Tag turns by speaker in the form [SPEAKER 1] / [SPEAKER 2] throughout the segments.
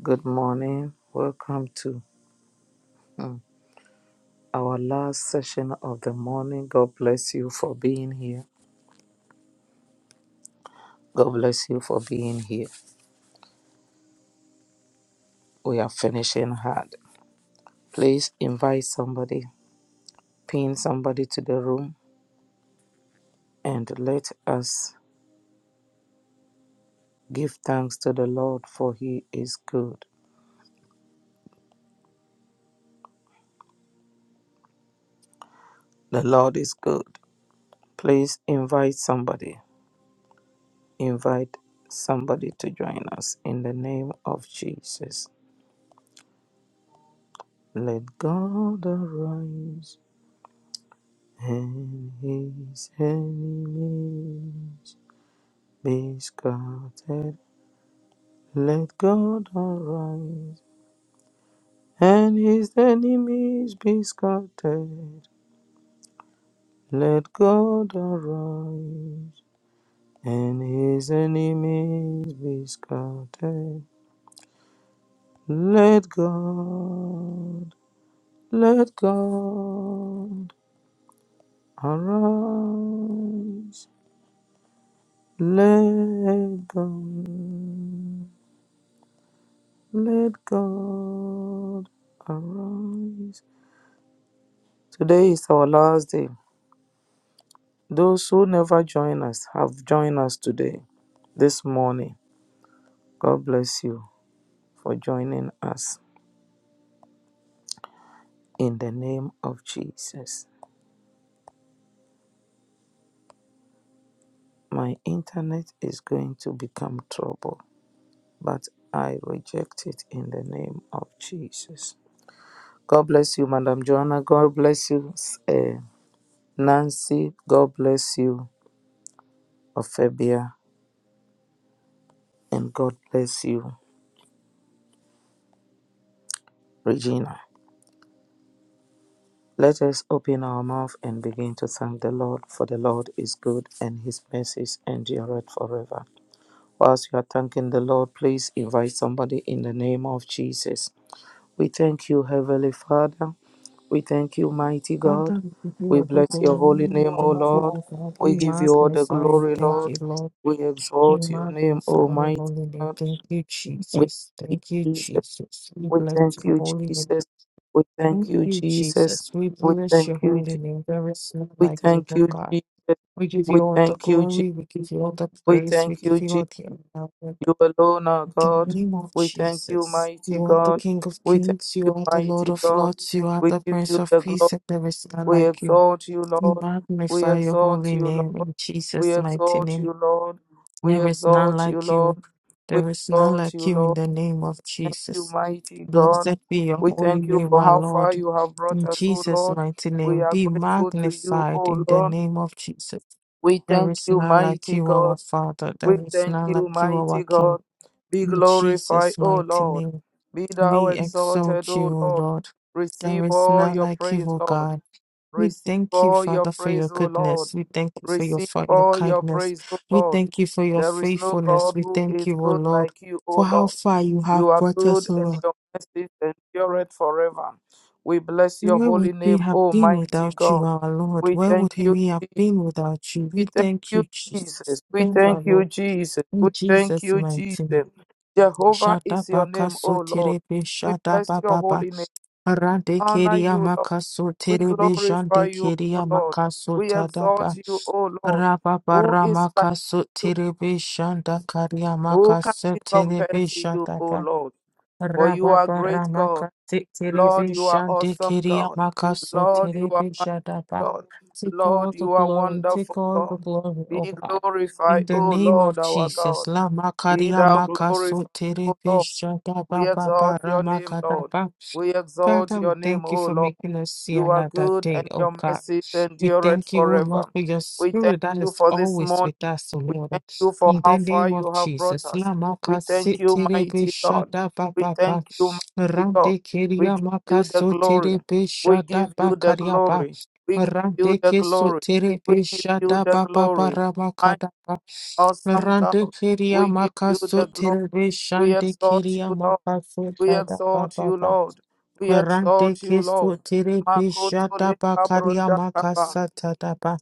[SPEAKER 1] Good morning. Welcome to mm, our last session of the morning. God bless you for being here. God bless you for being here. We are finishing hard. Please invite somebody, pin somebody to the room, and let us give thanks to the Lord for he is good. The Lord is good. Please invite somebody. Invite somebody to join us in the name of Jesus. Let God arise. And his enemies be scattered. Let God arise. And his enemies be scattered. Let God arise. And his enemies be scattered. Let God, let God arise. Let God. Let God arise. Today is our last day. Those who never join us have joined us today, this morning. God bless you for joining us in the name of Jesus. My internet is going to become trouble, but I reject it in the name of Jesus. God bless you, Madam Joanna. God bless you, eh, Nancy. God bless you, Ophelia. And God bless you. Regina. Let us open our mouth and begin to thank the Lord, for the Lord is good and his mercies endureth forever. Whilst you are thanking the Lord, please invite somebody in the name of Jesus. We thank you, Heavenly Father. We thank you, Mighty God.
[SPEAKER 2] Father, we give you
[SPEAKER 1] We
[SPEAKER 2] are the
[SPEAKER 1] bless your holy
[SPEAKER 2] glory.
[SPEAKER 1] name, O
[SPEAKER 2] Thank you,
[SPEAKER 1] Lord.
[SPEAKER 2] O God. We
[SPEAKER 1] We give you all the
[SPEAKER 2] magnify you.
[SPEAKER 1] glory,
[SPEAKER 2] Thank
[SPEAKER 1] Lord.
[SPEAKER 2] you, Lord.
[SPEAKER 1] We
[SPEAKER 2] We
[SPEAKER 1] exalt your name,
[SPEAKER 2] magnify
[SPEAKER 1] O
[SPEAKER 2] your
[SPEAKER 1] Mighty
[SPEAKER 2] holy name.
[SPEAKER 1] God.
[SPEAKER 2] Thank you,
[SPEAKER 1] We
[SPEAKER 2] Jesus.
[SPEAKER 1] give
[SPEAKER 2] Thank you,
[SPEAKER 1] you Jesus
[SPEAKER 2] Jesus. We
[SPEAKER 1] We
[SPEAKER 2] bless
[SPEAKER 1] thank
[SPEAKER 2] your
[SPEAKER 1] you,
[SPEAKER 2] holy name.
[SPEAKER 1] Jesus. We thank
[SPEAKER 2] Thank
[SPEAKER 1] you,
[SPEAKER 2] you,
[SPEAKER 1] Jesus.
[SPEAKER 2] Jesus. We
[SPEAKER 1] We
[SPEAKER 2] bless
[SPEAKER 1] thank
[SPEAKER 2] your
[SPEAKER 1] you,
[SPEAKER 2] holy
[SPEAKER 1] Je-
[SPEAKER 2] name. There is none
[SPEAKER 1] we
[SPEAKER 2] like you,
[SPEAKER 1] thank
[SPEAKER 2] O
[SPEAKER 1] you,
[SPEAKER 2] God.
[SPEAKER 1] Jesus.
[SPEAKER 2] We give
[SPEAKER 1] We
[SPEAKER 2] you all the
[SPEAKER 1] thank you, Je-
[SPEAKER 2] glory. We give you all the
[SPEAKER 1] we
[SPEAKER 2] praise. We
[SPEAKER 1] thank
[SPEAKER 2] give
[SPEAKER 1] you,
[SPEAKER 2] you all
[SPEAKER 1] Jesus.
[SPEAKER 2] the honor. Lord.
[SPEAKER 1] You alone are
[SPEAKER 2] In the
[SPEAKER 1] God.
[SPEAKER 2] name of
[SPEAKER 1] We thank you,
[SPEAKER 2] Jesus.
[SPEAKER 1] mighty
[SPEAKER 2] You are the
[SPEAKER 1] God.
[SPEAKER 2] King of
[SPEAKER 1] We thank
[SPEAKER 2] Kings. You
[SPEAKER 1] you,
[SPEAKER 2] are the Lord
[SPEAKER 1] mighty
[SPEAKER 2] of
[SPEAKER 1] God.
[SPEAKER 2] Lords. You are
[SPEAKER 1] We
[SPEAKER 2] the
[SPEAKER 1] give you
[SPEAKER 2] Prince of
[SPEAKER 1] the
[SPEAKER 2] Peace.
[SPEAKER 1] glory.
[SPEAKER 2] And there is none
[SPEAKER 1] We
[SPEAKER 2] like you.
[SPEAKER 1] exalt you, Lord. We
[SPEAKER 2] Magnify your
[SPEAKER 1] exalt
[SPEAKER 2] holy
[SPEAKER 1] you,
[SPEAKER 2] name
[SPEAKER 1] Lord.
[SPEAKER 2] in
[SPEAKER 1] We
[SPEAKER 2] Jesus' mighty
[SPEAKER 1] exalt
[SPEAKER 2] name.
[SPEAKER 1] you, Lord. We
[SPEAKER 2] There is none
[SPEAKER 1] exalt you,
[SPEAKER 2] like
[SPEAKER 1] Lord.
[SPEAKER 2] you.
[SPEAKER 1] We
[SPEAKER 2] There is none
[SPEAKER 1] exalt
[SPEAKER 2] like
[SPEAKER 1] you,
[SPEAKER 2] you
[SPEAKER 1] Lord.
[SPEAKER 2] in the name of
[SPEAKER 1] Thank you,
[SPEAKER 2] Jesus.
[SPEAKER 1] mighty God.
[SPEAKER 2] Blessed be your
[SPEAKER 1] We
[SPEAKER 2] holy
[SPEAKER 1] thank you
[SPEAKER 2] name,
[SPEAKER 1] for
[SPEAKER 2] our
[SPEAKER 1] how far
[SPEAKER 2] Lord.
[SPEAKER 1] you have brought
[SPEAKER 2] In
[SPEAKER 1] us, O
[SPEAKER 2] Jesus'
[SPEAKER 1] Lord.
[SPEAKER 2] mighty
[SPEAKER 1] We
[SPEAKER 2] name,
[SPEAKER 1] are
[SPEAKER 2] be
[SPEAKER 1] grateful to you,
[SPEAKER 2] magnified
[SPEAKER 1] O
[SPEAKER 2] in the
[SPEAKER 1] Lord.
[SPEAKER 2] name of Jesus.
[SPEAKER 1] We
[SPEAKER 2] There
[SPEAKER 1] thank
[SPEAKER 2] is
[SPEAKER 1] you,
[SPEAKER 2] none like
[SPEAKER 1] mighty
[SPEAKER 2] you, our
[SPEAKER 1] God.
[SPEAKER 2] Father.
[SPEAKER 1] We
[SPEAKER 2] There is
[SPEAKER 1] thank
[SPEAKER 2] none
[SPEAKER 1] you,
[SPEAKER 2] like you,
[SPEAKER 1] mighty
[SPEAKER 2] our King.
[SPEAKER 1] God. Be
[SPEAKER 2] In
[SPEAKER 1] glorified,
[SPEAKER 2] Jesus'
[SPEAKER 1] O
[SPEAKER 2] mighty
[SPEAKER 1] Lord.
[SPEAKER 2] name,
[SPEAKER 1] Be thou
[SPEAKER 2] we
[SPEAKER 1] exalted,
[SPEAKER 2] exalt
[SPEAKER 1] O
[SPEAKER 2] you, O
[SPEAKER 1] Lord.
[SPEAKER 2] Lord.
[SPEAKER 1] Receive
[SPEAKER 2] There is
[SPEAKER 1] all
[SPEAKER 2] none
[SPEAKER 1] your
[SPEAKER 2] like you,
[SPEAKER 1] praise,
[SPEAKER 2] O
[SPEAKER 1] Lord.
[SPEAKER 2] God. We
[SPEAKER 1] Receive
[SPEAKER 2] thank you,
[SPEAKER 1] all your
[SPEAKER 2] Father, for your
[SPEAKER 1] praise, O Lord.
[SPEAKER 2] goodness. We thank you for your,
[SPEAKER 1] Receive
[SPEAKER 2] for your
[SPEAKER 1] all your
[SPEAKER 2] kindness.
[SPEAKER 1] praise, O
[SPEAKER 2] We
[SPEAKER 1] Lord.
[SPEAKER 2] thank you for your
[SPEAKER 1] There is no
[SPEAKER 2] faithfulness.
[SPEAKER 1] God
[SPEAKER 2] We
[SPEAKER 1] who is
[SPEAKER 2] thank you, O
[SPEAKER 1] good
[SPEAKER 2] Lord,
[SPEAKER 1] like you, O
[SPEAKER 2] for how
[SPEAKER 1] Lord.
[SPEAKER 2] far you have
[SPEAKER 1] You are
[SPEAKER 2] brought
[SPEAKER 1] good
[SPEAKER 2] us, O
[SPEAKER 1] and
[SPEAKER 2] Lord.
[SPEAKER 1] your mercies endureth forever. We bless your
[SPEAKER 2] Where would
[SPEAKER 1] holy
[SPEAKER 2] we
[SPEAKER 1] name,
[SPEAKER 2] have been
[SPEAKER 1] Almighty
[SPEAKER 2] without you,
[SPEAKER 1] God.
[SPEAKER 2] our Lord?
[SPEAKER 1] We
[SPEAKER 2] Where would
[SPEAKER 1] thank you,
[SPEAKER 2] we have
[SPEAKER 1] Je-
[SPEAKER 2] been without you?
[SPEAKER 1] we
[SPEAKER 2] We
[SPEAKER 1] thank
[SPEAKER 2] thank
[SPEAKER 1] you,
[SPEAKER 2] you, Jesus.
[SPEAKER 1] Jesus. We
[SPEAKER 2] Thank you, our
[SPEAKER 1] thank you,
[SPEAKER 2] Lord.
[SPEAKER 1] Jesus. We
[SPEAKER 2] In
[SPEAKER 1] thank
[SPEAKER 2] Jesus'
[SPEAKER 1] you,
[SPEAKER 2] mighty
[SPEAKER 1] Jesus.
[SPEAKER 2] name.
[SPEAKER 1] Jehovah
[SPEAKER 2] Shada
[SPEAKER 1] is your
[SPEAKER 2] baka
[SPEAKER 1] name,
[SPEAKER 2] so
[SPEAKER 1] O Lord.
[SPEAKER 2] terebe
[SPEAKER 1] We bless your
[SPEAKER 2] baba ba
[SPEAKER 1] holy name.
[SPEAKER 2] rande
[SPEAKER 1] Honor
[SPEAKER 2] keria
[SPEAKER 1] you, Lord.
[SPEAKER 2] maka so
[SPEAKER 1] We
[SPEAKER 2] terebe
[SPEAKER 1] glorify
[SPEAKER 2] jande
[SPEAKER 1] you, O
[SPEAKER 2] keria
[SPEAKER 1] Lord.
[SPEAKER 2] maka so
[SPEAKER 1] We
[SPEAKER 2] tadaba
[SPEAKER 1] exalt you, O Lord. Who is like you?
[SPEAKER 2] Rababaramakasotiribishanda
[SPEAKER 1] Who can be compared to you, O
[SPEAKER 2] Kariamakasotiribishatapa.
[SPEAKER 1] Lord? For you are great God. Lord, you are
[SPEAKER 2] Rababaramakasotiribishandi
[SPEAKER 1] awesome God. Lord, you are my
[SPEAKER 2] Kiriamakasotiribishatapa.
[SPEAKER 1] God.
[SPEAKER 2] Take all
[SPEAKER 1] Lord,
[SPEAKER 2] the
[SPEAKER 1] you are
[SPEAKER 2] glory, take
[SPEAKER 1] wonderful
[SPEAKER 2] all the
[SPEAKER 1] God.
[SPEAKER 2] glory,
[SPEAKER 1] Be
[SPEAKER 2] O God. In
[SPEAKER 1] glorified,
[SPEAKER 2] the
[SPEAKER 1] O
[SPEAKER 2] name
[SPEAKER 1] Lord
[SPEAKER 2] of
[SPEAKER 1] our God.
[SPEAKER 2] Jesus, Lama
[SPEAKER 1] Be thou glorified, O Lord. We exalt your name, Lord.
[SPEAKER 2] Kariamakasotiribishatapa.
[SPEAKER 1] We exalt
[SPEAKER 2] Father,
[SPEAKER 1] your
[SPEAKER 2] we
[SPEAKER 1] name,
[SPEAKER 2] thank you
[SPEAKER 1] O
[SPEAKER 2] for
[SPEAKER 1] Lord.
[SPEAKER 2] making us see
[SPEAKER 1] You are
[SPEAKER 2] another
[SPEAKER 1] good
[SPEAKER 2] day,
[SPEAKER 1] and
[SPEAKER 2] oh
[SPEAKER 1] your
[SPEAKER 2] God.
[SPEAKER 1] mercy
[SPEAKER 2] We
[SPEAKER 1] endureth
[SPEAKER 2] thank you, oh Lord,
[SPEAKER 1] forever.
[SPEAKER 2] for your
[SPEAKER 1] We thank
[SPEAKER 2] spirit that
[SPEAKER 1] you
[SPEAKER 2] is
[SPEAKER 1] for this
[SPEAKER 2] always
[SPEAKER 1] morning.
[SPEAKER 2] with us, oh
[SPEAKER 1] We
[SPEAKER 2] Lord.
[SPEAKER 1] thank you for
[SPEAKER 2] In
[SPEAKER 1] how
[SPEAKER 2] the
[SPEAKER 1] far
[SPEAKER 2] name of
[SPEAKER 1] you have brought
[SPEAKER 2] Jesus.
[SPEAKER 1] us. We
[SPEAKER 2] Lamaka
[SPEAKER 1] thank you,
[SPEAKER 2] siterebe
[SPEAKER 1] mighty God.
[SPEAKER 2] shada
[SPEAKER 1] We
[SPEAKER 2] baba ba.
[SPEAKER 1] thank you, mighty God.
[SPEAKER 2] Rande
[SPEAKER 1] We
[SPEAKER 2] keria
[SPEAKER 1] give
[SPEAKER 2] maka
[SPEAKER 1] you the glory.
[SPEAKER 2] soterebe
[SPEAKER 1] We
[SPEAKER 2] shada
[SPEAKER 1] give
[SPEAKER 2] ba
[SPEAKER 1] you the
[SPEAKER 2] karia ba.
[SPEAKER 1] glory. We give you
[SPEAKER 2] Rande
[SPEAKER 1] the
[SPEAKER 2] ke
[SPEAKER 1] glory.
[SPEAKER 2] soterebe
[SPEAKER 1] We give you
[SPEAKER 2] shada
[SPEAKER 1] the
[SPEAKER 2] baba ba
[SPEAKER 1] glory. My
[SPEAKER 2] ramaka da ba.
[SPEAKER 1] awesome God.
[SPEAKER 2] Rande keria
[SPEAKER 1] We give
[SPEAKER 2] maka
[SPEAKER 1] you the glory.
[SPEAKER 2] soterebe
[SPEAKER 1] We
[SPEAKER 2] shande
[SPEAKER 1] exalt
[SPEAKER 2] keria
[SPEAKER 1] you, Lord.
[SPEAKER 2] maka
[SPEAKER 1] We
[SPEAKER 2] sotada
[SPEAKER 1] exalt
[SPEAKER 2] baba
[SPEAKER 1] you,
[SPEAKER 2] ba.
[SPEAKER 1] Lord. We
[SPEAKER 2] Rante
[SPEAKER 1] exalt you, Lord.
[SPEAKER 2] kisu tiri
[SPEAKER 1] Makoto
[SPEAKER 2] pishata
[SPEAKER 1] le
[SPEAKER 2] pa karya
[SPEAKER 1] kabronda kaba.
[SPEAKER 2] makasata tapa.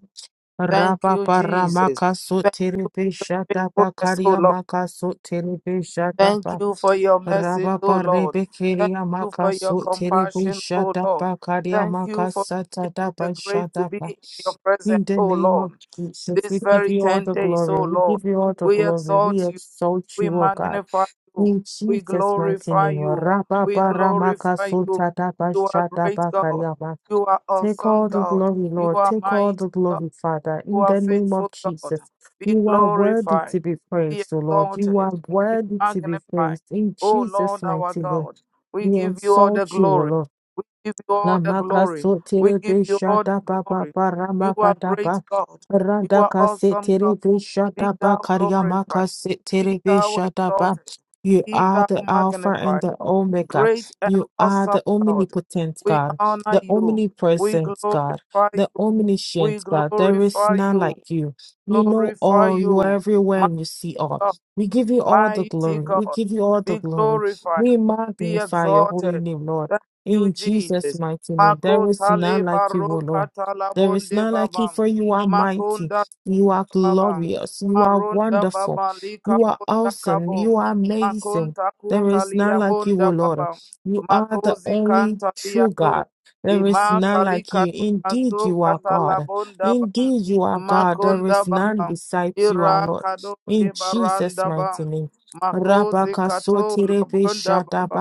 [SPEAKER 1] Thank
[SPEAKER 2] Rapa
[SPEAKER 1] you,
[SPEAKER 2] para
[SPEAKER 1] Jesus.
[SPEAKER 2] makasu
[SPEAKER 1] Thank
[SPEAKER 2] tiri
[SPEAKER 1] you for
[SPEAKER 2] pishata
[SPEAKER 1] your
[SPEAKER 2] pa
[SPEAKER 1] faithfulness, O
[SPEAKER 2] karya
[SPEAKER 1] Lord.
[SPEAKER 2] makasu tiri pishata
[SPEAKER 1] Thank
[SPEAKER 2] pa.
[SPEAKER 1] you for your mercy,
[SPEAKER 2] Rapa
[SPEAKER 1] O
[SPEAKER 2] pare
[SPEAKER 1] Lord. Thank
[SPEAKER 2] bekiria
[SPEAKER 1] you for your
[SPEAKER 2] makasu tiri
[SPEAKER 1] compassion, O
[SPEAKER 2] pishata
[SPEAKER 1] Lord.
[SPEAKER 2] pa karya
[SPEAKER 1] Thank you for
[SPEAKER 2] makasata
[SPEAKER 1] giving us
[SPEAKER 2] tapa
[SPEAKER 1] the grace to
[SPEAKER 2] shata
[SPEAKER 1] be
[SPEAKER 2] pa.
[SPEAKER 1] in your presence,
[SPEAKER 2] In the
[SPEAKER 1] O
[SPEAKER 2] name
[SPEAKER 1] Lord.
[SPEAKER 2] of Jesus, we
[SPEAKER 1] This
[SPEAKER 2] give
[SPEAKER 1] very
[SPEAKER 2] you all
[SPEAKER 1] ten
[SPEAKER 2] the
[SPEAKER 1] days,
[SPEAKER 2] glory.
[SPEAKER 1] O
[SPEAKER 2] We
[SPEAKER 1] Lord,
[SPEAKER 2] give you all the
[SPEAKER 1] we
[SPEAKER 2] glory. We
[SPEAKER 1] exalt you.
[SPEAKER 2] exalt
[SPEAKER 1] We
[SPEAKER 2] you, O God.
[SPEAKER 1] magnify you.
[SPEAKER 2] In
[SPEAKER 1] We
[SPEAKER 2] Jesus' mighty
[SPEAKER 1] glorify
[SPEAKER 2] name,
[SPEAKER 1] you. We
[SPEAKER 2] Rababaramaka
[SPEAKER 1] glorify you. You are great God.
[SPEAKER 2] Sultadabashadabakariaba.
[SPEAKER 1] You are
[SPEAKER 2] Take
[SPEAKER 1] awesome
[SPEAKER 2] all the
[SPEAKER 1] God.
[SPEAKER 2] glory,
[SPEAKER 1] You
[SPEAKER 2] Lord.
[SPEAKER 1] are
[SPEAKER 2] Take all the
[SPEAKER 1] mighty
[SPEAKER 2] glory, Father.
[SPEAKER 1] you
[SPEAKER 2] In
[SPEAKER 1] are
[SPEAKER 2] the name
[SPEAKER 1] faithful,
[SPEAKER 2] of
[SPEAKER 1] God.
[SPEAKER 2] Jesus,
[SPEAKER 1] Be
[SPEAKER 2] you are worthy to
[SPEAKER 1] glorified,
[SPEAKER 2] be
[SPEAKER 1] be
[SPEAKER 2] praised, O Lord. You
[SPEAKER 1] exalted,
[SPEAKER 2] are
[SPEAKER 1] be
[SPEAKER 2] worthy to be
[SPEAKER 1] magnified.
[SPEAKER 2] praised. In
[SPEAKER 1] O
[SPEAKER 2] Jesus'
[SPEAKER 1] Lord our
[SPEAKER 2] mighty name,
[SPEAKER 1] God, we
[SPEAKER 2] we
[SPEAKER 1] give you all the
[SPEAKER 2] exalt you, O
[SPEAKER 1] glory.
[SPEAKER 2] Lord.
[SPEAKER 1] We give you all the
[SPEAKER 2] Lamaka
[SPEAKER 1] glory. We
[SPEAKER 2] sotere
[SPEAKER 1] give you all the
[SPEAKER 2] bishata papa
[SPEAKER 1] glory. You are
[SPEAKER 2] paramakata
[SPEAKER 1] great
[SPEAKER 2] pa
[SPEAKER 1] God. You
[SPEAKER 2] randa
[SPEAKER 1] are awesome God.
[SPEAKER 2] kasetere
[SPEAKER 1] Be
[SPEAKER 2] pa
[SPEAKER 1] thou
[SPEAKER 2] karyamaka
[SPEAKER 1] glorified. Be
[SPEAKER 2] setere
[SPEAKER 1] thou
[SPEAKER 2] bishata pa.
[SPEAKER 1] exalted.
[SPEAKER 2] You
[SPEAKER 1] Be
[SPEAKER 2] are
[SPEAKER 1] thou
[SPEAKER 2] the Alpha and
[SPEAKER 1] magnified.
[SPEAKER 2] the Omega.
[SPEAKER 1] Great and
[SPEAKER 2] You are
[SPEAKER 1] awesome
[SPEAKER 2] the
[SPEAKER 1] God.
[SPEAKER 2] omnipotent
[SPEAKER 1] We
[SPEAKER 2] God,
[SPEAKER 1] honor
[SPEAKER 2] the
[SPEAKER 1] you. We
[SPEAKER 2] omnipresent God,
[SPEAKER 1] glorify
[SPEAKER 2] the
[SPEAKER 1] you. We
[SPEAKER 2] omniscient God. There is
[SPEAKER 1] glorify
[SPEAKER 2] none
[SPEAKER 1] you
[SPEAKER 2] like you. You know
[SPEAKER 1] glorify
[SPEAKER 2] all. You are
[SPEAKER 1] you.
[SPEAKER 2] everywhere
[SPEAKER 1] My
[SPEAKER 2] and you see all.
[SPEAKER 1] God,
[SPEAKER 2] We give you all the
[SPEAKER 1] mighty
[SPEAKER 2] glory. We
[SPEAKER 1] God,
[SPEAKER 2] give you all the
[SPEAKER 1] be
[SPEAKER 2] glory.
[SPEAKER 1] glorified,
[SPEAKER 2] We
[SPEAKER 1] be
[SPEAKER 2] magnify your holy
[SPEAKER 1] exalted.
[SPEAKER 2] name, Lord.
[SPEAKER 1] Thank you,
[SPEAKER 2] In Jesus'
[SPEAKER 1] Jesus.
[SPEAKER 2] mighty name, there is
[SPEAKER 1] Makotale
[SPEAKER 2] none like you, O Lord.
[SPEAKER 1] barokatala
[SPEAKER 2] There is
[SPEAKER 1] bonde
[SPEAKER 2] none like you,
[SPEAKER 1] babam
[SPEAKER 2] for you are mighty, you are
[SPEAKER 1] baba
[SPEAKER 2] glorious, you are
[SPEAKER 1] marunda
[SPEAKER 2] wonderful,
[SPEAKER 1] baba lika
[SPEAKER 2] you are
[SPEAKER 1] bunda
[SPEAKER 2] awesome,
[SPEAKER 1] kabo
[SPEAKER 2] you are amazing.
[SPEAKER 1] makunta
[SPEAKER 2] There
[SPEAKER 1] kunta
[SPEAKER 2] is
[SPEAKER 1] liya
[SPEAKER 2] none like you,
[SPEAKER 1] bunda
[SPEAKER 2] O
[SPEAKER 1] baba
[SPEAKER 2] Lord. You are the
[SPEAKER 1] makozi
[SPEAKER 2] only
[SPEAKER 1] kanta liya
[SPEAKER 2] true
[SPEAKER 1] do
[SPEAKER 2] God. There
[SPEAKER 1] ima
[SPEAKER 2] is none like
[SPEAKER 1] kalika
[SPEAKER 2] you.
[SPEAKER 1] tu maso
[SPEAKER 2] Indeed, you are
[SPEAKER 1] katala
[SPEAKER 2] God.
[SPEAKER 1] bunda bam
[SPEAKER 2] Indeed, you are God. There
[SPEAKER 1] makunda
[SPEAKER 2] is none
[SPEAKER 1] baba
[SPEAKER 2] besides you,
[SPEAKER 1] ira
[SPEAKER 2] our Lord.
[SPEAKER 1] kado
[SPEAKER 2] In Jesus'
[SPEAKER 1] libaranda bam
[SPEAKER 2] mighty name.
[SPEAKER 1] makozi
[SPEAKER 2] Rabaka
[SPEAKER 1] kato labunda baba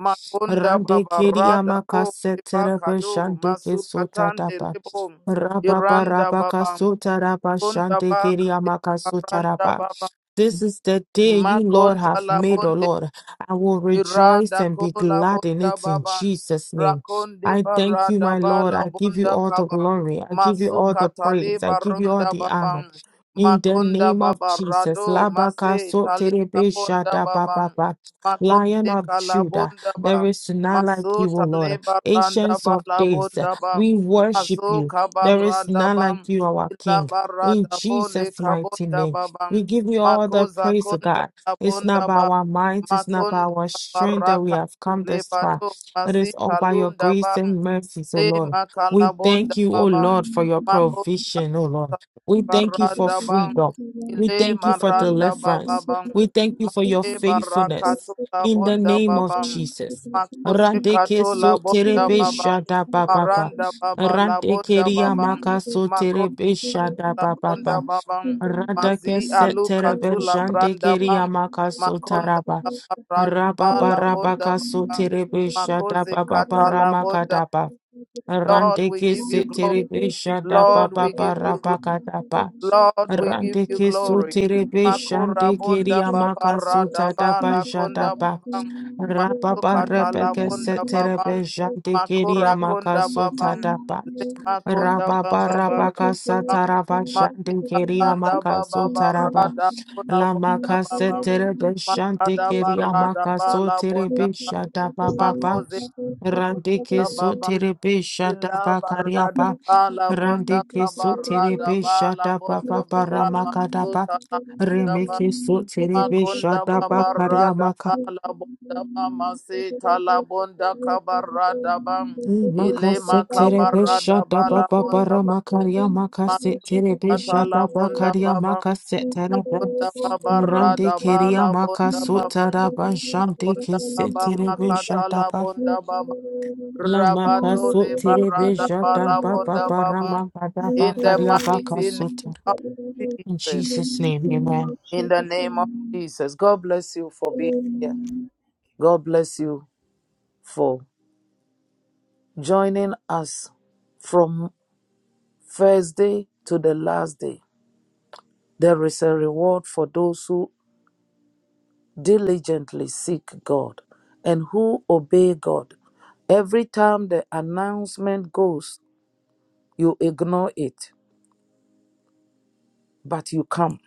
[SPEAKER 1] makunda
[SPEAKER 2] Rande
[SPEAKER 1] baba
[SPEAKER 2] kiri
[SPEAKER 1] rada
[SPEAKER 2] ama
[SPEAKER 1] bo
[SPEAKER 2] kasete
[SPEAKER 1] liba
[SPEAKER 2] rebe
[SPEAKER 1] kado masu katande
[SPEAKER 2] tapa.
[SPEAKER 1] libo
[SPEAKER 2] Rababa
[SPEAKER 1] iranda
[SPEAKER 2] raba
[SPEAKER 1] baba
[SPEAKER 2] kasota raba shande
[SPEAKER 1] Kundaba
[SPEAKER 2] kiri
[SPEAKER 1] Kalibaranda Baba
[SPEAKER 2] This is the day you, Lord,
[SPEAKER 1] Makonta
[SPEAKER 2] have made, O
[SPEAKER 1] Labonde.
[SPEAKER 2] Lord. I will rejoice
[SPEAKER 1] Iranda
[SPEAKER 2] and be
[SPEAKER 1] kola
[SPEAKER 2] glad in
[SPEAKER 1] bunda
[SPEAKER 2] it in
[SPEAKER 1] baban.
[SPEAKER 2] Jesus' name.
[SPEAKER 1] Rakonde
[SPEAKER 2] I thank you,
[SPEAKER 1] barada
[SPEAKER 2] my Lord.
[SPEAKER 1] bala
[SPEAKER 2] I give you
[SPEAKER 1] bunda
[SPEAKER 2] all the
[SPEAKER 1] kaban.
[SPEAKER 2] glory. I give you all the
[SPEAKER 1] Masuka tali
[SPEAKER 2] praise. I give you all
[SPEAKER 1] barunda
[SPEAKER 2] the honor.
[SPEAKER 1] baban.
[SPEAKER 2] In the
[SPEAKER 1] Makonda
[SPEAKER 2] name of Jesus,
[SPEAKER 1] babarado
[SPEAKER 2] Labaka
[SPEAKER 1] mase tali
[SPEAKER 2] Soterebe
[SPEAKER 1] kabunda
[SPEAKER 2] Shada
[SPEAKER 1] baban.
[SPEAKER 2] Baba, Lion
[SPEAKER 1] Makonde
[SPEAKER 2] of Judah,
[SPEAKER 1] kalabunda
[SPEAKER 2] there
[SPEAKER 1] ba.
[SPEAKER 2] is none like
[SPEAKER 1] Masu
[SPEAKER 2] you, O
[SPEAKER 1] tali
[SPEAKER 2] Lord.
[SPEAKER 1] baranda
[SPEAKER 2] Ancients of
[SPEAKER 1] bala
[SPEAKER 2] days,
[SPEAKER 1] bunda ba.
[SPEAKER 2] we worship
[SPEAKER 1] Masu
[SPEAKER 2] you. There is
[SPEAKER 1] kabarada
[SPEAKER 2] none
[SPEAKER 1] ba.
[SPEAKER 2] like you, our
[SPEAKER 1] Ila
[SPEAKER 2] King. In
[SPEAKER 1] barada bole
[SPEAKER 2] Jesus' mighty
[SPEAKER 1] kabunda
[SPEAKER 2] name,
[SPEAKER 1] baban.
[SPEAKER 2] we give you all the
[SPEAKER 1] Makoza
[SPEAKER 2] praise, O
[SPEAKER 1] konta
[SPEAKER 2] God. It's
[SPEAKER 1] labunda
[SPEAKER 2] not by
[SPEAKER 1] ba
[SPEAKER 2] our might, it's not by our strength that we
[SPEAKER 1] baraka
[SPEAKER 2] have come
[SPEAKER 1] le
[SPEAKER 2] this far.
[SPEAKER 1] bado
[SPEAKER 2] It
[SPEAKER 1] mazi
[SPEAKER 2] is all by your
[SPEAKER 1] kalunda
[SPEAKER 2] grace
[SPEAKER 1] bam
[SPEAKER 2] and mercies, O
[SPEAKER 1] le
[SPEAKER 2] Lord. We
[SPEAKER 1] makalabonda
[SPEAKER 2] thank you, O
[SPEAKER 1] babam
[SPEAKER 3] Thank
[SPEAKER 2] Lord, for your
[SPEAKER 1] mako
[SPEAKER 2] provision, O Lord. We thank you for
[SPEAKER 1] baranda bam
[SPEAKER 2] freedom. We
[SPEAKER 1] ile
[SPEAKER 2] thank you for
[SPEAKER 1] maranda
[SPEAKER 2] deliverance.
[SPEAKER 1] babam
[SPEAKER 2] We thank you for your
[SPEAKER 1] make baraka
[SPEAKER 2] faithfulness.
[SPEAKER 1] tula
[SPEAKER 2] In the
[SPEAKER 1] bonda
[SPEAKER 2] name of
[SPEAKER 1] babam
[SPEAKER 2] Jesus.
[SPEAKER 1] makoze
[SPEAKER 2] Randeke
[SPEAKER 1] katula
[SPEAKER 2] so
[SPEAKER 1] bonda
[SPEAKER 2] terebe
[SPEAKER 1] babam
[SPEAKER 2] shada ba ba ba.
[SPEAKER 1] maranda
[SPEAKER 3] you.
[SPEAKER 1] baba la
[SPEAKER 2] Randeke
[SPEAKER 1] bonda
[SPEAKER 3] Thank
[SPEAKER 2] ria
[SPEAKER 1] babam
[SPEAKER 2] maka
[SPEAKER 3] you, Jesus.
[SPEAKER 2] so
[SPEAKER 3] Thank
[SPEAKER 1] makoze
[SPEAKER 2] terebe shada
[SPEAKER 3] you,
[SPEAKER 1] katula
[SPEAKER 2] ba ba
[SPEAKER 1] bonda
[SPEAKER 2] ba.
[SPEAKER 1] babam mazi
[SPEAKER 2] Radake
[SPEAKER 1] aluka
[SPEAKER 2] seterebe
[SPEAKER 1] tula
[SPEAKER 2] jante
[SPEAKER 1] branda bam
[SPEAKER 2] keria makaso
[SPEAKER 1] makonda
[SPEAKER 2] taraba. Rababa
[SPEAKER 1] Alabonda
[SPEAKER 2] rabaka
[SPEAKER 1] ba-
[SPEAKER 2] soterebe shada
[SPEAKER 1] Makoze
[SPEAKER 2] baba
[SPEAKER 1] katalabonda.
[SPEAKER 2] ramakadaba.
[SPEAKER 1] Lord, we
[SPEAKER 2] Randeke
[SPEAKER 1] give you glory.
[SPEAKER 2] seterebe shada
[SPEAKER 1] Lord,
[SPEAKER 2] baba
[SPEAKER 1] we give you glory.
[SPEAKER 2] rabakadaba.
[SPEAKER 1] Lord, we give you
[SPEAKER 2] Randeke
[SPEAKER 3] Lord.
[SPEAKER 1] glory.
[SPEAKER 2] soterebe
[SPEAKER 1] Makura
[SPEAKER 2] shante
[SPEAKER 1] bonda
[SPEAKER 3] Thank
[SPEAKER 2] keria
[SPEAKER 1] baba
[SPEAKER 2] makaso
[SPEAKER 1] rada ba
[SPEAKER 2] tadaba
[SPEAKER 3] Thank
[SPEAKER 1] la
[SPEAKER 3] you for
[SPEAKER 1] konda
[SPEAKER 2] jadaba.
[SPEAKER 3] your
[SPEAKER 1] babam.
[SPEAKER 3] name, glorify
[SPEAKER 2] Rababa
[SPEAKER 3] your
[SPEAKER 1] Makukata
[SPEAKER 3] name,
[SPEAKER 2] rebeke
[SPEAKER 3] Lord, and give you the
[SPEAKER 2] seterebe
[SPEAKER 1] babam.
[SPEAKER 3] praise of
[SPEAKER 2] jante
[SPEAKER 3] the
[SPEAKER 2] keria
[SPEAKER 3] Lord,
[SPEAKER 1] Makura konda
[SPEAKER 2] makaso
[SPEAKER 3] in the
[SPEAKER 1] babam.
[SPEAKER 3] mighty name of
[SPEAKER 1] Lema konda
[SPEAKER 3] Jesus.
[SPEAKER 2] Rababa
[SPEAKER 1] baba
[SPEAKER 3] Thank
[SPEAKER 2] rabaka
[SPEAKER 3] you
[SPEAKER 1] barada
[SPEAKER 3] Jehovah, for your
[SPEAKER 2] sataraba
[SPEAKER 3] name,
[SPEAKER 2] shantin
[SPEAKER 3] give
[SPEAKER 1] Masika
[SPEAKER 3] you
[SPEAKER 2] keria
[SPEAKER 1] anda
[SPEAKER 3] mercy,
[SPEAKER 1] baba
[SPEAKER 2] makaso
[SPEAKER 3] thank you,
[SPEAKER 2] taraba
[SPEAKER 3] and
[SPEAKER 1] barada
[SPEAKER 3] the name,
[SPEAKER 1] konda
[SPEAKER 2] la
[SPEAKER 3] you
[SPEAKER 1] bonda
[SPEAKER 3] for
[SPEAKER 2] makase
[SPEAKER 3] your
[SPEAKER 1] babam.
[SPEAKER 2] terebe
[SPEAKER 3] name, thank you
[SPEAKER 2] shantin
[SPEAKER 3] for
[SPEAKER 1] Makada
[SPEAKER 3] your
[SPEAKER 2] keria
[SPEAKER 3] name,
[SPEAKER 1] barada
[SPEAKER 3] thank you
[SPEAKER 1] bala
[SPEAKER 2] makaso
[SPEAKER 1] la
[SPEAKER 3] Lord,
[SPEAKER 2] terebe
[SPEAKER 1] bonda
[SPEAKER 3] for your
[SPEAKER 2] shada
[SPEAKER 3] name, thank you for
[SPEAKER 2] baba
[SPEAKER 3] your name,
[SPEAKER 2] ba
[SPEAKER 1] Makoze
[SPEAKER 3] you
[SPEAKER 2] randike so
[SPEAKER 1] Baba
[SPEAKER 2] terebe shada
[SPEAKER 1] Ila
[SPEAKER 2] bakaria
[SPEAKER 1] Barada
[SPEAKER 3] Thank
[SPEAKER 2] ba
[SPEAKER 1] Bala Bonda
[SPEAKER 2] randike so
[SPEAKER 1] Kabarada
[SPEAKER 2] terebe
[SPEAKER 1] Bala
[SPEAKER 2] shada
[SPEAKER 1] Bonda
[SPEAKER 2] baba ba
[SPEAKER 1] Baba
[SPEAKER 2] ramakada ba
[SPEAKER 1] Masuta Baba
[SPEAKER 2] remeke so terebe
[SPEAKER 1] Makonda
[SPEAKER 2] shada
[SPEAKER 1] Baba
[SPEAKER 2] bakaria
[SPEAKER 1] Rada Bala Bonda Mama Sita La Bonda Kabarada Bam Ile
[SPEAKER 2] Makasetere
[SPEAKER 1] Makabarada
[SPEAKER 2] beshada
[SPEAKER 1] Bala
[SPEAKER 2] baba bara
[SPEAKER 1] Bonda
[SPEAKER 2] makaria makasetere
[SPEAKER 1] Atala
[SPEAKER 2] beshada
[SPEAKER 1] bunda
[SPEAKER 3] you.
[SPEAKER 2] bakaria
[SPEAKER 1] baba,
[SPEAKER 3] Amen.
[SPEAKER 2] makasetere be
[SPEAKER 1] makunda baba
[SPEAKER 2] mirande
[SPEAKER 1] rada
[SPEAKER 2] keria
[SPEAKER 1] bala bunda baba,
[SPEAKER 2] makasotara bashande
[SPEAKER 1] makunda baba
[SPEAKER 2] kesetere beshada
[SPEAKER 1] makatala
[SPEAKER 2] ba
[SPEAKER 1] bunda baba,
[SPEAKER 2] la
[SPEAKER 1] rabadole
[SPEAKER 2] makasotere
[SPEAKER 1] barada
[SPEAKER 2] beshada
[SPEAKER 1] bala
[SPEAKER 2] baba
[SPEAKER 1] bunda
[SPEAKER 2] bara
[SPEAKER 1] baba.
[SPEAKER 2] makada
[SPEAKER 1] In the
[SPEAKER 2] bakaria
[SPEAKER 1] mighty name
[SPEAKER 2] bakasotara.
[SPEAKER 1] of
[SPEAKER 2] In
[SPEAKER 1] Jesus,
[SPEAKER 2] Jesus' name, amen.
[SPEAKER 1] in the name of Jesus, God bless you for being here. God bless you for joining us from first day to the last day. There is a reward for those who diligently seek God and who obey God. Every time the announcement goes, you ignore it, but you come.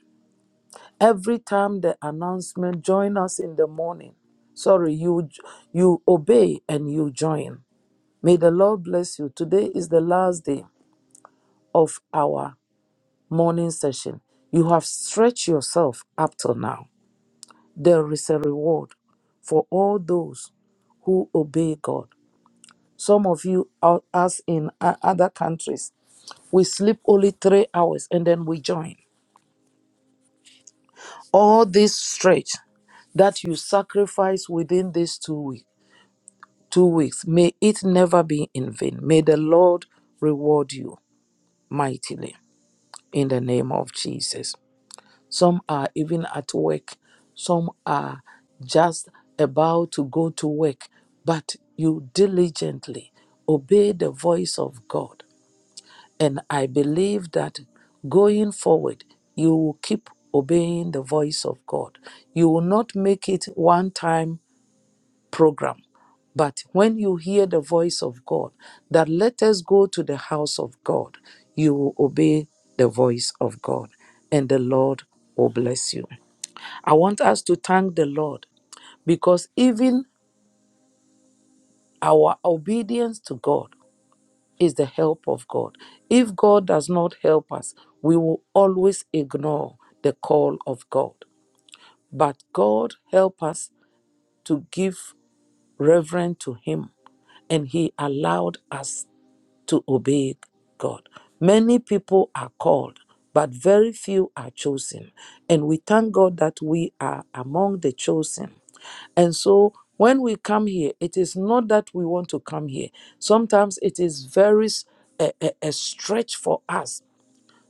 [SPEAKER 1] Every time the announcement join us in the morning. Sorry, you you obey and you join. May the Lord bless you. Today is the last day of our morning session. You have stretched yourself up till now. There is a reward for all those who obey God. Some of you, out- us in o- other countries, we sleep only three hours and then we join. All this stretch that you sacrifice within these two weeks, two weeks, may it never be in vain. May the Lord reward you mightily in the name of Jesus. Some are even at work. Some are just about to go to work, but you diligently obey the voice of God And I believe that going forward, you will keep obeying the voice of God. You will not make it one time program. But when you hear the voice of God, that let us go to the house of God, you will obey the voice of God, and the Lord will bless you. I want us to thank the Lord because even our obedience to God is the help of God. If God does not help us, we will always ignore the call of God. But God helped us to give reverence to Him, and He allowed us to obey God. Many people are called, but very few are chosen. And we thank God that we are among the chosen. And so when we come here, it is not that we want to come here. Sometimes it is very s- a, a, a stretch for us.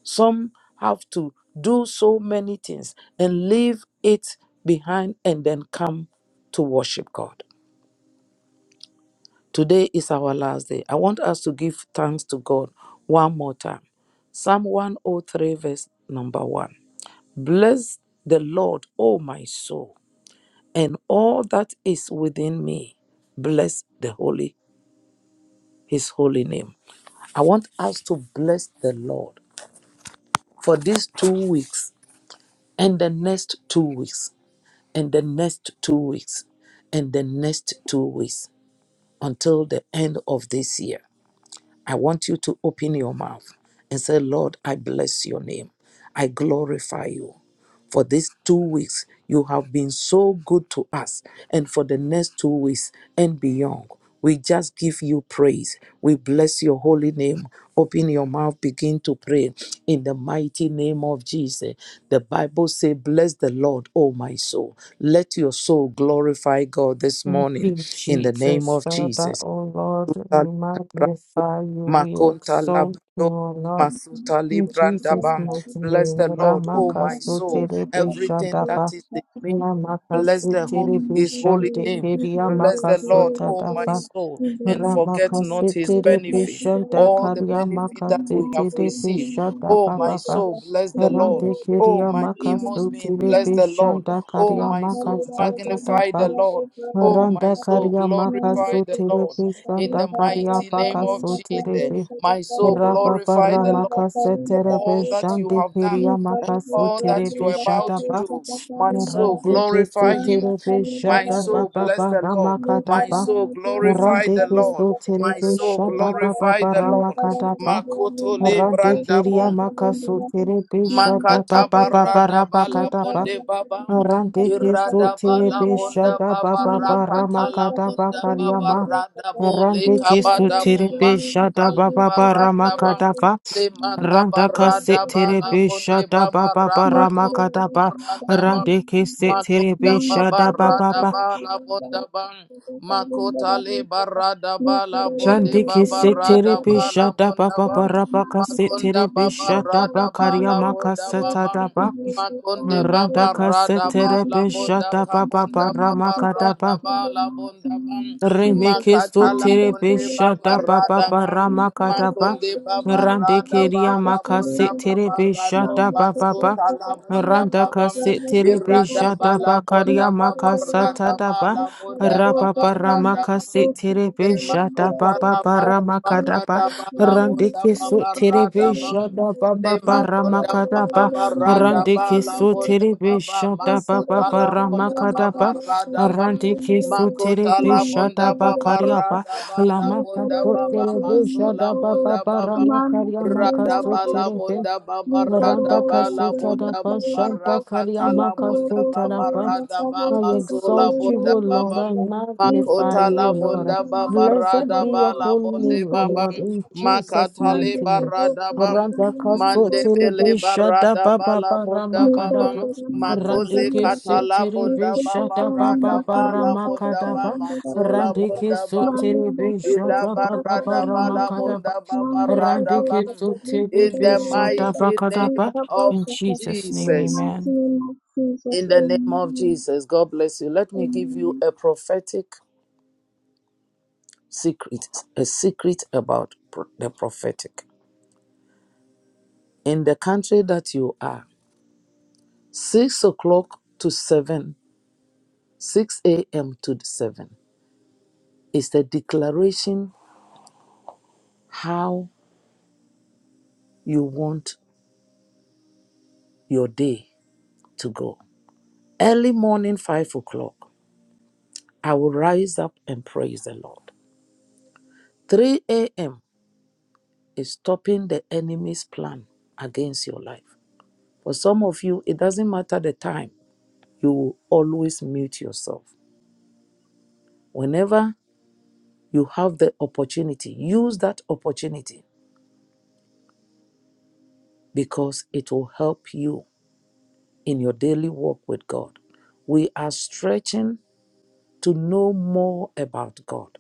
[SPEAKER 1] Some have to do so many things and leave it behind and then come to worship God. Today is our last day. I want us to give thanks to God one more time. Psalm 103, verse number one. Bless the Lord, O my soul, and all that is within me. Bless the holy, his holy name. I want us to bless the Lord for these two weeks and the next two weeks and the next two weeks and the next two weeks until the end of this year. I want you to open your mouth and say, Lord, I bless your name. I glorify you. For these two weeks, you have been so good to us. And for the next two weeks and beyond, we just give you praise. We bless your holy name. Open your mouth, begin to pray in the mighty name of Jesus. The Bible says, Bless the Lord, O my soul. Let your soul glorify God this
[SPEAKER 2] Thank
[SPEAKER 1] morning
[SPEAKER 2] you,
[SPEAKER 1] in the name
[SPEAKER 2] Jesus,
[SPEAKER 1] of
[SPEAKER 2] Father,
[SPEAKER 1] Jesus.
[SPEAKER 2] O Lord,
[SPEAKER 1] Masuta
[SPEAKER 2] we
[SPEAKER 1] Librando,
[SPEAKER 2] magnify you, we
[SPEAKER 1] Makonta
[SPEAKER 2] exalt you,
[SPEAKER 1] Labrador,
[SPEAKER 2] O Lord.
[SPEAKER 1] Masuta
[SPEAKER 2] In Jesus'
[SPEAKER 1] Librandabam.
[SPEAKER 2] mighty
[SPEAKER 3] Amen.
[SPEAKER 1] Bless
[SPEAKER 2] name,
[SPEAKER 1] the Lord, O
[SPEAKER 3] Thank
[SPEAKER 1] my
[SPEAKER 2] Ramakasu
[SPEAKER 1] soul,
[SPEAKER 2] Terebe
[SPEAKER 1] everything that
[SPEAKER 2] Shadaba,
[SPEAKER 1] is in me. Bless
[SPEAKER 2] Ramakasu
[SPEAKER 1] the whole
[SPEAKER 2] Terebe
[SPEAKER 1] his holy
[SPEAKER 2] Shante
[SPEAKER 1] name.
[SPEAKER 2] Keria
[SPEAKER 1] Bless the
[SPEAKER 2] Makasu
[SPEAKER 1] Lord, O my
[SPEAKER 2] Tadafa,
[SPEAKER 1] soul, and forget not
[SPEAKER 2] Ramakasu
[SPEAKER 1] his
[SPEAKER 2] Terebe
[SPEAKER 1] benefit,
[SPEAKER 2] Shanta
[SPEAKER 1] all the
[SPEAKER 2] Karia
[SPEAKER 1] benefit that
[SPEAKER 2] Makasu
[SPEAKER 1] we have
[SPEAKER 2] Terebe
[SPEAKER 1] received. O
[SPEAKER 2] Shadaba
[SPEAKER 1] my
[SPEAKER 2] Baba,
[SPEAKER 1] soul, bless the Lord.
[SPEAKER 2] Rande
[SPEAKER 1] O
[SPEAKER 2] Keria
[SPEAKER 1] my inmost
[SPEAKER 2] Makasu
[SPEAKER 1] being, bless
[SPEAKER 2] Terebe
[SPEAKER 1] the Lord.
[SPEAKER 2] Shanta
[SPEAKER 1] O
[SPEAKER 2] Karia
[SPEAKER 1] my soul,
[SPEAKER 2] Makasu
[SPEAKER 1] magnify the
[SPEAKER 2] Tadafa,
[SPEAKER 1] Lord. O my
[SPEAKER 2] Randa
[SPEAKER 1] soul,
[SPEAKER 2] Karia
[SPEAKER 1] glorify
[SPEAKER 2] Makasu
[SPEAKER 1] the Lord.
[SPEAKER 2] Terebe
[SPEAKER 1] In the
[SPEAKER 2] Shanta Karia
[SPEAKER 1] mighty name of
[SPEAKER 2] Makasu
[SPEAKER 1] Jesus, my soul,
[SPEAKER 3] you.
[SPEAKER 1] glorify
[SPEAKER 2] Rababara
[SPEAKER 1] the Lord
[SPEAKER 2] makase
[SPEAKER 1] for
[SPEAKER 2] terebe
[SPEAKER 1] all that you
[SPEAKER 3] Mandakarindarabhushaka,
[SPEAKER 2] shandi
[SPEAKER 1] have done
[SPEAKER 2] piria
[SPEAKER 1] and
[SPEAKER 2] makasu
[SPEAKER 1] all that you
[SPEAKER 2] terebe
[SPEAKER 1] are about
[SPEAKER 2] shada
[SPEAKER 1] to
[SPEAKER 2] ba.
[SPEAKER 1] do.
[SPEAKER 3] Nikarabhudralindakabhushaka,
[SPEAKER 1] My soul,
[SPEAKER 2] Murande
[SPEAKER 3] Sarindarahu,
[SPEAKER 2] keso
[SPEAKER 1] glorify him.
[SPEAKER 2] terebe
[SPEAKER 1] My
[SPEAKER 2] shada ba
[SPEAKER 1] soul,
[SPEAKER 2] ba
[SPEAKER 3] Mandakarindarabhushaka,
[SPEAKER 1] bless
[SPEAKER 2] ba
[SPEAKER 1] the Lord.
[SPEAKER 2] ramakada
[SPEAKER 1] My
[SPEAKER 2] ba.
[SPEAKER 1] soul, glorify
[SPEAKER 2] Murande
[SPEAKER 1] the
[SPEAKER 2] keso
[SPEAKER 1] Lord.
[SPEAKER 3] Nikarabhudralindakabhushaka,
[SPEAKER 1] My
[SPEAKER 2] terebe
[SPEAKER 1] soul,
[SPEAKER 2] shada ba
[SPEAKER 3] Sarindarahushaka,
[SPEAKER 2] ba
[SPEAKER 1] glorify
[SPEAKER 2] ba
[SPEAKER 1] the Lord.
[SPEAKER 2] ramakada ba.
[SPEAKER 1] Makoto le
[SPEAKER 2] Murande
[SPEAKER 3] Nikarabhudralindakabhushaka,
[SPEAKER 2] keria
[SPEAKER 1] brandabon.
[SPEAKER 2] makasu
[SPEAKER 3] Sarindarahu,
[SPEAKER 2] terebe shada ba
[SPEAKER 1] Makata
[SPEAKER 2] ba ba ba
[SPEAKER 3] Mandakarindarabhushaka,
[SPEAKER 1] barada bala
[SPEAKER 2] rabakada ba.
[SPEAKER 1] bonde baba.
[SPEAKER 2] Murande keso
[SPEAKER 3] Nikarabhudralindakabhushaka,
[SPEAKER 1] Irada bala
[SPEAKER 2] terebe
[SPEAKER 3] Sarindarahu,
[SPEAKER 1] bonda
[SPEAKER 2] shada ba
[SPEAKER 1] baba
[SPEAKER 2] ba ba
[SPEAKER 1] rakata la
[SPEAKER 3] Mandakarindarabhushaka,
[SPEAKER 2] ramakada ba
[SPEAKER 1] bonda
[SPEAKER 2] karia
[SPEAKER 1] baba
[SPEAKER 2] ma.
[SPEAKER 1] rada
[SPEAKER 3] Sarindarahushaka,
[SPEAKER 1] bo le
[SPEAKER 2] Murande keso
[SPEAKER 1] kabada bo
[SPEAKER 2] terebe shada
[SPEAKER 1] masuta le
[SPEAKER 2] ba
[SPEAKER 3] Nikarabhudralindakabhushaka,
[SPEAKER 2] ba ba
[SPEAKER 1] barada ba
[SPEAKER 2] ramakada
[SPEAKER 3] Sarindarahu,
[SPEAKER 2] ba.
[SPEAKER 1] le mata
[SPEAKER 2] Randaka
[SPEAKER 1] barada
[SPEAKER 3] Thank
[SPEAKER 1] bala
[SPEAKER 3] you.
[SPEAKER 2] seterebe
[SPEAKER 1] bonde
[SPEAKER 2] shada
[SPEAKER 1] baba
[SPEAKER 2] baba
[SPEAKER 3] Thank
[SPEAKER 1] rabado
[SPEAKER 2] ramakada ba
[SPEAKER 1] barada ba.
[SPEAKER 2] randeke
[SPEAKER 1] Makonda
[SPEAKER 2] seterebe shada baba
[SPEAKER 1] babarada
[SPEAKER 2] ba
[SPEAKER 1] bala bonda bam. Makota le barada bala bonde
[SPEAKER 2] randeke
[SPEAKER 1] babarada
[SPEAKER 2] seterebe
[SPEAKER 1] bala
[SPEAKER 2] shada
[SPEAKER 1] bonda
[SPEAKER 2] baba
[SPEAKER 1] bam.
[SPEAKER 2] rabaka
[SPEAKER 1] Makonda
[SPEAKER 2] seterebe shada
[SPEAKER 1] babarada
[SPEAKER 2] bakaria
[SPEAKER 1] bala bonda babam.
[SPEAKER 2] makasetada ba
[SPEAKER 1] Makonde
[SPEAKER 2] randaka
[SPEAKER 1] babarada bala
[SPEAKER 2] seterebe
[SPEAKER 1] bonda
[SPEAKER 2] shada baba
[SPEAKER 1] kabonda
[SPEAKER 2] ramakada
[SPEAKER 1] babarada bala bonda bam.
[SPEAKER 2] Remeke
[SPEAKER 1] Makatala
[SPEAKER 2] sotere
[SPEAKER 1] bonde
[SPEAKER 2] shada baba
[SPEAKER 1] babarada bam.
[SPEAKER 2] barama kadaba.
[SPEAKER 1] Makonde baba
[SPEAKER 2] Rande
[SPEAKER 1] rada
[SPEAKER 2] keria
[SPEAKER 1] bala bunda
[SPEAKER 2] makase tere
[SPEAKER 1] baba
[SPEAKER 3] you.
[SPEAKER 1] rado
[SPEAKER 2] shada
[SPEAKER 3] Manda
[SPEAKER 2] baba
[SPEAKER 1] maso
[SPEAKER 2] ba.
[SPEAKER 1] tala bunda
[SPEAKER 2] Randa
[SPEAKER 1] babam
[SPEAKER 2] kase tere
[SPEAKER 1] irada
[SPEAKER 2] beshada
[SPEAKER 1] bala bunda
[SPEAKER 2] bakaria
[SPEAKER 1] baba
[SPEAKER 2] maka
[SPEAKER 1] rada
[SPEAKER 2] satada daba.
[SPEAKER 1] bala bunda
[SPEAKER 2] Raba
[SPEAKER 1] baba
[SPEAKER 2] barama
[SPEAKER 1] rada
[SPEAKER 2] kase tere
[SPEAKER 1] Le
[SPEAKER 2] shada
[SPEAKER 1] makota
[SPEAKER 2] baba
[SPEAKER 1] la bada
[SPEAKER 2] barama kadaba.
[SPEAKER 1] barada bala
[SPEAKER 2] Rande
[SPEAKER 1] bunda
[SPEAKER 2] keso tere
[SPEAKER 1] babarada bam.
[SPEAKER 2] shada
[SPEAKER 1] Le
[SPEAKER 2] baba barama
[SPEAKER 1] makunda baba
[SPEAKER 2] kadaba.
[SPEAKER 1] barada
[SPEAKER 2] Rande
[SPEAKER 1] bala
[SPEAKER 2] keso
[SPEAKER 1] bunda
[SPEAKER 2] tere
[SPEAKER 1] baba
[SPEAKER 2] shada baba
[SPEAKER 1] masota la
[SPEAKER 2] barama
[SPEAKER 1] bunda
[SPEAKER 2] kadaba.
[SPEAKER 1] babarada bam.
[SPEAKER 2] Arante ke sotere
[SPEAKER 1] Makota
[SPEAKER 2] pe
[SPEAKER 1] la
[SPEAKER 2] shada
[SPEAKER 1] bunda
[SPEAKER 2] ba karya ba
[SPEAKER 1] babarada bala
[SPEAKER 2] lama ka
[SPEAKER 1] bunda baba
[SPEAKER 2] sotere pe shada
[SPEAKER 1] masola
[SPEAKER 2] ba ba
[SPEAKER 1] bunda
[SPEAKER 2] ba
[SPEAKER 1] baba.
[SPEAKER 2] rama karya ma ka
[SPEAKER 1] Rada bala
[SPEAKER 2] sotere pe
[SPEAKER 3] Manda
[SPEAKER 1] bunda baba rada
[SPEAKER 2] Randa
[SPEAKER 1] bala
[SPEAKER 2] Kasutada
[SPEAKER 1] bunda baba
[SPEAKER 2] Shanta
[SPEAKER 1] rakata
[SPEAKER 2] Karyama
[SPEAKER 1] la bunda
[SPEAKER 2] Kasutada
[SPEAKER 1] baba rada
[SPEAKER 2] I
[SPEAKER 1] bama sola
[SPEAKER 2] exalt you,
[SPEAKER 1] bunda
[SPEAKER 2] O Lord,
[SPEAKER 1] baba
[SPEAKER 2] I magnify
[SPEAKER 1] Makota
[SPEAKER 2] you,
[SPEAKER 1] la
[SPEAKER 2] O Lord.
[SPEAKER 1] bonda
[SPEAKER 2] Blessed
[SPEAKER 1] babarada
[SPEAKER 2] be
[SPEAKER 1] ba
[SPEAKER 2] your
[SPEAKER 1] la
[SPEAKER 2] holy
[SPEAKER 1] bonde
[SPEAKER 2] name, O Lord,
[SPEAKER 1] babam.
[SPEAKER 2] in Jesus'
[SPEAKER 1] Makatale
[SPEAKER 3] Mande
[SPEAKER 2] mighty
[SPEAKER 3] que
[SPEAKER 2] name.
[SPEAKER 3] vos,
[SPEAKER 1] barada
[SPEAKER 3] Señor,
[SPEAKER 1] bam.
[SPEAKER 2] Randa
[SPEAKER 3] también me la bolsa,
[SPEAKER 2] Kasutada
[SPEAKER 1] Mandebele
[SPEAKER 2] Bishada
[SPEAKER 1] barada ba
[SPEAKER 2] Baba
[SPEAKER 1] la bonda babam.
[SPEAKER 2] Barama
[SPEAKER 3] Yekarararemanda
[SPEAKER 1] Makoze
[SPEAKER 2] Randike
[SPEAKER 3] kavirare,
[SPEAKER 1] katala
[SPEAKER 2] setere be
[SPEAKER 1] bonda
[SPEAKER 2] shada ba
[SPEAKER 3] yekegogoninda
[SPEAKER 1] babarada
[SPEAKER 2] ba ba
[SPEAKER 1] ba la
[SPEAKER 2] rama
[SPEAKER 3] kavushaka
[SPEAKER 1] bonda
[SPEAKER 2] kada
[SPEAKER 1] ba
[SPEAKER 2] ba.
[SPEAKER 3] kalendara
[SPEAKER 1] masola
[SPEAKER 3] vushaka,
[SPEAKER 2] Randike
[SPEAKER 1] bonda baba.
[SPEAKER 2] sotere
[SPEAKER 3] maninda
[SPEAKER 2] be
[SPEAKER 1] Ila
[SPEAKER 2] shada ba
[SPEAKER 3] kavushaka
[SPEAKER 2] ba ba
[SPEAKER 1] barada ba
[SPEAKER 3] kalendara
[SPEAKER 2] rama
[SPEAKER 1] la
[SPEAKER 2] kada ba.
[SPEAKER 1] bonda
[SPEAKER 3] vushaka, mande
[SPEAKER 1] babarada
[SPEAKER 2] Randike
[SPEAKER 1] bam.
[SPEAKER 3] kavushaka,
[SPEAKER 2] sotere
[SPEAKER 1] In
[SPEAKER 2] be
[SPEAKER 1] the
[SPEAKER 2] shada
[SPEAKER 3] yekararararara,
[SPEAKER 2] ba
[SPEAKER 1] mighty
[SPEAKER 2] kada
[SPEAKER 1] name
[SPEAKER 2] ba.
[SPEAKER 1] of
[SPEAKER 2] In
[SPEAKER 3] yekavushaka.
[SPEAKER 2] Jesus'
[SPEAKER 3] In the
[SPEAKER 2] name,
[SPEAKER 1] Jesus.
[SPEAKER 3] mighty
[SPEAKER 2] amen.
[SPEAKER 3] name of Jesus,
[SPEAKER 1] In the name of
[SPEAKER 3] amen.
[SPEAKER 1] Jesus. God bless you. Let me give you
[SPEAKER 3] Amen.
[SPEAKER 1] a prophetic secret, a secret about pro- the prophetic. In the country that you are, 6 o'clock to 7, 6 a.m. to 7 is the declaration how you want your day to go. Early morning, 5 o'clock, I will rise up and praise the Lord. 3 a.m. is stopping the enemy's plan against your life. For some of you, it doesn't matter the time, you will always mute yourself. Whenever You have the opportunity. Use that opportunity because it will help you in your daily walk with God. We are stretching to know more about God.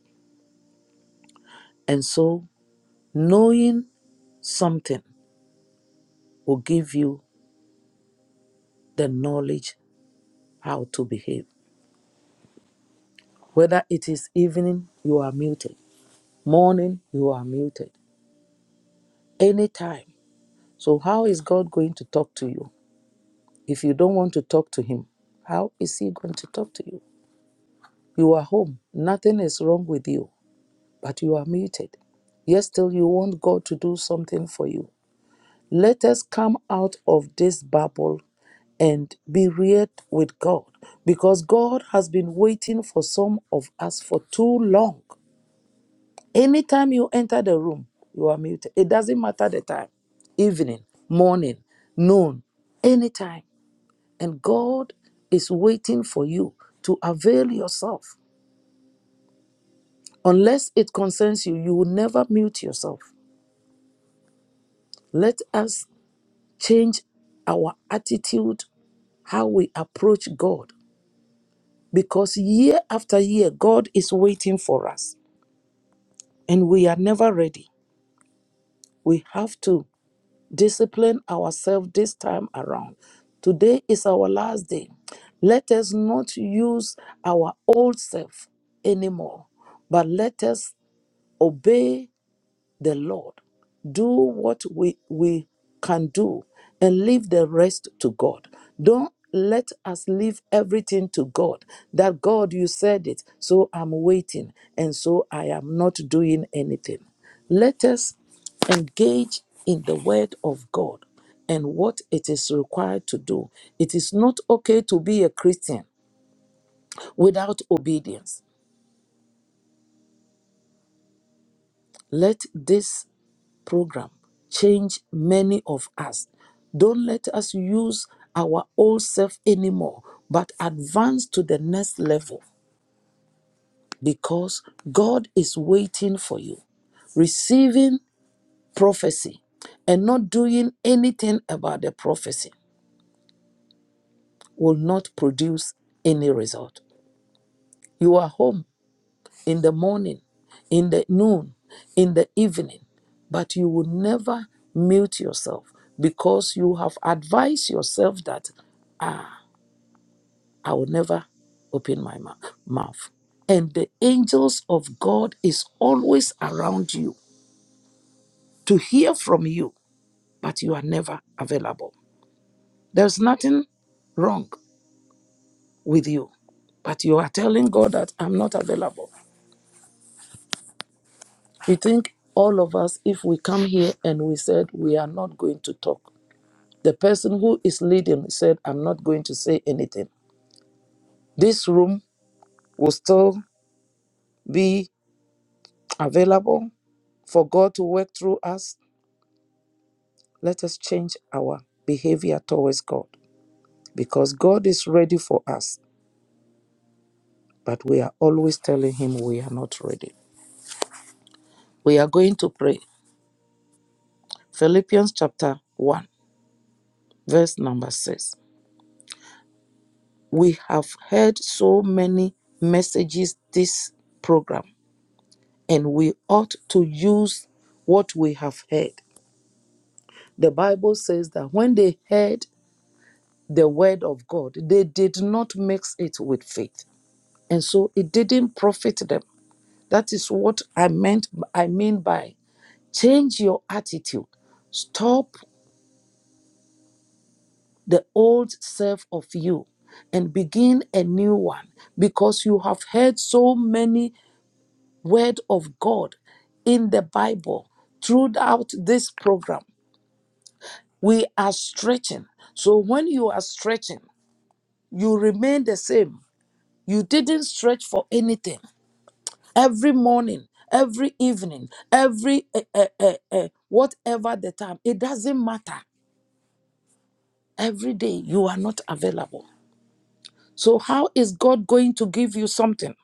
[SPEAKER 1] And so, knowing something will give you the knowledge how to behave. Whether it is evening, you are muted, morning, you are muted, anytime. So, how is God going to talk to you? If you don't want to talk to Him, how is He going to talk to you? You are home. Nothing is wrong with you, but you are muted. Yet still you want God to do something for you. Let us come out of this bubble and be reared with God because God has been waiting for some of us for too long. Anytime you enter the room, you are muted. It doesn't matter the time, evening, morning, noon, anytime. And God is waiting for you to avail yourself. Unless it concerns you, you will never mute yourself. Let us change our attitude, how we approach God, because year after year, God is waiting for us and we are never ready. We have to discipline ourselves this time around. Today is our last day. Let us not use our old self anymore, but let us obey the Lord, do what we, we can do, and leave the rest to God. Don't let us leave everything to God. That God, you said it, so I'm waiting, and so I am not doing anything. Let us engage in the word of God and what it is required to do. It is not okay to be a Christian without obedience. Let this program changed many of us. Don't let us use our old self anymore, but advance to the next level because God is waiting for you. Receiving prophecy and not doing anything about the prophecy will not produce any result. You are home in the morning, in the noon, in the evening, but you will never mute yourself because you have advised yourself that, ah, I will never open my mou- mouth. And the angels of God is always around you to hear from you, but you are never available. There's nothing wrong with you, but you are telling God that I'm not available. You think all of us, if we come here and we said we are not going to talk, the person who is leading said, I'm not going to say anything. This room will still be available for God to work through us. Let us change our behavior towards God because God is ready for us, but we are always telling Him we are not ready. We are going to pray. Philippians chapter 1, verse number 6. We have heard so many messages this program, and we ought to use what we have heard. The Bible says that when they heard the word of God, they did not mix it with faith. And so it didn't profit them. That is what I meant I mean by change your attitude. Stop the old self of you and begin a new one because you have heard so many word of God in the Bible throughout this program. We are stretching. So when you are stretching, you remain the same. You didn't stretch for anything. Every morning, every evening, every eh, eh, eh, eh, whatever the time, it doesn't matter. Every day you are not available. So how is God going to give you something?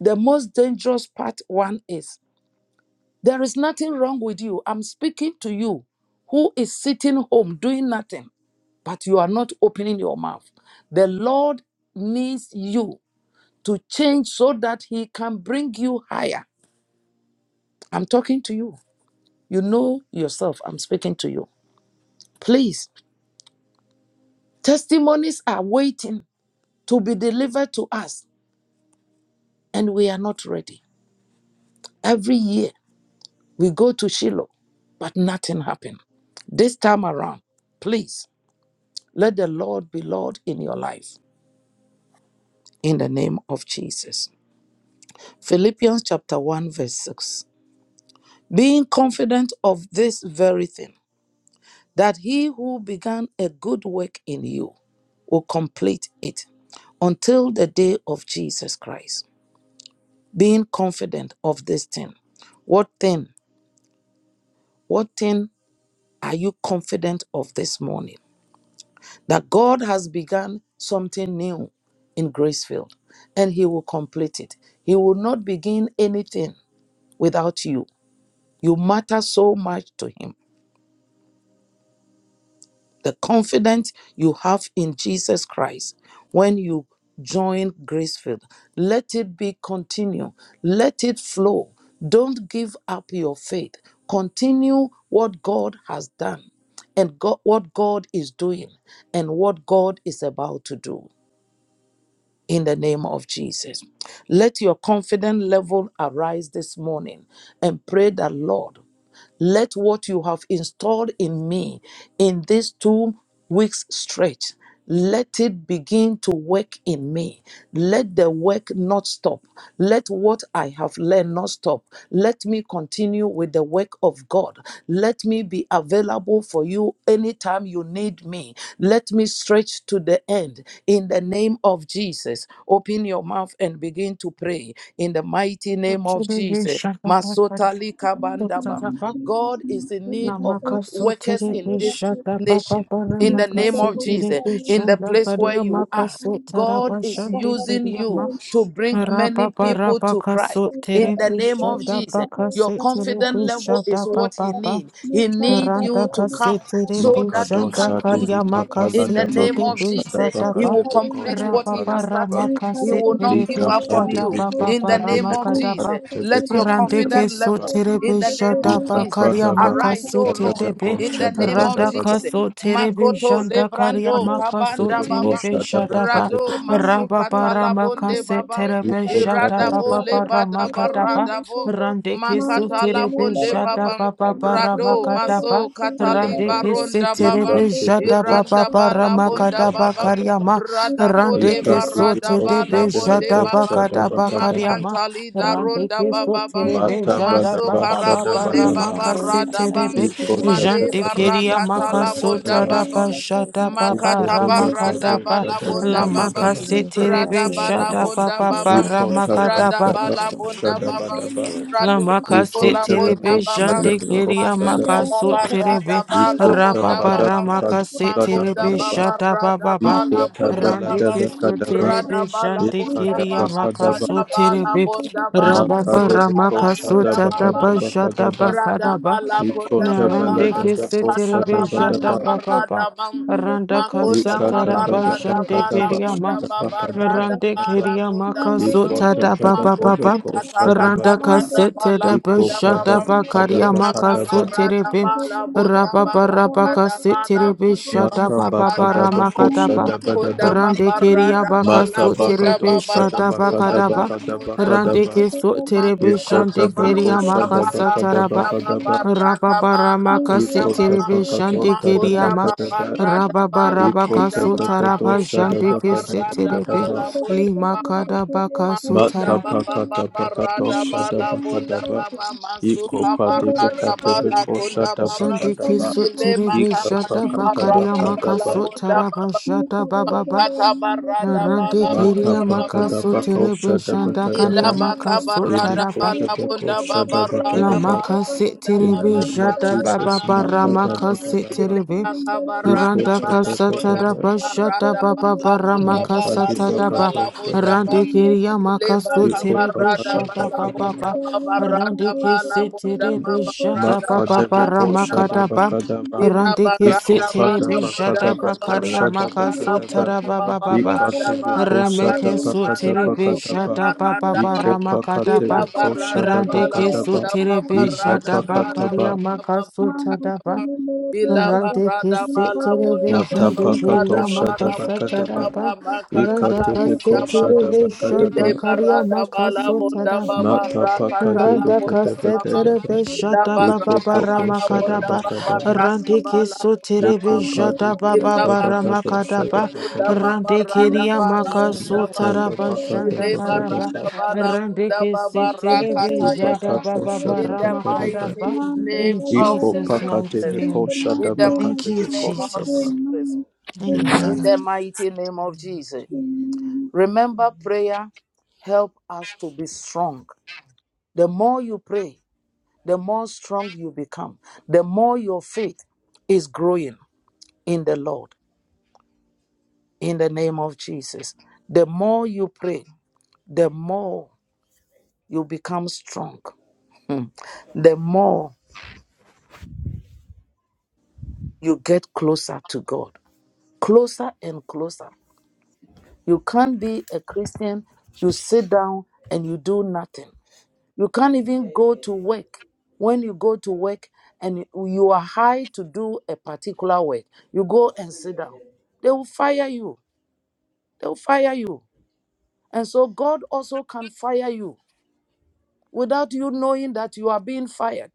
[SPEAKER 1] The most dangerous part one is There is nothing wrong with you. I'm speaking to you who is sitting home doing nothing, but you are not opening your mouth. The Lord needs you to change so that He can bring you higher. I'm talking to you. You know yourself. I'm speaking to you. Please, testimonies are waiting to be delivered to us, and we are not ready. Every year we go to Shiloh, but nothing happened. This time around, please. Let the Lord be Lord in your life in the name of Jesus. Philippians chapter 1, verse 6. Being confident of this very thing, that he who began a good work in you will complete it until the day of Jesus Christ. Being confident of this thing. What thing? What thing are you confident of this morning? that God has begun something new in Gracefield and He will complete it. He will not begin anything without you. You matter so much to Him. The confidence you have in Jesus Christ when you join Gracefield, let it be continue, let it flow. Don't give up your faith. Continue what God has done and God, what God is doing and what God is about to do. in the name of Jesus. Let your confident level arise this morning and pray that, Lord. Let what you have installed in me in these two weeks stretch, let it begin to work in me. Let the work not stop. Let what I have learned not stop. Let me continue with the work of God. Let me be available for you anytime you need me. Let me stretch to the end. In the name of Jesus, open your mouth and begin to pray. In the mighty name of
[SPEAKER 2] Sotere be
[SPEAKER 1] Jesus.
[SPEAKER 2] shada ba ba
[SPEAKER 1] Masotali
[SPEAKER 3] In the
[SPEAKER 2] ba
[SPEAKER 3] mighty
[SPEAKER 1] kabandaba.
[SPEAKER 3] name
[SPEAKER 2] kada
[SPEAKER 3] of
[SPEAKER 2] ba.
[SPEAKER 3] Jesus,
[SPEAKER 1] God is in need of
[SPEAKER 3] kavirare,
[SPEAKER 2] Namaka
[SPEAKER 1] workers
[SPEAKER 2] sotere
[SPEAKER 1] in
[SPEAKER 2] be
[SPEAKER 1] this
[SPEAKER 3] kavirare,
[SPEAKER 2] shada ba ba
[SPEAKER 1] nation.
[SPEAKER 2] ba
[SPEAKER 3] Thank
[SPEAKER 1] In
[SPEAKER 3] you.
[SPEAKER 2] rama
[SPEAKER 1] the
[SPEAKER 2] ka
[SPEAKER 1] name of Jesus,
[SPEAKER 2] sotere be
[SPEAKER 1] in the
[SPEAKER 2] shada
[SPEAKER 1] place
[SPEAKER 2] ba
[SPEAKER 1] where
[SPEAKER 2] rama
[SPEAKER 1] you
[SPEAKER 2] ka
[SPEAKER 1] are,
[SPEAKER 2] sotere be shada
[SPEAKER 1] God
[SPEAKER 2] ba
[SPEAKER 1] is using
[SPEAKER 2] shada ba
[SPEAKER 1] you to bring
[SPEAKER 2] Rapa
[SPEAKER 1] many
[SPEAKER 2] para
[SPEAKER 1] people to
[SPEAKER 2] baka
[SPEAKER 1] Christ
[SPEAKER 2] so.
[SPEAKER 3] Thank
[SPEAKER 2] Rabba
[SPEAKER 1] in
[SPEAKER 2] Rabba Kasu Tiri
[SPEAKER 1] the name of
[SPEAKER 2] Bishada
[SPEAKER 1] Jesus. Your
[SPEAKER 2] Bakasi Tiri
[SPEAKER 1] confident level
[SPEAKER 2] Bishada
[SPEAKER 1] is what he
[SPEAKER 2] Baba
[SPEAKER 1] needs. He needs you
[SPEAKER 2] Randa
[SPEAKER 1] to come
[SPEAKER 2] kasete de
[SPEAKER 1] so that he
[SPEAKER 2] bishanda
[SPEAKER 4] Makadosa
[SPEAKER 1] can use
[SPEAKER 2] karya
[SPEAKER 1] you
[SPEAKER 4] Devika Pala
[SPEAKER 1] in the
[SPEAKER 2] makasete
[SPEAKER 1] name
[SPEAKER 2] de
[SPEAKER 1] of
[SPEAKER 4] Davakosa
[SPEAKER 1] Jesus.
[SPEAKER 2] bishata
[SPEAKER 4] Davaka
[SPEAKER 1] He
[SPEAKER 2] ba
[SPEAKER 1] will complete
[SPEAKER 4] Devakosa
[SPEAKER 1] what he
[SPEAKER 4] Pala
[SPEAKER 2] rababa
[SPEAKER 1] has
[SPEAKER 4] Dava
[SPEAKER 1] started. He
[SPEAKER 2] ramakasete
[SPEAKER 1] will not
[SPEAKER 2] de
[SPEAKER 1] give up
[SPEAKER 4] Ikapa
[SPEAKER 1] on
[SPEAKER 2] bishata
[SPEAKER 1] you
[SPEAKER 2] ba
[SPEAKER 1] in the
[SPEAKER 4] Devikosa
[SPEAKER 2] baba
[SPEAKER 1] name of
[SPEAKER 4] Deviko
[SPEAKER 2] ramakata
[SPEAKER 4] Pala
[SPEAKER 1] Jesus.
[SPEAKER 2] ba
[SPEAKER 1] Let your
[SPEAKER 4] Devakosa
[SPEAKER 2] rande
[SPEAKER 1] confident
[SPEAKER 4] Davadava
[SPEAKER 1] level
[SPEAKER 2] kesote de
[SPEAKER 1] in the name
[SPEAKER 2] bishata
[SPEAKER 1] of
[SPEAKER 2] ba
[SPEAKER 1] Jesus
[SPEAKER 4] Ikapa
[SPEAKER 2] karya
[SPEAKER 1] arise, O
[SPEAKER 4] Davakosa
[SPEAKER 2] makasete
[SPEAKER 1] Lord,
[SPEAKER 2] de be
[SPEAKER 1] in
[SPEAKER 4] Davakosa
[SPEAKER 1] the name of
[SPEAKER 2] randa
[SPEAKER 4] Davadavada
[SPEAKER 1] Jesus.
[SPEAKER 2] kasote de
[SPEAKER 1] Makoto
[SPEAKER 2] bishanda karya
[SPEAKER 1] lebrando kabanda
[SPEAKER 2] makasote de
[SPEAKER 1] baba.
[SPEAKER 4] Devikosa
[SPEAKER 2] bishata
[SPEAKER 4] Davaka
[SPEAKER 2] ba
[SPEAKER 1] Rado
[SPEAKER 4] Dev
[SPEAKER 1] masukata
[SPEAKER 2] rababa
[SPEAKER 1] labonde
[SPEAKER 2] ramakasete
[SPEAKER 1] babam.
[SPEAKER 2] de
[SPEAKER 3] you.
[SPEAKER 4] Iko
[SPEAKER 2] bishata
[SPEAKER 4] Pala
[SPEAKER 3] Manda
[SPEAKER 2] ba
[SPEAKER 1] Iradabo
[SPEAKER 2] baba
[SPEAKER 1] lebadaba
[SPEAKER 4] Devika
[SPEAKER 2] ramakata
[SPEAKER 1] radabom.
[SPEAKER 2] Rande Randeke
[SPEAKER 1] Makata
[SPEAKER 3] solo
[SPEAKER 4] Iko
[SPEAKER 2] seterebe
[SPEAKER 1] labonde
[SPEAKER 4] Pala
[SPEAKER 2] jada
[SPEAKER 1] babam.
[SPEAKER 2] baba bara
[SPEAKER 1] Rado maso
[SPEAKER 2] makadaba.
[SPEAKER 1] katali
[SPEAKER 4] Dava
[SPEAKER 2] Randeke
[SPEAKER 1] baronda babam.
[SPEAKER 4] Ika
[SPEAKER 2] seterebe jada
[SPEAKER 1] Iranda
[SPEAKER 4] Devikosa
[SPEAKER 2] baba
[SPEAKER 1] ba
[SPEAKER 2] bara
[SPEAKER 1] labonda
[SPEAKER 4] Devakosa
[SPEAKER 2] makadaba
[SPEAKER 1] babam.
[SPEAKER 4] Davadava
[SPEAKER 2] karyama.
[SPEAKER 1] Radabo
[SPEAKER 4] Ika
[SPEAKER 2] Randeke
[SPEAKER 1] leba radaba
[SPEAKER 4] Devikosa
[SPEAKER 2] soterebe
[SPEAKER 1] labonde
[SPEAKER 2] jada
[SPEAKER 1] babam.
[SPEAKER 4] Devakosa
[SPEAKER 2] bakadaba
[SPEAKER 4] Davaka Dava
[SPEAKER 2] karyama.
[SPEAKER 1] Makantali daronda
[SPEAKER 2] Randeke
[SPEAKER 1] bababam.
[SPEAKER 3] de
[SPEAKER 2] soterebe
[SPEAKER 4] Mata bada
[SPEAKER 2] jada
[SPEAKER 1] Maso
[SPEAKER 5] One,
[SPEAKER 4] basha
[SPEAKER 2] baba
[SPEAKER 5] two,
[SPEAKER 4] da
[SPEAKER 5] three,
[SPEAKER 1] karabonde
[SPEAKER 3] Thank
[SPEAKER 5] four,
[SPEAKER 2] bara
[SPEAKER 4] bada
[SPEAKER 5] five, six,
[SPEAKER 4] ba.
[SPEAKER 1] baba
[SPEAKER 5] seven, eight, nine,
[SPEAKER 1] radabam.
[SPEAKER 2] makaseterebe.
[SPEAKER 5] ten,
[SPEAKER 4] Iko
[SPEAKER 5] eleven, twelve,
[SPEAKER 4] da
[SPEAKER 1] Male
[SPEAKER 2] Jante
[SPEAKER 4] bada
[SPEAKER 5] thirteen, fourteen, fifteen,
[SPEAKER 4] basha
[SPEAKER 2] keria
[SPEAKER 4] da
[SPEAKER 1] barakata
[SPEAKER 4] bada
[SPEAKER 5] sixteen, seventeen, eighteen, nineteen,
[SPEAKER 1] labonda
[SPEAKER 4] bada
[SPEAKER 2] makasota
[SPEAKER 5] twenty,
[SPEAKER 4] ba.
[SPEAKER 2] daba
[SPEAKER 1] babam.
[SPEAKER 5] twenty-one, twenty-two, twenty-three,
[SPEAKER 2] jada baba
[SPEAKER 4] Iko
[SPEAKER 5] twenty-four,
[SPEAKER 1] Makataba Rada
[SPEAKER 2] ramakadaba.
[SPEAKER 1] Balabunda
[SPEAKER 2] La
[SPEAKER 1] Babam
[SPEAKER 5] twenty-five,
[SPEAKER 1] Rada
[SPEAKER 2] makaseterebe jada
[SPEAKER 1] Balabunda
[SPEAKER 2] baba
[SPEAKER 1] Babam
[SPEAKER 2] bara
[SPEAKER 4] da
[SPEAKER 1] Rada
[SPEAKER 2] makadaba.
[SPEAKER 4] bada basha
[SPEAKER 1] Balabunda
[SPEAKER 4] da bada
[SPEAKER 1] Babam
[SPEAKER 4] bada ba.
[SPEAKER 2] La
[SPEAKER 1] Radu
[SPEAKER 2] makasi
[SPEAKER 4] Iko
[SPEAKER 3] you.
[SPEAKER 1] Makula
[SPEAKER 4] da
[SPEAKER 2] terebe
[SPEAKER 1] Bunda
[SPEAKER 3] Thank
[SPEAKER 1] Babam
[SPEAKER 4] bada
[SPEAKER 2] jande keria
[SPEAKER 4] basha da
[SPEAKER 1] Makunda
[SPEAKER 4] bada ba.
[SPEAKER 2] makaso
[SPEAKER 1] Baba Rada
[SPEAKER 2] terebe
[SPEAKER 4] Iko da
[SPEAKER 1] Balabunda
[SPEAKER 4] basha
[SPEAKER 2] rababa
[SPEAKER 4] da
[SPEAKER 1] Babam
[SPEAKER 4] basha
[SPEAKER 2] ramakasi
[SPEAKER 4] da
[SPEAKER 1] Makunda
[SPEAKER 2] terebe
[SPEAKER 4] bada ba.
[SPEAKER 1] Baba
[SPEAKER 2] shata
[SPEAKER 1] Rada
[SPEAKER 2] baba ba
[SPEAKER 4] Iko da bada basha da bada ba. Iko da
[SPEAKER 1] Balabunda
[SPEAKER 2] rande
[SPEAKER 4] bada
[SPEAKER 1] Babam
[SPEAKER 4] basha
[SPEAKER 2] keso
[SPEAKER 4] da ba.
[SPEAKER 1] Rada
[SPEAKER 2] terebe jande
[SPEAKER 4] Iko
[SPEAKER 1] Balabunda
[SPEAKER 4] da
[SPEAKER 2] keria
[SPEAKER 1] Baba
[SPEAKER 4] bada ba.
[SPEAKER 1] Rada
[SPEAKER 2] makaso terebe
[SPEAKER 1] Balabunda Baba
[SPEAKER 4] Mata
[SPEAKER 2] rababa
[SPEAKER 4] de
[SPEAKER 1] Sukala
[SPEAKER 4] bako
[SPEAKER 2] ramakaso
[SPEAKER 4] shada baka
[SPEAKER 2] tata
[SPEAKER 4] da
[SPEAKER 2] ba
[SPEAKER 1] Bunda
[SPEAKER 4] baka da
[SPEAKER 2] shata ba
[SPEAKER 4] ba.
[SPEAKER 2] kada ba
[SPEAKER 1] Radabala kunda
[SPEAKER 4] Ikota
[SPEAKER 2] na
[SPEAKER 1] baba
[SPEAKER 2] rande
[SPEAKER 4] balada
[SPEAKER 1] masu
[SPEAKER 4] da
[SPEAKER 2] kese
[SPEAKER 4] osha da
[SPEAKER 2] terebe
[SPEAKER 1] katala
[SPEAKER 4] bada
[SPEAKER 1] bada
[SPEAKER 2] shata
[SPEAKER 4] ba.
[SPEAKER 2] baba
[SPEAKER 1] barada
[SPEAKER 2] ba
[SPEAKER 1] bam.
[SPEAKER 2] randa ka
[SPEAKER 1] Makonda
[SPEAKER 2] kasa
[SPEAKER 4] Ikata
[SPEAKER 2] tara
[SPEAKER 1] baba
[SPEAKER 2] ba
[SPEAKER 4] bada ba
[SPEAKER 2] jande
[SPEAKER 4] kada
[SPEAKER 1] radabala
[SPEAKER 4] ba
[SPEAKER 1] kunda konda
[SPEAKER 4] shada ba
[SPEAKER 1] baba
[SPEAKER 4] kada ba
[SPEAKER 1] rada
[SPEAKER 3] you.
[SPEAKER 2] Rande
[SPEAKER 4] kada ba.
[SPEAKER 1] bala
[SPEAKER 2] keria
[SPEAKER 1] konda
[SPEAKER 2] maka
[SPEAKER 3] Mande
[SPEAKER 1] baba.
[SPEAKER 2] sota
[SPEAKER 3] Prabhu
[SPEAKER 4] Ikota
[SPEAKER 2] da ba ba ba
[SPEAKER 4] balada ba
[SPEAKER 1] Makoze
[SPEAKER 2] ba.
[SPEAKER 3] Sagatananda
[SPEAKER 1] kata
[SPEAKER 3] Prabhu
[SPEAKER 4] kosha da
[SPEAKER 1] kata
[SPEAKER 2] Randa
[SPEAKER 4] bada ba.
[SPEAKER 3] Mande
[SPEAKER 1] rada
[SPEAKER 2] kasete
[SPEAKER 3] Prabhu
[SPEAKER 1] bala
[SPEAKER 2] de
[SPEAKER 4] ikopa
[SPEAKER 1] bonda
[SPEAKER 2] besha
[SPEAKER 4] pada
[SPEAKER 2] da
[SPEAKER 1] baba.
[SPEAKER 2] ba
[SPEAKER 3] Sagatananda
[SPEAKER 4] ba kada
[SPEAKER 3] Prabhu
[SPEAKER 2] karia
[SPEAKER 4] ba
[SPEAKER 1] Imaka
[SPEAKER 2] maka
[SPEAKER 4] kada ba.
[SPEAKER 2] sote de
[SPEAKER 1] barada
[SPEAKER 2] be.
[SPEAKER 1] bala
[SPEAKER 3] Sagatananda
[SPEAKER 1] bonda
[SPEAKER 2] Raba ba
[SPEAKER 1] baba
[SPEAKER 2] raba
[SPEAKER 3] Prabhu
[SPEAKER 2] kasete
[SPEAKER 1] radabala
[SPEAKER 2] de
[SPEAKER 3] Sagatananda
[SPEAKER 1] bundi
[SPEAKER 3] Prabhu
[SPEAKER 1] bonde
[SPEAKER 2] besha da
[SPEAKER 4] Mata
[SPEAKER 1] baba
[SPEAKER 2] ba
[SPEAKER 4] ba
[SPEAKER 2] ba ba
[SPEAKER 1] rada
[SPEAKER 4] kada ba
[SPEAKER 1] bam.
[SPEAKER 2] ramaka da
[SPEAKER 4] kosha
[SPEAKER 2] ba.
[SPEAKER 4] da bada
[SPEAKER 1] Makunda
[SPEAKER 4] ba.
[SPEAKER 2] Rande
[SPEAKER 1] baba
[SPEAKER 2] keria
[SPEAKER 1] rada
[SPEAKER 2] baka
[SPEAKER 1] bala
[SPEAKER 4] Mata ba
[SPEAKER 2] sote de
[SPEAKER 1] kunda
[SPEAKER 4] kada
[SPEAKER 1] baba
[SPEAKER 4] osha
[SPEAKER 2] besha
[SPEAKER 4] da
[SPEAKER 2] da
[SPEAKER 4] ba
[SPEAKER 2] ba ka
[SPEAKER 1] masuka
[SPEAKER 4] kada
[SPEAKER 2] da
[SPEAKER 4] ba
[SPEAKER 2] ba.
[SPEAKER 4] kada ba
[SPEAKER 1] tala
[SPEAKER 4] kada
[SPEAKER 2] Rande
[SPEAKER 4] ba.
[SPEAKER 2] ke sote de
[SPEAKER 1] Makunda
[SPEAKER 2] besha de
[SPEAKER 4] Ikota
[SPEAKER 1] baba
[SPEAKER 4] ba
[SPEAKER 2] keria
[SPEAKER 1] rada
[SPEAKER 4] kosha
[SPEAKER 2] maka
[SPEAKER 4] da ba
[SPEAKER 1] bala
[SPEAKER 4] kada ba
[SPEAKER 1] bunda
[SPEAKER 4] kada
[SPEAKER 1] baba
[SPEAKER 4] ba.
[SPEAKER 1] rada bala
[SPEAKER 2] Rababarabaka
[SPEAKER 1] bunda
[SPEAKER 4] Ikota
[SPEAKER 1] baba
[SPEAKER 4] ba
[SPEAKER 2] seterebe
[SPEAKER 4] kada osha da ba
[SPEAKER 1] Makunda
[SPEAKER 2] shandekeriama.
[SPEAKER 1] baba
[SPEAKER 4] kada ba.
[SPEAKER 1] rada bala
[SPEAKER 2] Rababarabaka
[SPEAKER 1] bunda baba
[SPEAKER 4] Ipotepakato
[SPEAKER 2] sotaraba
[SPEAKER 1] Makunda
[SPEAKER 2] shandeke
[SPEAKER 1] baba rada
[SPEAKER 2] seterebe.
[SPEAKER 4] Shadabakadabakadaba
[SPEAKER 1] bala bunda
[SPEAKER 2] Lima
[SPEAKER 1] baba
[SPEAKER 2] kadabaka
[SPEAKER 1] Makunda
[SPEAKER 2] sotaraba.
[SPEAKER 1] baba baba
[SPEAKER 4] Matapakatapakato
[SPEAKER 1] rada bala bunda
[SPEAKER 4] Shadabakadaba
[SPEAKER 1] baba Masuka barada bala
[SPEAKER 4] Ikopadebekatebeko
[SPEAKER 1] kunda baba
[SPEAKER 2] Shandeke
[SPEAKER 4] Shadabakadaba
[SPEAKER 3] Thank you.
[SPEAKER 1] Ile
[SPEAKER 2] soterebe shata
[SPEAKER 1] makabada
[SPEAKER 3] Thank
[SPEAKER 1] barada
[SPEAKER 2] bakariama
[SPEAKER 1] bala
[SPEAKER 4] Ikapakatabakadaba
[SPEAKER 1] bunda
[SPEAKER 2] kasotaraba
[SPEAKER 1] baba
[SPEAKER 2] shata bababa.
[SPEAKER 1] Makata barada
[SPEAKER 2] Narande
[SPEAKER 1] bala bunda
[SPEAKER 2] keriama
[SPEAKER 1] baba
[SPEAKER 4] Matapakadabako
[SPEAKER 2] kasoterebe
[SPEAKER 4] Shadabakadaba
[SPEAKER 2] ka
[SPEAKER 1] Ilabaka barada
[SPEAKER 2] kasotaraba.
[SPEAKER 1] bala
[SPEAKER 4] Ilikotebeko
[SPEAKER 1] bunda babarada
[SPEAKER 4] Shadabakadaba.
[SPEAKER 2] Lamaka
[SPEAKER 1] bala bunda
[SPEAKER 4] In the
[SPEAKER 2] seterebe
[SPEAKER 4] name of
[SPEAKER 2] shata
[SPEAKER 1] babaraka
[SPEAKER 4] Jesus,
[SPEAKER 1] tala
[SPEAKER 2] bababa
[SPEAKER 1] bunda ba.
[SPEAKER 2] ramaka
[SPEAKER 4] Makadabakadaba,
[SPEAKER 2] seterebe.
[SPEAKER 1] Ilabaka barada
[SPEAKER 2] Randa
[SPEAKER 1] bala bunda
[SPEAKER 2] kasatada
[SPEAKER 4] Ikotabakadaba,
[SPEAKER 2] ba shata
[SPEAKER 1] barada
[SPEAKER 2] ba ba
[SPEAKER 1] bala
[SPEAKER 2] ba rama
[SPEAKER 1] bunda ba
[SPEAKER 2] kasatada
[SPEAKER 1] masuta
[SPEAKER 2] ba
[SPEAKER 1] bunda
[SPEAKER 4] Makadibakatoshadaba,
[SPEAKER 1] ba.
[SPEAKER 2] rande kiriya makaso
[SPEAKER 1] Ilabaka
[SPEAKER 2] tere be
[SPEAKER 1] barada
[SPEAKER 2] shata
[SPEAKER 1] bala
[SPEAKER 2] ba ba
[SPEAKER 4] Ikopakadabakadaba.
[SPEAKER 1] bunda
[SPEAKER 2] ba
[SPEAKER 1] babarada
[SPEAKER 2] rande
[SPEAKER 1] bala
[SPEAKER 2] kese
[SPEAKER 1] bunda
[SPEAKER 2] tere be shata
[SPEAKER 1] babarada
[SPEAKER 2] ba ba ba
[SPEAKER 1] bala
[SPEAKER 4] Makadebe
[SPEAKER 2] rama
[SPEAKER 1] bunda
[SPEAKER 2] kada
[SPEAKER 4] koshadaba
[SPEAKER 2] ba
[SPEAKER 4] kadaba.
[SPEAKER 3] you.
[SPEAKER 1] Ila
[SPEAKER 2] rande kese
[SPEAKER 1] barada
[SPEAKER 2] tere
[SPEAKER 1] bala
[SPEAKER 2] be
[SPEAKER 3] Mando
[SPEAKER 4] Ikopadaba
[SPEAKER 1] bunda
[SPEAKER 2] shata
[SPEAKER 4] kadaba
[SPEAKER 2] ba kariya
[SPEAKER 1] barada
[SPEAKER 4] koshadaba
[SPEAKER 1] bala
[SPEAKER 2] makaso
[SPEAKER 4] kadaba.
[SPEAKER 2] tara
[SPEAKER 1] bunda
[SPEAKER 2] ba ba ba ba
[SPEAKER 1] barada
[SPEAKER 4] Ikatebe
[SPEAKER 1] bala
[SPEAKER 2] rame
[SPEAKER 1] karu
[SPEAKER 4] koshadaba
[SPEAKER 2] keso tere
[SPEAKER 4] kadaba
[SPEAKER 2] be
[SPEAKER 1] mazatu te
[SPEAKER 4] kadaba.
[SPEAKER 2] shata ba ba
[SPEAKER 1] barada
[SPEAKER 2] ba
[SPEAKER 1] ba.
[SPEAKER 2] rama kada
[SPEAKER 1] Ila
[SPEAKER 4] Ikopakatebe
[SPEAKER 2] ba
[SPEAKER 1] barada
[SPEAKER 4] koshadaba
[SPEAKER 2] rande
[SPEAKER 1] bala
[SPEAKER 4] kadaba.
[SPEAKER 2] keso
[SPEAKER 1] bunda
[SPEAKER 2] tere be
[SPEAKER 1] barada
[SPEAKER 2] shata ba
[SPEAKER 1] bala
[SPEAKER 4] Ikapakataba.
[SPEAKER 2] kariya
[SPEAKER 1] bunda
[SPEAKER 2] makaso
[SPEAKER 1] barada
[SPEAKER 2] tada ba
[SPEAKER 1] ba. Ila
[SPEAKER 2] Rante ke
[SPEAKER 1] barada
[SPEAKER 2] se
[SPEAKER 1] bala
[SPEAKER 2] tere
[SPEAKER 1] bunda
[SPEAKER 2] ve
[SPEAKER 1] baba
[SPEAKER 2] jante ke
[SPEAKER 3] in
[SPEAKER 1] rada
[SPEAKER 2] ya
[SPEAKER 1] bala
[SPEAKER 4] Matapakatoshadaba
[SPEAKER 2] makasa
[SPEAKER 1] bunda
[SPEAKER 4] kadaba.
[SPEAKER 1] baba
[SPEAKER 2] taraba.
[SPEAKER 1] makata
[SPEAKER 2] Rada
[SPEAKER 1] la
[SPEAKER 2] ka
[SPEAKER 4] Ikatebe
[SPEAKER 1] bunda
[SPEAKER 2] se
[SPEAKER 1] baba.
[SPEAKER 2] tere
[SPEAKER 4] koshadaba
[SPEAKER 1] Ile
[SPEAKER 4] kadaba.
[SPEAKER 2] karya
[SPEAKER 1] barada bala
[SPEAKER 2] makasa
[SPEAKER 1] bunda
[SPEAKER 2] taraba.
[SPEAKER 1] baba rakata la
[SPEAKER 4] Matapakadebe
[SPEAKER 2] Rada ka
[SPEAKER 1] bunda
[SPEAKER 4] kadaba
[SPEAKER 2] se
[SPEAKER 1] baba.
[SPEAKER 2] tere
[SPEAKER 4] kadaba.
[SPEAKER 1] Ila
[SPEAKER 2] baba
[SPEAKER 1] barada
[SPEAKER 2] bara
[SPEAKER 1] bala bunda
[SPEAKER 4] Ikopokoshadaba
[SPEAKER 2] makadaba.
[SPEAKER 1] baba
[SPEAKER 4] kadaba.
[SPEAKER 1] rada
[SPEAKER 2] Rante ke
[SPEAKER 1] bala
[SPEAKER 2] so
[SPEAKER 1] bunda
[SPEAKER 2] tere ve
[SPEAKER 4] Iko
[SPEAKER 1] baba.
[SPEAKER 4] padu
[SPEAKER 2] baba
[SPEAKER 1] Ila
[SPEAKER 4] yata
[SPEAKER 2] bara
[SPEAKER 4] bakado
[SPEAKER 1] barada bala
[SPEAKER 4] shada
[SPEAKER 2] makadaba.
[SPEAKER 1] bunda
[SPEAKER 4] bakada
[SPEAKER 1] baba
[SPEAKER 2] Rante ke
[SPEAKER 1] rada
[SPEAKER 2] ya
[SPEAKER 1] bala bunda
[SPEAKER 2] makaso
[SPEAKER 1] baba.
[SPEAKER 4] bakada
[SPEAKER 2] taraba
[SPEAKER 4] bakada
[SPEAKER 1] Ile
[SPEAKER 2] janta
[SPEAKER 4] bakada
[SPEAKER 2] karaba.
[SPEAKER 4] ba
[SPEAKER 1] barada bala
[SPEAKER 2] Rante
[SPEAKER 1] bunda
[SPEAKER 2] ke
[SPEAKER 1] baba
[SPEAKER 2] se tere
[SPEAKER 1] rakata yamang.
[SPEAKER 4] ipakado
[SPEAKER 2] baba
[SPEAKER 1] In
[SPEAKER 4] shada
[SPEAKER 2] bara
[SPEAKER 1] the
[SPEAKER 4] bakada ba
[SPEAKER 5] twenty-six,
[SPEAKER 2] makadaba.
[SPEAKER 1] mighty
[SPEAKER 5] twenty-seven,
[SPEAKER 1] name
[SPEAKER 2] In
[SPEAKER 1] of
[SPEAKER 5] twenty-eight,
[SPEAKER 4] iko
[SPEAKER 2] Jesus'
[SPEAKER 5] twenty-nine, thirty.
[SPEAKER 4] pakate
[SPEAKER 2] mighty
[SPEAKER 1] Jesus.
[SPEAKER 4] viko
[SPEAKER 2] name.
[SPEAKER 3] the mighty
[SPEAKER 1] In
[SPEAKER 4] shada
[SPEAKER 1] the
[SPEAKER 3] name of
[SPEAKER 2] Thank
[SPEAKER 4] bakate
[SPEAKER 2] you,
[SPEAKER 1] mighty
[SPEAKER 4] viko
[SPEAKER 1] name
[SPEAKER 3] Jesus,
[SPEAKER 1] of
[SPEAKER 2] Jesus.
[SPEAKER 4] shkapa.
[SPEAKER 1] Jesus.
[SPEAKER 3] amen.
[SPEAKER 4] Amen.
[SPEAKER 1] In
[SPEAKER 2] Amen.
[SPEAKER 1] the
[SPEAKER 3] Amen.
[SPEAKER 1] mighty name of Jesus.
[SPEAKER 3] Amen.
[SPEAKER 1] Remember, prayer help us to be strong. The more you pray, the more strong you become. The more your faith is growing in the Lord. In the name of Jesus. The more you pray, the more you become strong. Hmm. The more you get closer to God. Closer and closer. You can't be a Christian, you sit down and you do nothing. You can't even go to work. When you go to work and you are hired to do a particular work, you go and sit down. They will fire you. They will fire you. And so God also can fire you without you knowing that you are being fired.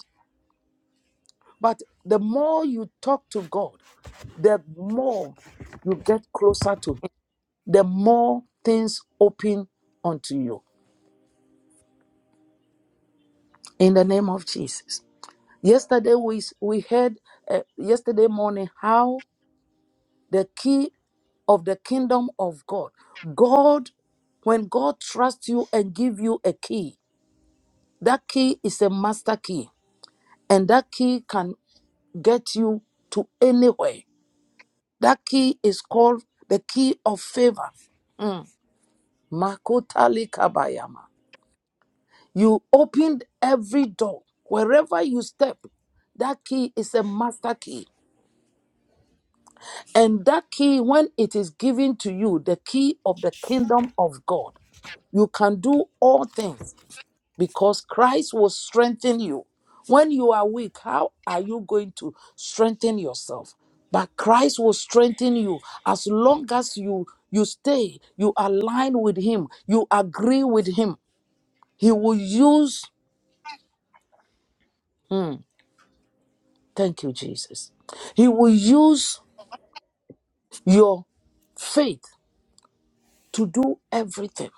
[SPEAKER 1] But the more you talk to God, the more you get closer to Him, the more things open unto you. In the name of Jesus. Yesterday we we heard uh, yesterday morning how the key of the kingdom of God. God when God trusts you and give you a key, that key is a master key and that key can get you to anywhere. That key is called the key of favor. Mm. Makotali kabayama. You opened every door. Wherever you step, that key is a master key. And that key, when it is given to you, the key of the kingdom of God, you can do all things because Christ will strengthen you. When you are weak, how are you going to strengthen yourself? But Christ will strengthen you as long as you you stay, you align with him, you agree with him. He will use thank you Jesus. He will use your faith to do everything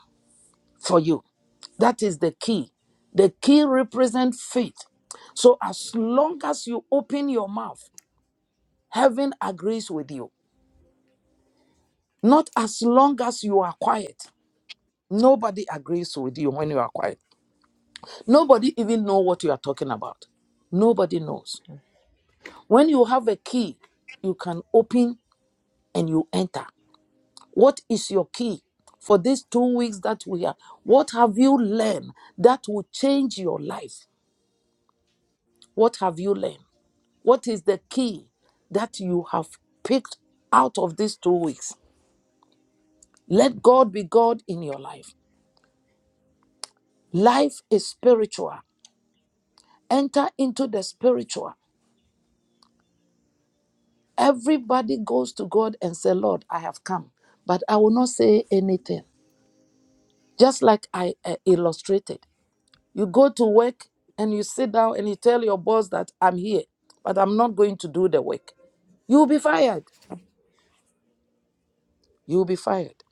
[SPEAKER 1] for you. That is the key. The key represents faith. So as long as you open your mouth, heaven agrees with you. Not as long as you are quiet. Nobody agrees with you when you are quiet. Nobody even know what you are talking about. Nobody knows. When you have a key, you can open and you enter. What is your key for these two weeks that we are? What have you learned that will change your life? What have you learned? What is the key that you have picked out of these two weeks? Let God be God in your life. Life is spiritual. Enter into the spiritual. Everybody goes to God and say, Lord, I have come, but I will not say anything. Just like I uh, illustrated, you go to work and you sit down and you tell your boss that I'm here, but I'm not going to do the work. You'll be fired. You'll be fired.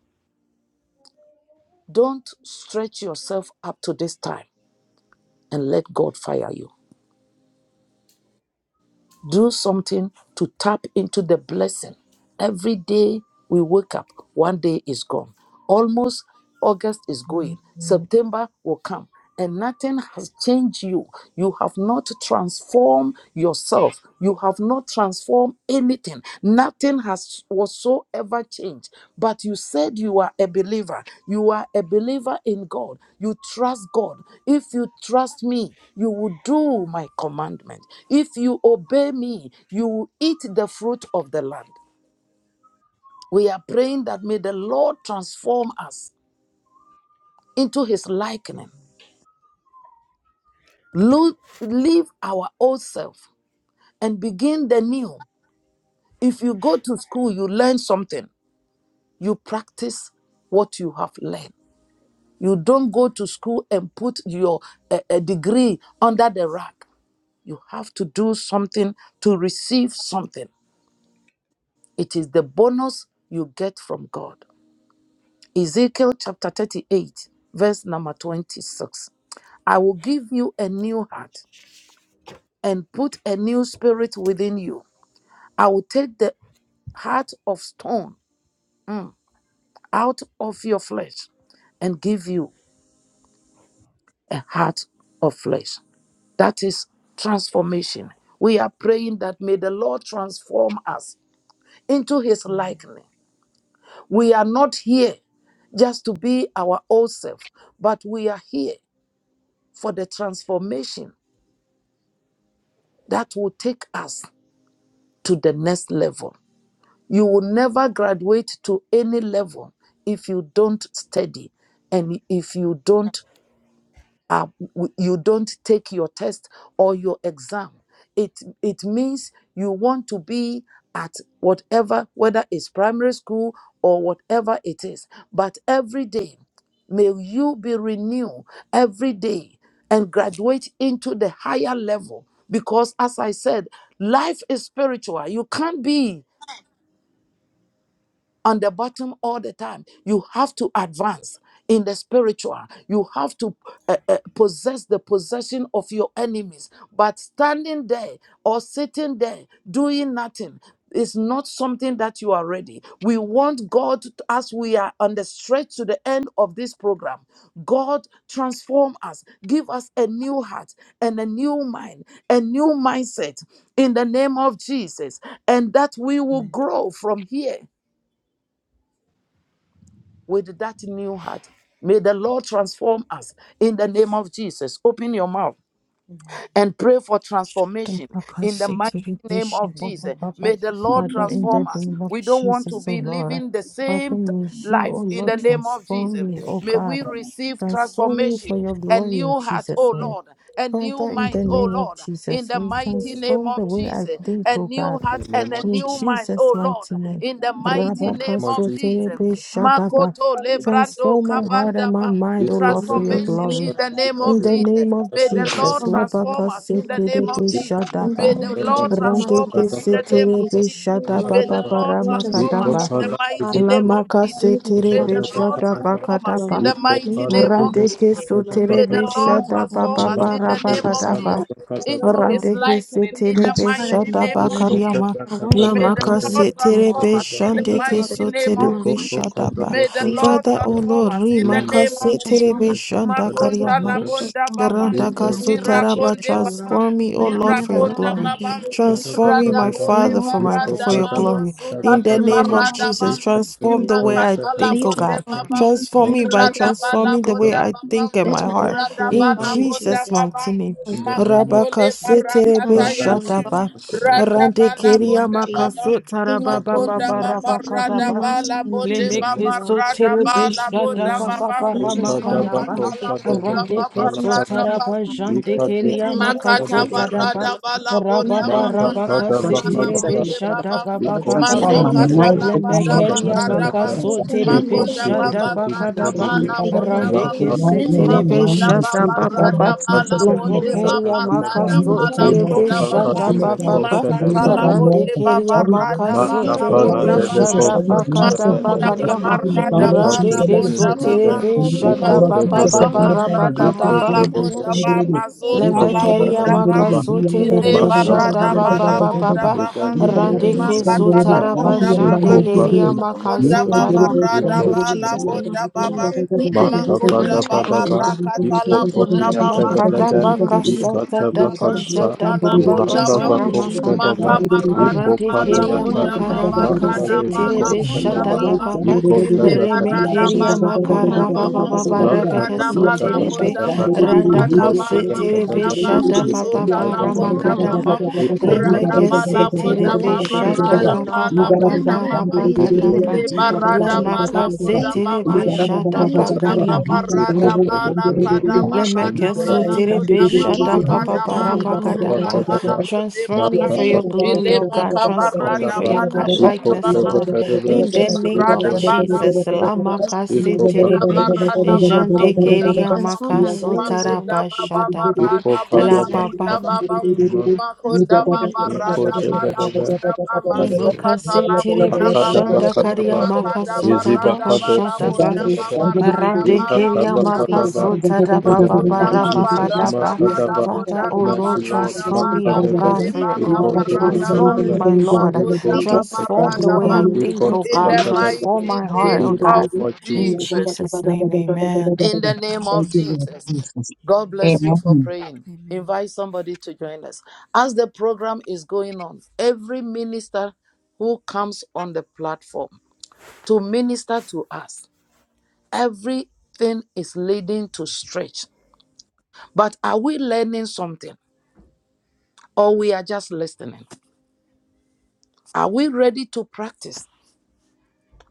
[SPEAKER 1] Don't stretch yourself up to this time and let God fire you. do something to tap into the blessing. Every day we wake up, one day is gone. Almost August is going, September will come, and nothing has changed you. You have not transformed yourself. You have not transformed anything. Nothing has whatsoever changed. But you said you are a believer. You are a believer in God. You trust God. If you trust me, you will do my commandment. If you obey me, you will eat the fruit of the land. We are praying that may the Lord transform us into his likening. Lo- Leave our old self and begin the new. If you go to school, you learn something, you practice what you have learned. You don't go to school and put your uh, uh, degree under the rack. You have to do something to receive something. It is the bonus you get from God. Ezekiel chapter 38, verse number 26. I will give you a new heart and put a new spirit within you. I will take the heart of stone out of your flesh and give you a heart of flesh. That is transformation. We are praying that may the Lord transform us into his likeness. We are not here just to be our old self, but we are here for the transformation that will take us to the next level. You will never graduate to any level if you don't study and if you don't uh, w- you don't take your test or your exam. It it means you want to be at whatever, whether it's primary school or whatever it is. But every day, may you be renewed every day and graduate into the higher level. Because as I said, life is spiritual. You can't be on the bottom all the time. You have to advance in the spiritual. You have to uh, uh, possess the possession of your enemies. But standing there or sitting there doing nothing is not something that you are ready. We want God, to- as we are on the stretch to the end of this program, God transform us, give us a new heart and a new mind, a new mindset in the name of Jesus, and that we will grow from here with that new heart. May the Lord transform us in the name of Jesus. Open your mouth and pray for
[SPEAKER 2] Thank
[SPEAKER 1] transformation
[SPEAKER 2] you, God,
[SPEAKER 1] in the
[SPEAKER 2] say
[SPEAKER 1] mighty
[SPEAKER 2] to you,
[SPEAKER 1] name of
[SPEAKER 2] Bishop, blah, blah,
[SPEAKER 1] Jesus.
[SPEAKER 2] blah, blah.
[SPEAKER 1] May the Lord
[SPEAKER 3] In
[SPEAKER 2] Father,
[SPEAKER 3] the
[SPEAKER 2] in the
[SPEAKER 1] transform
[SPEAKER 3] mercy
[SPEAKER 1] us.
[SPEAKER 3] of
[SPEAKER 2] name of
[SPEAKER 1] We don't want to
[SPEAKER 2] Jesus,
[SPEAKER 3] Jesus,
[SPEAKER 2] oh
[SPEAKER 1] be
[SPEAKER 3] the
[SPEAKER 2] Lord.
[SPEAKER 1] living the
[SPEAKER 2] Father,
[SPEAKER 1] same t-
[SPEAKER 2] may you,
[SPEAKER 1] life
[SPEAKER 2] oh
[SPEAKER 1] in
[SPEAKER 2] Lord,
[SPEAKER 1] the
[SPEAKER 3] translation,
[SPEAKER 1] name
[SPEAKER 3] the
[SPEAKER 1] of Jesus.
[SPEAKER 3] translation,
[SPEAKER 2] transform me, oh
[SPEAKER 1] May
[SPEAKER 2] God.
[SPEAKER 1] we
[SPEAKER 3] the
[SPEAKER 1] receive
[SPEAKER 2] Transform me for
[SPEAKER 1] transformation,
[SPEAKER 2] your
[SPEAKER 1] a
[SPEAKER 2] glory in
[SPEAKER 1] new heart,
[SPEAKER 2] Jesus'
[SPEAKER 1] oh
[SPEAKER 2] name.
[SPEAKER 1] Lord, a new
[SPEAKER 2] Father, in
[SPEAKER 1] mind,
[SPEAKER 2] the
[SPEAKER 1] oh
[SPEAKER 2] name of
[SPEAKER 1] Lord, in
[SPEAKER 2] Jesus,
[SPEAKER 1] the
[SPEAKER 2] we
[SPEAKER 1] mighty
[SPEAKER 3] translation,
[SPEAKER 1] name
[SPEAKER 2] transform the
[SPEAKER 1] of
[SPEAKER 2] way I
[SPEAKER 1] Jesus.
[SPEAKER 2] think,
[SPEAKER 1] A
[SPEAKER 2] oh
[SPEAKER 1] new
[SPEAKER 2] God,
[SPEAKER 4] In
[SPEAKER 1] heart
[SPEAKER 4] the
[SPEAKER 1] and
[SPEAKER 4] name
[SPEAKER 1] a
[SPEAKER 4] of
[SPEAKER 2] in
[SPEAKER 1] new
[SPEAKER 4] Jesus,
[SPEAKER 1] mind,
[SPEAKER 2] Jesus'
[SPEAKER 1] oh Lord,
[SPEAKER 2] mighty name.
[SPEAKER 1] in the
[SPEAKER 3] the
[SPEAKER 1] mighty
[SPEAKER 2] Rabba,
[SPEAKER 4] in the
[SPEAKER 3] mercy.
[SPEAKER 1] name
[SPEAKER 4] name of
[SPEAKER 2] Pastor,
[SPEAKER 1] of
[SPEAKER 4] Jesus,
[SPEAKER 1] Jesus.
[SPEAKER 2] Terebe, Shadaba.
[SPEAKER 3] Now,
[SPEAKER 1] Makoto
[SPEAKER 3] Father, I will
[SPEAKER 1] lebrando
[SPEAKER 2] Transform
[SPEAKER 3] shout
[SPEAKER 4] I
[SPEAKER 2] my
[SPEAKER 3] out,
[SPEAKER 4] pray.
[SPEAKER 2] heart and my
[SPEAKER 1] kabandabam
[SPEAKER 2] mind, oh
[SPEAKER 6] The
[SPEAKER 2] Lord,
[SPEAKER 4] Iko
[SPEAKER 2] for
[SPEAKER 6] mighty
[SPEAKER 2] your
[SPEAKER 4] deva
[SPEAKER 6] name of
[SPEAKER 1] transformation
[SPEAKER 2] glory.
[SPEAKER 4] kusha
[SPEAKER 1] in
[SPEAKER 6] Jesus,
[SPEAKER 1] the name
[SPEAKER 2] In
[SPEAKER 1] of
[SPEAKER 4] vikade
[SPEAKER 2] the
[SPEAKER 6] we
[SPEAKER 1] Jesus.
[SPEAKER 2] name of
[SPEAKER 1] May
[SPEAKER 4] bakada
[SPEAKER 6] pray,
[SPEAKER 1] the
[SPEAKER 2] Jesus,
[SPEAKER 4] balada
[SPEAKER 1] Lord
[SPEAKER 6] transform us in the
[SPEAKER 2] Labaka
[SPEAKER 1] transform us
[SPEAKER 6] mighty
[SPEAKER 1] in
[SPEAKER 6] name
[SPEAKER 1] the
[SPEAKER 6] of
[SPEAKER 1] name of
[SPEAKER 2] Sekerebe
[SPEAKER 6] Jesus.
[SPEAKER 3] Thank
[SPEAKER 1] Jesus.
[SPEAKER 6] O
[SPEAKER 1] May
[SPEAKER 2] Shadaba,
[SPEAKER 6] Lord,
[SPEAKER 1] the
[SPEAKER 6] you
[SPEAKER 4] ipakada
[SPEAKER 1] Lord
[SPEAKER 6] transform
[SPEAKER 4] kusha
[SPEAKER 6] us in
[SPEAKER 1] transform
[SPEAKER 6] the
[SPEAKER 2] Randeke
[SPEAKER 1] us in the
[SPEAKER 6] name
[SPEAKER 4] bakade
[SPEAKER 6] of
[SPEAKER 1] name of
[SPEAKER 4] viko
[SPEAKER 2] Sekerebe
[SPEAKER 6] Jesus.
[SPEAKER 1] Jesus. May
[SPEAKER 2] Shadaba
[SPEAKER 6] Glory.
[SPEAKER 1] the
[SPEAKER 4] balada
[SPEAKER 2] Baba
[SPEAKER 1] Lord
[SPEAKER 6] May you
[SPEAKER 2] Rama
[SPEAKER 4] ba
[SPEAKER 1] transform
[SPEAKER 6] transform
[SPEAKER 1] us
[SPEAKER 4] iko
[SPEAKER 6] us,
[SPEAKER 2] Kadaba,
[SPEAKER 6] O
[SPEAKER 1] in the
[SPEAKER 6] Lord, Father,
[SPEAKER 1] mighty
[SPEAKER 4] palada
[SPEAKER 1] name of
[SPEAKER 2] Lamaka
[SPEAKER 6] to
[SPEAKER 1] Jesus.
[SPEAKER 6] live in
[SPEAKER 1] May the
[SPEAKER 6] according
[SPEAKER 2] Sekerebe
[SPEAKER 6] to your
[SPEAKER 1] Lord
[SPEAKER 6] purpose
[SPEAKER 2] Shadaba
[SPEAKER 6] and
[SPEAKER 4] Shadabakadaba,
[SPEAKER 6] your
[SPEAKER 1] transform us in
[SPEAKER 6] glory.
[SPEAKER 2] Kadaba,
[SPEAKER 1] the
[SPEAKER 6] May you
[SPEAKER 1] mighty
[SPEAKER 4] Ikopala
[SPEAKER 1] name of
[SPEAKER 6] transform us,
[SPEAKER 4] Deveko
[SPEAKER 6] King
[SPEAKER 2] Randeke
[SPEAKER 1] Jesus.
[SPEAKER 6] of glory,
[SPEAKER 1] May the
[SPEAKER 2] Soterebe
[SPEAKER 4] Shadabakada,
[SPEAKER 6] to
[SPEAKER 1] Lord
[SPEAKER 6] live
[SPEAKER 2] Shadaba
[SPEAKER 6] according
[SPEAKER 1] transform
[SPEAKER 6] to
[SPEAKER 1] us
[SPEAKER 6] your
[SPEAKER 1] in
[SPEAKER 2] Baba
[SPEAKER 4] Imaka
[SPEAKER 1] the
[SPEAKER 2] Rama
[SPEAKER 1] name
[SPEAKER 6] purpose
[SPEAKER 1] of
[SPEAKER 6] in our
[SPEAKER 2] Kadaba,
[SPEAKER 1] Jesus
[SPEAKER 6] lives. Jesus.
[SPEAKER 4] Devekadabakadaba,
[SPEAKER 1] into his
[SPEAKER 2] Randeke
[SPEAKER 1] likening in the
[SPEAKER 6] Mighty
[SPEAKER 2] Sekerebe
[SPEAKER 6] Father,
[SPEAKER 1] mighty
[SPEAKER 6] King of
[SPEAKER 1] name
[SPEAKER 2] Shadaba
[SPEAKER 1] of
[SPEAKER 6] glory,
[SPEAKER 1] Jesus.
[SPEAKER 2] Karyama,
[SPEAKER 6] I worship
[SPEAKER 1] May
[SPEAKER 6] your
[SPEAKER 1] the
[SPEAKER 2] Lamaka
[SPEAKER 6] holy name,
[SPEAKER 1] Lord
[SPEAKER 4] Ikotabakadabakadabako
[SPEAKER 6] O Lord.
[SPEAKER 1] transform
[SPEAKER 2] Sekerebe
[SPEAKER 1] us in
[SPEAKER 6] I
[SPEAKER 1] the
[SPEAKER 6] give you
[SPEAKER 4] Shadabakadaba,
[SPEAKER 2] Shandeke
[SPEAKER 6] all the
[SPEAKER 1] mighty name
[SPEAKER 6] glory and
[SPEAKER 1] of
[SPEAKER 6] honor,
[SPEAKER 1] Jesus.
[SPEAKER 2] Soterebe
[SPEAKER 6] mighty Father.
[SPEAKER 2] Shadaba.
[SPEAKER 1] May the
[SPEAKER 4] Ikopokodabako
[SPEAKER 6] May you
[SPEAKER 1] Lord
[SPEAKER 6] transform
[SPEAKER 2] Father,
[SPEAKER 4] Shadaba,
[SPEAKER 2] O
[SPEAKER 1] transform
[SPEAKER 6] my
[SPEAKER 2] Lord,
[SPEAKER 6] soul,
[SPEAKER 1] us in the
[SPEAKER 6] Father.
[SPEAKER 2] Rimaka
[SPEAKER 1] name
[SPEAKER 4] Imaka
[SPEAKER 6] May
[SPEAKER 1] of
[SPEAKER 6] you
[SPEAKER 1] Jesus.
[SPEAKER 6] transform my
[SPEAKER 2] Sekerebe
[SPEAKER 4] Deveko
[SPEAKER 3] you.
[SPEAKER 6] life,
[SPEAKER 2] Shanda
[SPEAKER 6] Jesus.
[SPEAKER 3] This
[SPEAKER 1] Makonta
[SPEAKER 2] Karyama.
[SPEAKER 6] May you
[SPEAKER 4] Shadabakadaba,
[SPEAKER 1] labonda
[SPEAKER 6] transform
[SPEAKER 3] particular
[SPEAKER 6] my
[SPEAKER 1] babam,
[SPEAKER 6] life
[SPEAKER 3] in
[SPEAKER 6] in the
[SPEAKER 3] The
[SPEAKER 6] mighty name
[SPEAKER 3] process
[SPEAKER 6] of
[SPEAKER 4] Ikopodako
[SPEAKER 2] Yarandakasutaraba,
[SPEAKER 6] Jesus,
[SPEAKER 1] irakonde
[SPEAKER 6] O Lord.
[SPEAKER 1] babam,
[SPEAKER 2] Transform
[SPEAKER 3] of
[SPEAKER 2] me, O
[SPEAKER 3] The
[SPEAKER 6] May I
[SPEAKER 2] Lord, for
[SPEAKER 6] never
[SPEAKER 2] your
[SPEAKER 6] look
[SPEAKER 3] man
[SPEAKER 1] irakonda
[SPEAKER 2] glory.
[SPEAKER 6] back, King
[SPEAKER 1] babam,
[SPEAKER 6] of glory,
[SPEAKER 2] Transform me,
[SPEAKER 6] Father.
[SPEAKER 2] my
[SPEAKER 4] Shadabakadaba,
[SPEAKER 6] May
[SPEAKER 1] iradabole
[SPEAKER 6] you
[SPEAKER 2] Father, for
[SPEAKER 6] mold me,
[SPEAKER 2] my
[SPEAKER 6] Father,
[SPEAKER 1] baranda
[SPEAKER 2] for
[SPEAKER 6] to
[SPEAKER 2] your
[SPEAKER 6] be
[SPEAKER 1] bama
[SPEAKER 2] glory. In
[SPEAKER 1] sutale
[SPEAKER 2] the
[SPEAKER 6] one of
[SPEAKER 2] name
[SPEAKER 4] Ikopadabakadabakadaba,
[SPEAKER 6] your
[SPEAKER 2] of
[SPEAKER 1] barada
[SPEAKER 6] chosen,
[SPEAKER 2] Jesus,
[SPEAKER 1] bam,
[SPEAKER 6] King of
[SPEAKER 2] transform
[SPEAKER 6] glory,
[SPEAKER 2] the
[SPEAKER 4] Ikadeveko
[SPEAKER 2] way
[SPEAKER 6] Father.
[SPEAKER 2] I
[SPEAKER 1] imakata
[SPEAKER 6] May
[SPEAKER 2] think,
[SPEAKER 6] you
[SPEAKER 2] O
[SPEAKER 1] labonde
[SPEAKER 2] God.
[SPEAKER 6] transform,
[SPEAKER 4] Shadabakadaba,
[SPEAKER 1] babam,
[SPEAKER 6] may
[SPEAKER 2] Transform me
[SPEAKER 6] you
[SPEAKER 2] by
[SPEAKER 4] Makapa
[SPEAKER 6] transform, King
[SPEAKER 1] iradabala
[SPEAKER 6] of glory.
[SPEAKER 2] transforming the way
[SPEAKER 1] bonda
[SPEAKER 2] I
[SPEAKER 1] babam,
[SPEAKER 2] think in my
[SPEAKER 6] Let my
[SPEAKER 2] heart.
[SPEAKER 6] life
[SPEAKER 2] In
[SPEAKER 1] Radabana
[SPEAKER 6] glorify you,
[SPEAKER 4] Shadabakadaba,
[SPEAKER 3] is
[SPEAKER 1] bunda
[SPEAKER 2] Jesus'
[SPEAKER 6] Jesus.
[SPEAKER 2] mighty
[SPEAKER 1] Babam,
[SPEAKER 2] name.
[SPEAKER 6] Let
[SPEAKER 4] In the
[SPEAKER 6] my life
[SPEAKER 4] name of
[SPEAKER 6] praise
[SPEAKER 4] Jesus,
[SPEAKER 1] Makatole
[SPEAKER 6] you, Lord. Let my
[SPEAKER 2] Rabakaseterebe
[SPEAKER 4] Father,
[SPEAKER 6] life
[SPEAKER 4] I
[SPEAKER 1] Barakatayam,
[SPEAKER 4] receive
[SPEAKER 6] glorify
[SPEAKER 3] Thank
[SPEAKER 2] shataba.
[SPEAKER 6] you in
[SPEAKER 4] transformation.
[SPEAKER 6] the
[SPEAKER 1] Randabana
[SPEAKER 6] mighty
[SPEAKER 4] In
[SPEAKER 3] you.
[SPEAKER 6] name
[SPEAKER 2] Randekeria
[SPEAKER 6] of
[SPEAKER 4] the
[SPEAKER 1] bunda
[SPEAKER 3] Thank
[SPEAKER 6] Jesus.
[SPEAKER 1] Babam,
[SPEAKER 6] King
[SPEAKER 2] makasotaraba
[SPEAKER 4] name of
[SPEAKER 6] of
[SPEAKER 2] ba ba
[SPEAKER 6] glory,
[SPEAKER 1] Makonda
[SPEAKER 2] ba
[SPEAKER 4] Jesus,
[SPEAKER 1] Baba
[SPEAKER 6] Father, in the
[SPEAKER 2] rabakadaba.
[SPEAKER 6] mighty
[SPEAKER 1] Radabala
[SPEAKER 6] name of
[SPEAKER 1] bunde
[SPEAKER 4] in
[SPEAKER 6] Jesus,
[SPEAKER 4] the
[SPEAKER 6] O
[SPEAKER 4] name
[SPEAKER 1] Baba
[SPEAKER 6] Lord. May you
[SPEAKER 2] Lemekesoterebe
[SPEAKER 1] Radabala
[SPEAKER 6] transform me,
[SPEAKER 1] bunda
[SPEAKER 2] shataba
[SPEAKER 6] Lord.
[SPEAKER 2] ba
[SPEAKER 1] Babam,
[SPEAKER 2] ba
[SPEAKER 6] May you
[SPEAKER 4] of
[SPEAKER 6] transform me,
[SPEAKER 4] Kadava
[SPEAKER 6] King
[SPEAKER 2] ramakadaba.
[SPEAKER 6] of
[SPEAKER 1] Makatala
[SPEAKER 6] kings,
[SPEAKER 4] Kosha
[SPEAKER 6] O
[SPEAKER 1] bunda
[SPEAKER 6] Lord.
[SPEAKER 4] Devako
[SPEAKER 1] Baba
[SPEAKER 2] Radeke
[SPEAKER 4] Paladava
[SPEAKER 6] Transform me,
[SPEAKER 1] Radabam.
[SPEAKER 2] sotaraba
[SPEAKER 6] Father, Lord. May
[SPEAKER 4] Ikadiv
[SPEAKER 2] jandekeria
[SPEAKER 6] I live the life
[SPEAKER 1] Makata
[SPEAKER 6] of the
[SPEAKER 4] Kadava
[SPEAKER 6] King of
[SPEAKER 2] makasotaraba
[SPEAKER 4] Kadava
[SPEAKER 1] barada
[SPEAKER 6] glory.
[SPEAKER 1] bala
[SPEAKER 6] May
[SPEAKER 1] bunda
[SPEAKER 6] I
[SPEAKER 2] rababa
[SPEAKER 4] Mata
[SPEAKER 1] baba
[SPEAKER 6] live
[SPEAKER 2] rabaka
[SPEAKER 1] rada
[SPEAKER 6] according
[SPEAKER 7] Lord
[SPEAKER 4] Kadava
[SPEAKER 6] to your
[SPEAKER 1] bala
[SPEAKER 7] Jesus, I
[SPEAKER 6] word,
[SPEAKER 2] seterebe
[SPEAKER 4] Kadava
[SPEAKER 6] O
[SPEAKER 7] believe
[SPEAKER 1] bunde
[SPEAKER 7] that
[SPEAKER 1] baba
[SPEAKER 6] Lord.
[SPEAKER 2] shataba
[SPEAKER 7] Father,
[SPEAKER 2] baba baba
[SPEAKER 6] May
[SPEAKER 7] transform
[SPEAKER 6] I
[SPEAKER 4] Ikotava
[SPEAKER 2] ba
[SPEAKER 7] my
[SPEAKER 6] leave the
[SPEAKER 1] masokata
[SPEAKER 6] world
[SPEAKER 7] mind,
[SPEAKER 4] Kadava
[SPEAKER 1] la
[SPEAKER 6] that
[SPEAKER 7] the
[SPEAKER 6] is
[SPEAKER 7] God,
[SPEAKER 1] bada
[SPEAKER 4] Kosha
[SPEAKER 7] Lord
[SPEAKER 6] behind, O
[SPEAKER 4] Dava
[SPEAKER 2] lemekeria
[SPEAKER 7] Jesus,
[SPEAKER 6] Lord,
[SPEAKER 1] barada bam
[SPEAKER 6] Father.
[SPEAKER 4] Kadava
[SPEAKER 7] transform
[SPEAKER 6] May
[SPEAKER 7] my
[SPEAKER 6] I
[SPEAKER 2] makasoterebe
[SPEAKER 6] live
[SPEAKER 7] heart,
[SPEAKER 6] at the
[SPEAKER 1] makonda
[SPEAKER 7] the
[SPEAKER 6] right
[SPEAKER 4] Ikotiva
[SPEAKER 7] God,
[SPEAKER 1] baba
[SPEAKER 7] Lord
[SPEAKER 2] shataba
[SPEAKER 4] Kadiva
[SPEAKER 7] Jesus,
[SPEAKER 1] rada
[SPEAKER 6] the
[SPEAKER 2] kadaba
[SPEAKER 7] my
[SPEAKER 6] joint
[SPEAKER 4] Kadiva
[SPEAKER 1] bala
[SPEAKER 7] Father,
[SPEAKER 6] waking of
[SPEAKER 1] bunda
[SPEAKER 6] love
[SPEAKER 7] that the
[SPEAKER 2] randeke
[SPEAKER 1] baba
[SPEAKER 4] Rapa
[SPEAKER 7] right
[SPEAKER 6] will
[SPEAKER 7] no
[SPEAKER 6] live
[SPEAKER 7] one
[SPEAKER 4] Kadava
[SPEAKER 2] seterebe
[SPEAKER 7] line
[SPEAKER 6] according
[SPEAKER 7] in
[SPEAKER 1] makunda
[SPEAKER 6] to
[SPEAKER 7] the
[SPEAKER 6] the
[SPEAKER 7] truth,
[SPEAKER 1] baba
[SPEAKER 6] purpose
[SPEAKER 7] the
[SPEAKER 2] shataba
[SPEAKER 6] of
[SPEAKER 2] baba
[SPEAKER 7] God,
[SPEAKER 6] God
[SPEAKER 2] ba
[SPEAKER 7] Lord
[SPEAKER 1] rada
[SPEAKER 6] in the
[SPEAKER 1] bala
[SPEAKER 7] Jesus,
[SPEAKER 4] Kadava
[SPEAKER 6] mighty
[SPEAKER 7] my
[SPEAKER 6] name of
[SPEAKER 1] bunde
[SPEAKER 7] Father,
[SPEAKER 4] Kosha
[SPEAKER 1] baba
[SPEAKER 2] lemekeria
[SPEAKER 6] Jesus.
[SPEAKER 4] Dava
[SPEAKER 7] transform
[SPEAKER 4] Dava
[SPEAKER 1] rada
[SPEAKER 7] me,
[SPEAKER 6] King of
[SPEAKER 7] the
[SPEAKER 1] bala
[SPEAKER 7] God,
[SPEAKER 6] kings,
[SPEAKER 7] Lord
[SPEAKER 2] makasoterebe
[SPEAKER 1] bunda
[SPEAKER 7] Jesus,
[SPEAKER 4] Ikotava
[SPEAKER 6] I
[SPEAKER 1] baba
[SPEAKER 6] will
[SPEAKER 7] my
[SPEAKER 2] shataba
[SPEAKER 4] Kadava
[SPEAKER 6] give
[SPEAKER 7] Father,
[SPEAKER 6] you
[SPEAKER 3] you.
[SPEAKER 2] baba
[SPEAKER 7] take
[SPEAKER 2] ba
[SPEAKER 7] the
[SPEAKER 6] all
[SPEAKER 7] holy,
[SPEAKER 6] the
[SPEAKER 7] the
[SPEAKER 1] makata
[SPEAKER 4] Kosha
[SPEAKER 6] glory and
[SPEAKER 3] Mom,
[SPEAKER 1] la
[SPEAKER 7] God, Lord,
[SPEAKER 1] bunde
[SPEAKER 7] that
[SPEAKER 6] the might of
[SPEAKER 2] randekeria
[SPEAKER 1] baba
[SPEAKER 7] every
[SPEAKER 1] rada
[SPEAKER 7] wrongful
[SPEAKER 6] you
[SPEAKER 7] thought,
[SPEAKER 1] bala
[SPEAKER 7] the God,
[SPEAKER 4] Matapala
[SPEAKER 1] bunda
[SPEAKER 2] makasoterebe
[SPEAKER 7] Lord
[SPEAKER 4] de
[SPEAKER 6] transform me,
[SPEAKER 7] Jesus,
[SPEAKER 4] Beco,
[SPEAKER 6] Father.
[SPEAKER 7] every
[SPEAKER 2] shataba
[SPEAKER 1] baba
[SPEAKER 7] wrongful
[SPEAKER 4] Patapala
[SPEAKER 6] Transform me
[SPEAKER 4] de
[SPEAKER 1] Makunda
[SPEAKER 7] habit
[SPEAKER 6] in the
[SPEAKER 7] that's
[SPEAKER 6] mighty
[SPEAKER 4] Banada,
[SPEAKER 2] kadaba
[SPEAKER 1] babarada
[SPEAKER 7] thinking, the
[SPEAKER 6] name of
[SPEAKER 7] God, Lord
[SPEAKER 4] Eco
[SPEAKER 6] Jesus.
[SPEAKER 7] Jesus,
[SPEAKER 4] to
[SPEAKER 2] Rande
[SPEAKER 1] bala
[SPEAKER 4] the
[SPEAKER 2] ke
[SPEAKER 7] let it be
[SPEAKER 1] bunda
[SPEAKER 6] Transform me,
[SPEAKER 3] Thank
[SPEAKER 2] sotere
[SPEAKER 1] baba.
[SPEAKER 4] Vedeva,
[SPEAKER 6] King
[SPEAKER 2] be
[SPEAKER 6] of
[SPEAKER 7] to
[SPEAKER 6] glory.
[SPEAKER 4] Eco
[SPEAKER 2] shata
[SPEAKER 7] Father, Lord
[SPEAKER 2] pa
[SPEAKER 4] to the
[SPEAKER 1] Makunda
[SPEAKER 2] pa
[SPEAKER 7] Jesus,
[SPEAKER 3] you.
[SPEAKER 2] pa
[SPEAKER 6] Transform
[SPEAKER 2] pa
[SPEAKER 6] me,
[SPEAKER 7] my
[SPEAKER 4] Vedeva,
[SPEAKER 2] ra
[SPEAKER 1] babarada
[SPEAKER 6] mighty
[SPEAKER 2] pa
[SPEAKER 7] Father, you
[SPEAKER 2] ka da
[SPEAKER 6] Lord.
[SPEAKER 4] Eco
[SPEAKER 7] can
[SPEAKER 2] pa.
[SPEAKER 7] do
[SPEAKER 1] bala
[SPEAKER 7] the
[SPEAKER 4] for
[SPEAKER 6] I
[SPEAKER 4] the
[SPEAKER 7] best
[SPEAKER 1] bunda
[SPEAKER 7] thing,
[SPEAKER 6] worship
[SPEAKER 7] do
[SPEAKER 1] baba.
[SPEAKER 4] Vedeva,
[SPEAKER 7] the
[SPEAKER 2] Le
[SPEAKER 1] Mazuta
[SPEAKER 4] Eco
[SPEAKER 7] Thank
[SPEAKER 6] I
[SPEAKER 2] me
[SPEAKER 1] la
[SPEAKER 6] give
[SPEAKER 2] ke
[SPEAKER 6] you all
[SPEAKER 2] ya
[SPEAKER 4] Parada
[SPEAKER 6] the
[SPEAKER 1] bunda
[SPEAKER 2] ma ka
[SPEAKER 1] baba.
[SPEAKER 4] Baba,
[SPEAKER 6] glory. May my
[SPEAKER 2] sotere
[SPEAKER 1] Ile
[SPEAKER 6] life
[SPEAKER 2] be shata
[SPEAKER 1] barada
[SPEAKER 6] glorify
[SPEAKER 2] pa
[SPEAKER 6] you,
[SPEAKER 2] pa
[SPEAKER 1] bala
[SPEAKER 4] Matavadiata,
[SPEAKER 6] Lord
[SPEAKER 2] pa pa
[SPEAKER 1] bunda
[SPEAKER 6] Father.
[SPEAKER 2] pa.
[SPEAKER 6] May
[SPEAKER 1] baba.
[SPEAKER 6] my life
[SPEAKER 4] Egadiria,
[SPEAKER 2] Rande
[SPEAKER 6] praise
[SPEAKER 2] ke
[SPEAKER 6] you, Lord.
[SPEAKER 1] Makata la
[SPEAKER 2] sotara
[SPEAKER 6] May
[SPEAKER 2] pa
[SPEAKER 6] my
[SPEAKER 1] bunda
[SPEAKER 6] life
[SPEAKER 1] baba.
[SPEAKER 2] shande
[SPEAKER 4] Eco
[SPEAKER 2] ke
[SPEAKER 6] glorify
[SPEAKER 2] ya
[SPEAKER 4] Pata,
[SPEAKER 6] you,
[SPEAKER 4] de
[SPEAKER 2] ma
[SPEAKER 6] Father.
[SPEAKER 1] Makunda
[SPEAKER 6] In
[SPEAKER 4] Vedeva,
[SPEAKER 6] the
[SPEAKER 2] ka
[SPEAKER 1] babarada
[SPEAKER 6] mighty name of
[SPEAKER 1] bala
[SPEAKER 6] Jesus, King
[SPEAKER 1] bunda
[SPEAKER 6] of glory,
[SPEAKER 1] baba.
[SPEAKER 4] Eco
[SPEAKER 6] may I live the
[SPEAKER 1] Makunda
[SPEAKER 6] right way,
[SPEAKER 1] baba
[SPEAKER 6] O
[SPEAKER 4] Makavadabadaba,
[SPEAKER 6] Lord.
[SPEAKER 1] rakata la
[SPEAKER 6] Live the
[SPEAKER 1] bunda
[SPEAKER 6] right
[SPEAKER 4] Ikopodia
[SPEAKER 6] way in the mighty
[SPEAKER 4] Tevelada,
[SPEAKER 2] Makataba
[SPEAKER 6] name of Jesus.
[SPEAKER 1] Bunda
[SPEAKER 2] kasataba
[SPEAKER 1] bama
[SPEAKER 6] Things, O
[SPEAKER 4] Ikatavakadaba,
[SPEAKER 1] sota
[SPEAKER 6] Lord.
[SPEAKER 2] shataba
[SPEAKER 1] la
[SPEAKER 2] baba
[SPEAKER 1] bunda bam.
[SPEAKER 6] Transform
[SPEAKER 2] bara
[SPEAKER 6] me,
[SPEAKER 4] Imatavako
[SPEAKER 6] King of
[SPEAKER 2] makataba
[SPEAKER 6] Kings,
[SPEAKER 4] Shadaba,
[SPEAKER 6] O Lord.
[SPEAKER 1] Makabarada bala
[SPEAKER 6] Transform
[SPEAKER 2] rantekeria
[SPEAKER 4] Ikopadiata,
[SPEAKER 6] my
[SPEAKER 1] bunda
[SPEAKER 6] life, O
[SPEAKER 2] makaraba
[SPEAKER 6] Lord.
[SPEAKER 1] babarada bala
[SPEAKER 4] Mataleviko
[SPEAKER 2] kaseterebe
[SPEAKER 6] Transform my
[SPEAKER 1] bunda
[SPEAKER 4] Shadaba,
[SPEAKER 6] way
[SPEAKER 2] shataba
[SPEAKER 6] of
[SPEAKER 1] babam.
[SPEAKER 2] baba
[SPEAKER 6] living, King
[SPEAKER 1] Ile
[SPEAKER 6] of Glory.
[SPEAKER 4] Ikotavakadaba,
[SPEAKER 1] barada
[SPEAKER 2] remekeria
[SPEAKER 1] bala
[SPEAKER 6] Transform
[SPEAKER 1] bunda
[SPEAKER 6] my
[SPEAKER 2] makaraba
[SPEAKER 1] babam.
[SPEAKER 6] ways,
[SPEAKER 2] baba
[SPEAKER 6] O Lord,
[SPEAKER 7] you.
[SPEAKER 2] rebeke
[SPEAKER 1] Rada
[SPEAKER 6] Father.
[SPEAKER 7] We are
[SPEAKER 1] bala
[SPEAKER 6] May
[SPEAKER 4] Matavakadaba
[SPEAKER 6] you
[SPEAKER 2] soterebe
[SPEAKER 1] bunda
[SPEAKER 6] transform the
[SPEAKER 4] Kadaba,
[SPEAKER 6] path that
[SPEAKER 2] randa
[SPEAKER 6] I
[SPEAKER 1] babarada
[SPEAKER 6] cross to
[SPEAKER 1] bala
[SPEAKER 6] in the
[SPEAKER 2] kaseterebe
[SPEAKER 1] bunda
[SPEAKER 6] mighty
[SPEAKER 4] Ikotavakadaba,
[SPEAKER 6] name of
[SPEAKER 1] bama
[SPEAKER 2] shataba
[SPEAKER 6] Jesus.
[SPEAKER 1] sota
[SPEAKER 2] baba
[SPEAKER 1] la bunda
[SPEAKER 6] Transform my
[SPEAKER 4] Ikotavakadaba,
[SPEAKER 6] life in
[SPEAKER 2] ramakataba
[SPEAKER 1] babam.
[SPEAKER 6] the mighty name of
[SPEAKER 1] Rada
[SPEAKER 2] lemeke
[SPEAKER 6] Jesus.
[SPEAKER 1] bala
[SPEAKER 4] Ikopakadaba
[SPEAKER 6] Let
[SPEAKER 1] bunda
[SPEAKER 4] Kadaba,
[SPEAKER 6] my
[SPEAKER 2] seterebe
[SPEAKER 6] life glorify
[SPEAKER 1] babarada
[SPEAKER 6] you,
[SPEAKER 2] shataba
[SPEAKER 6] Lord.
[SPEAKER 1] bala
[SPEAKER 2] baba
[SPEAKER 4] Ikopakadaba,
[SPEAKER 6] Let
[SPEAKER 1] bunda
[SPEAKER 6] my
[SPEAKER 2] baba
[SPEAKER 6] life
[SPEAKER 1] babam.
[SPEAKER 6] praise you in the
[SPEAKER 1] Ile
[SPEAKER 2] rabakataba
[SPEAKER 4] Ikotavakadaba,
[SPEAKER 6] mighty name of
[SPEAKER 2] la
[SPEAKER 1] barada
[SPEAKER 6] Jesus.
[SPEAKER 1] bala bunda
[SPEAKER 6] Thank you,
[SPEAKER 1] babam.
[SPEAKER 2] makaseterebe
[SPEAKER 6] Father. Thank you,
[SPEAKER 2] shataba
[SPEAKER 1] Makunda
[SPEAKER 4] Ikopakadaba,
[SPEAKER 6] King of
[SPEAKER 1] babarada
[SPEAKER 6] Kings, O Lord.
[SPEAKER 1] bala
[SPEAKER 6] And
[SPEAKER 1] kada
[SPEAKER 6] I worship
[SPEAKER 1] barada
[SPEAKER 6] your
[SPEAKER 4] Ikopakadaba,
[SPEAKER 6] holy
[SPEAKER 1] bala
[SPEAKER 6] name,
[SPEAKER 1] bunda
[SPEAKER 6] and I give you
[SPEAKER 1] babarada
[SPEAKER 6] all the
[SPEAKER 1] rada ba
[SPEAKER 6] glory and
[SPEAKER 7] the
[SPEAKER 6] honor,
[SPEAKER 1] masuka
[SPEAKER 6] mighty. God.
[SPEAKER 2] Lemekesutiribishadababababakadaba.
[SPEAKER 1] tala
[SPEAKER 7] you.
[SPEAKER 4] Kadaba,
[SPEAKER 1] bundi
[SPEAKER 2] Transform
[SPEAKER 7] Thank
[SPEAKER 2] me
[SPEAKER 1] baba
[SPEAKER 2] for your
[SPEAKER 4] Makaba,
[SPEAKER 6] Thank you, King
[SPEAKER 2] glory,
[SPEAKER 1] ile
[SPEAKER 6] of
[SPEAKER 2] O
[SPEAKER 6] Kings,
[SPEAKER 2] God.
[SPEAKER 6] O Lord.
[SPEAKER 2] Transform me
[SPEAKER 1] makabarada
[SPEAKER 2] for
[SPEAKER 4] Kadaba,
[SPEAKER 6] I
[SPEAKER 2] your
[SPEAKER 1] bala
[SPEAKER 2] ki-
[SPEAKER 6] worship
[SPEAKER 4] Iko
[SPEAKER 6] you,
[SPEAKER 1] bunda
[SPEAKER 2] likeness, O
[SPEAKER 6] Father.
[SPEAKER 1] baba
[SPEAKER 4] Kadaba,
[SPEAKER 2] Lord.
[SPEAKER 4] Kadaba,
[SPEAKER 6] Please
[SPEAKER 2] In
[SPEAKER 1] ila
[SPEAKER 2] the
[SPEAKER 6] transform
[SPEAKER 2] name
[SPEAKER 6] me,
[SPEAKER 1] barada
[SPEAKER 2] of
[SPEAKER 6] King
[SPEAKER 4] Iko
[SPEAKER 6] of
[SPEAKER 1] bala
[SPEAKER 6] Glory.
[SPEAKER 4] Kadaba,
[SPEAKER 2] Jesus.
[SPEAKER 1] bunda baba
[SPEAKER 6] Transform
[SPEAKER 4] Iko
[SPEAKER 1] ila
[SPEAKER 4] Kadaba,
[SPEAKER 2] Lamakasitiribi.
[SPEAKER 6] my God,
[SPEAKER 1] barada
[SPEAKER 6] Lord,
[SPEAKER 1] bala
[SPEAKER 6] Father.
[SPEAKER 1] bunda baba
[SPEAKER 6] Transform my ways, O Lord.
[SPEAKER 1] makunda babarada
[SPEAKER 4] Iko
[SPEAKER 6] Transform my
[SPEAKER 1] bala
[SPEAKER 4] Kadaba,
[SPEAKER 6] life,
[SPEAKER 2] Ijandekeriamakasotarabashadaba.
[SPEAKER 1] bunda
[SPEAKER 6] King of
[SPEAKER 1] baba
[SPEAKER 6] Glory.
[SPEAKER 1] makunda
[SPEAKER 6] Transform me in the mighty
[SPEAKER 4] Iko
[SPEAKER 1] babarada
[SPEAKER 6] name of
[SPEAKER 1] bala
[SPEAKER 6] Jesus.
[SPEAKER 4] Kadaba,
[SPEAKER 1] bunda baba
[SPEAKER 6] Thank you,
[SPEAKER 1] masuka
[SPEAKER 2] Lamaka
[SPEAKER 6] Father.
[SPEAKER 1] tala
[SPEAKER 2] setiri
[SPEAKER 1] bunda
[SPEAKER 6] Thank you,
[SPEAKER 1] baba
[SPEAKER 6] King
[SPEAKER 4] Makadaba,
[SPEAKER 6] of
[SPEAKER 2] bishanda
[SPEAKER 6] Glory,
[SPEAKER 4] Kadaba,
[SPEAKER 2] karia
[SPEAKER 6] Father.
[SPEAKER 1] Makada
[SPEAKER 7] you.
[SPEAKER 6] I
[SPEAKER 2] makasota
[SPEAKER 4] Iziba
[SPEAKER 2] da
[SPEAKER 1] barada
[SPEAKER 6] worship
[SPEAKER 4] Kado,
[SPEAKER 6] your
[SPEAKER 1] bala
[SPEAKER 2] bashata
[SPEAKER 7] Thank
[SPEAKER 6] holy
[SPEAKER 2] ba.
[SPEAKER 1] kunda
[SPEAKER 6] name,
[SPEAKER 7] you,
[SPEAKER 6] O
[SPEAKER 1] ma
[SPEAKER 6] Lord,
[SPEAKER 4] Sadaba,
[SPEAKER 1] barada
[SPEAKER 6] and
[SPEAKER 2] Arande
[SPEAKER 6] I give
[SPEAKER 1] bala
[SPEAKER 2] keria
[SPEAKER 4] Ikataba,
[SPEAKER 1] kunda
[SPEAKER 6] you
[SPEAKER 1] ma
[SPEAKER 6] praise.
[SPEAKER 1] bam.
[SPEAKER 4] Kadaba,
[SPEAKER 2] makasota da
[SPEAKER 4] in
[SPEAKER 2] ba
[SPEAKER 4] the
[SPEAKER 2] ba
[SPEAKER 4] name
[SPEAKER 2] ba
[SPEAKER 1] Makunda
[SPEAKER 4] of
[SPEAKER 2] ra
[SPEAKER 1] ba
[SPEAKER 6] Thank you,
[SPEAKER 2] ba ka
[SPEAKER 4] Jesus,
[SPEAKER 2] da
[SPEAKER 6] Jesus,
[SPEAKER 1] barada
[SPEAKER 6] for the
[SPEAKER 2] ba.
[SPEAKER 1] bala
[SPEAKER 4] Makadaba,
[SPEAKER 6] transformation
[SPEAKER 2] Father,
[SPEAKER 6] of
[SPEAKER 1] bunda
[SPEAKER 2] O
[SPEAKER 1] ka
[SPEAKER 6] my life.
[SPEAKER 4] Mercy
[SPEAKER 2] Lord,
[SPEAKER 4] Lord,
[SPEAKER 1] barada
[SPEAKER 2] transform me,
[SPEAKER 6] Lord.
[SPEAKER 1] bala
[SPEAKER 2] O
[SPEAKER 4] Makadaba,
[SPEAKER 2] God,
[SPEAKER 1] bundi
[SPEAKER 2] for
[SPEAKER 6] Thank
[SPEAKER 2] your
[SPEAKER 1] ba
[SPEAKER 6] you, Lord,
[SPEAKER 1] ka
[SPEAKER 6] for
[SPEAKER 4] Iko
[SPEAKER 2] glory.
[SPEAKER 6] transforming
[SPEAKER 1] barada
[SPEAKER 4] Kadaba,
[SPEAKER 6] my
[SPEAKER 1] bam.
[SPEAKER 2] Transform me,
[SPEAKER 6] mind, oh
[SPEAKER 2] my
[SPEAKER 6] Lord.
[SPEAKER 2] Lord.
[SPEAKER 1] Makunda
[SPEAKER 6] Thank you,
[SPEAKER 1] ba
[SPEAKER 6] Father, for
[SPEAKER 2] Transform
[SPEAKER 4] Kadaba,
[SPEAKER 2] the
[SPEAKER 1] barada
[SPEAKER 7] Lord
[SPEAKER 2] way
[SPEAKER 1] bam.
[SPEAKER 2] I
[SPEAKER 6] transforming my
[SPEAKER 2] think,
[SPEAKER 4] Iko
[SPEAKER 2] O
[SPEAKER 6] thoughts,
[SPEAKER 1] In
[SPEAKER 6] oh
[SPEAKER 2] God.
[SPEAKER 1] the
[SPEAKER 6] Lord.
[SPEAKER 4] Kadaba,
[SPEAKER 2] Transform
[SPEAKER 1] mighty
[SPEAKER 2] my heart,
[SPEAKER 1] name
[SPEAKER 4] In
[SPEAKER 2] O
[SPEAKER 4] the
[SPEAKER 1] of
[SPEAKER 2] God.
[SPEAKER 4] name of
[SPEAKER 2] In
[SPEAKER 4] Jesus.
[SPEAKER 1] Jesus.
[SPEAKER 2] Jesus' name, amen.
[SPEAKER 1] In the name of Jesus.
[SPEAKER 7] Jesus.
[SPEAKER 1] God bless you for
[SPEAKER 7] Amen.
[SPEAKER 1] praying. Invite somebody to join us. As the program is going on, every minister who comes on the platform to minister to us. Everything is leading to stretch. But are we learning something or we are just listening? Are we ready to practice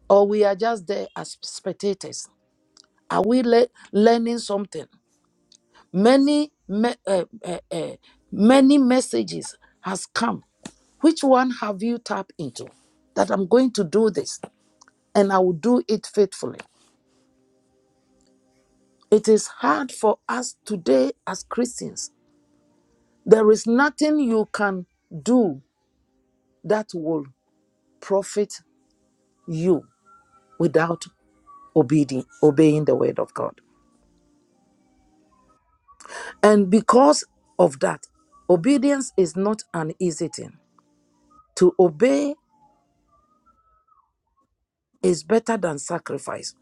[SPEAKER 1] or we are just there as spectators? Are we le- learning something? Many me- uh, uh, uh, many messages has come. Which one have you tapped into? That I'm going to do this and I will do it faithfully. It is hard for us today as Christians There is nothing you can do that will profit you without obeying, obeying the word of God. And because of that, obedience is not an easy thing. To obey is better than sacrifice.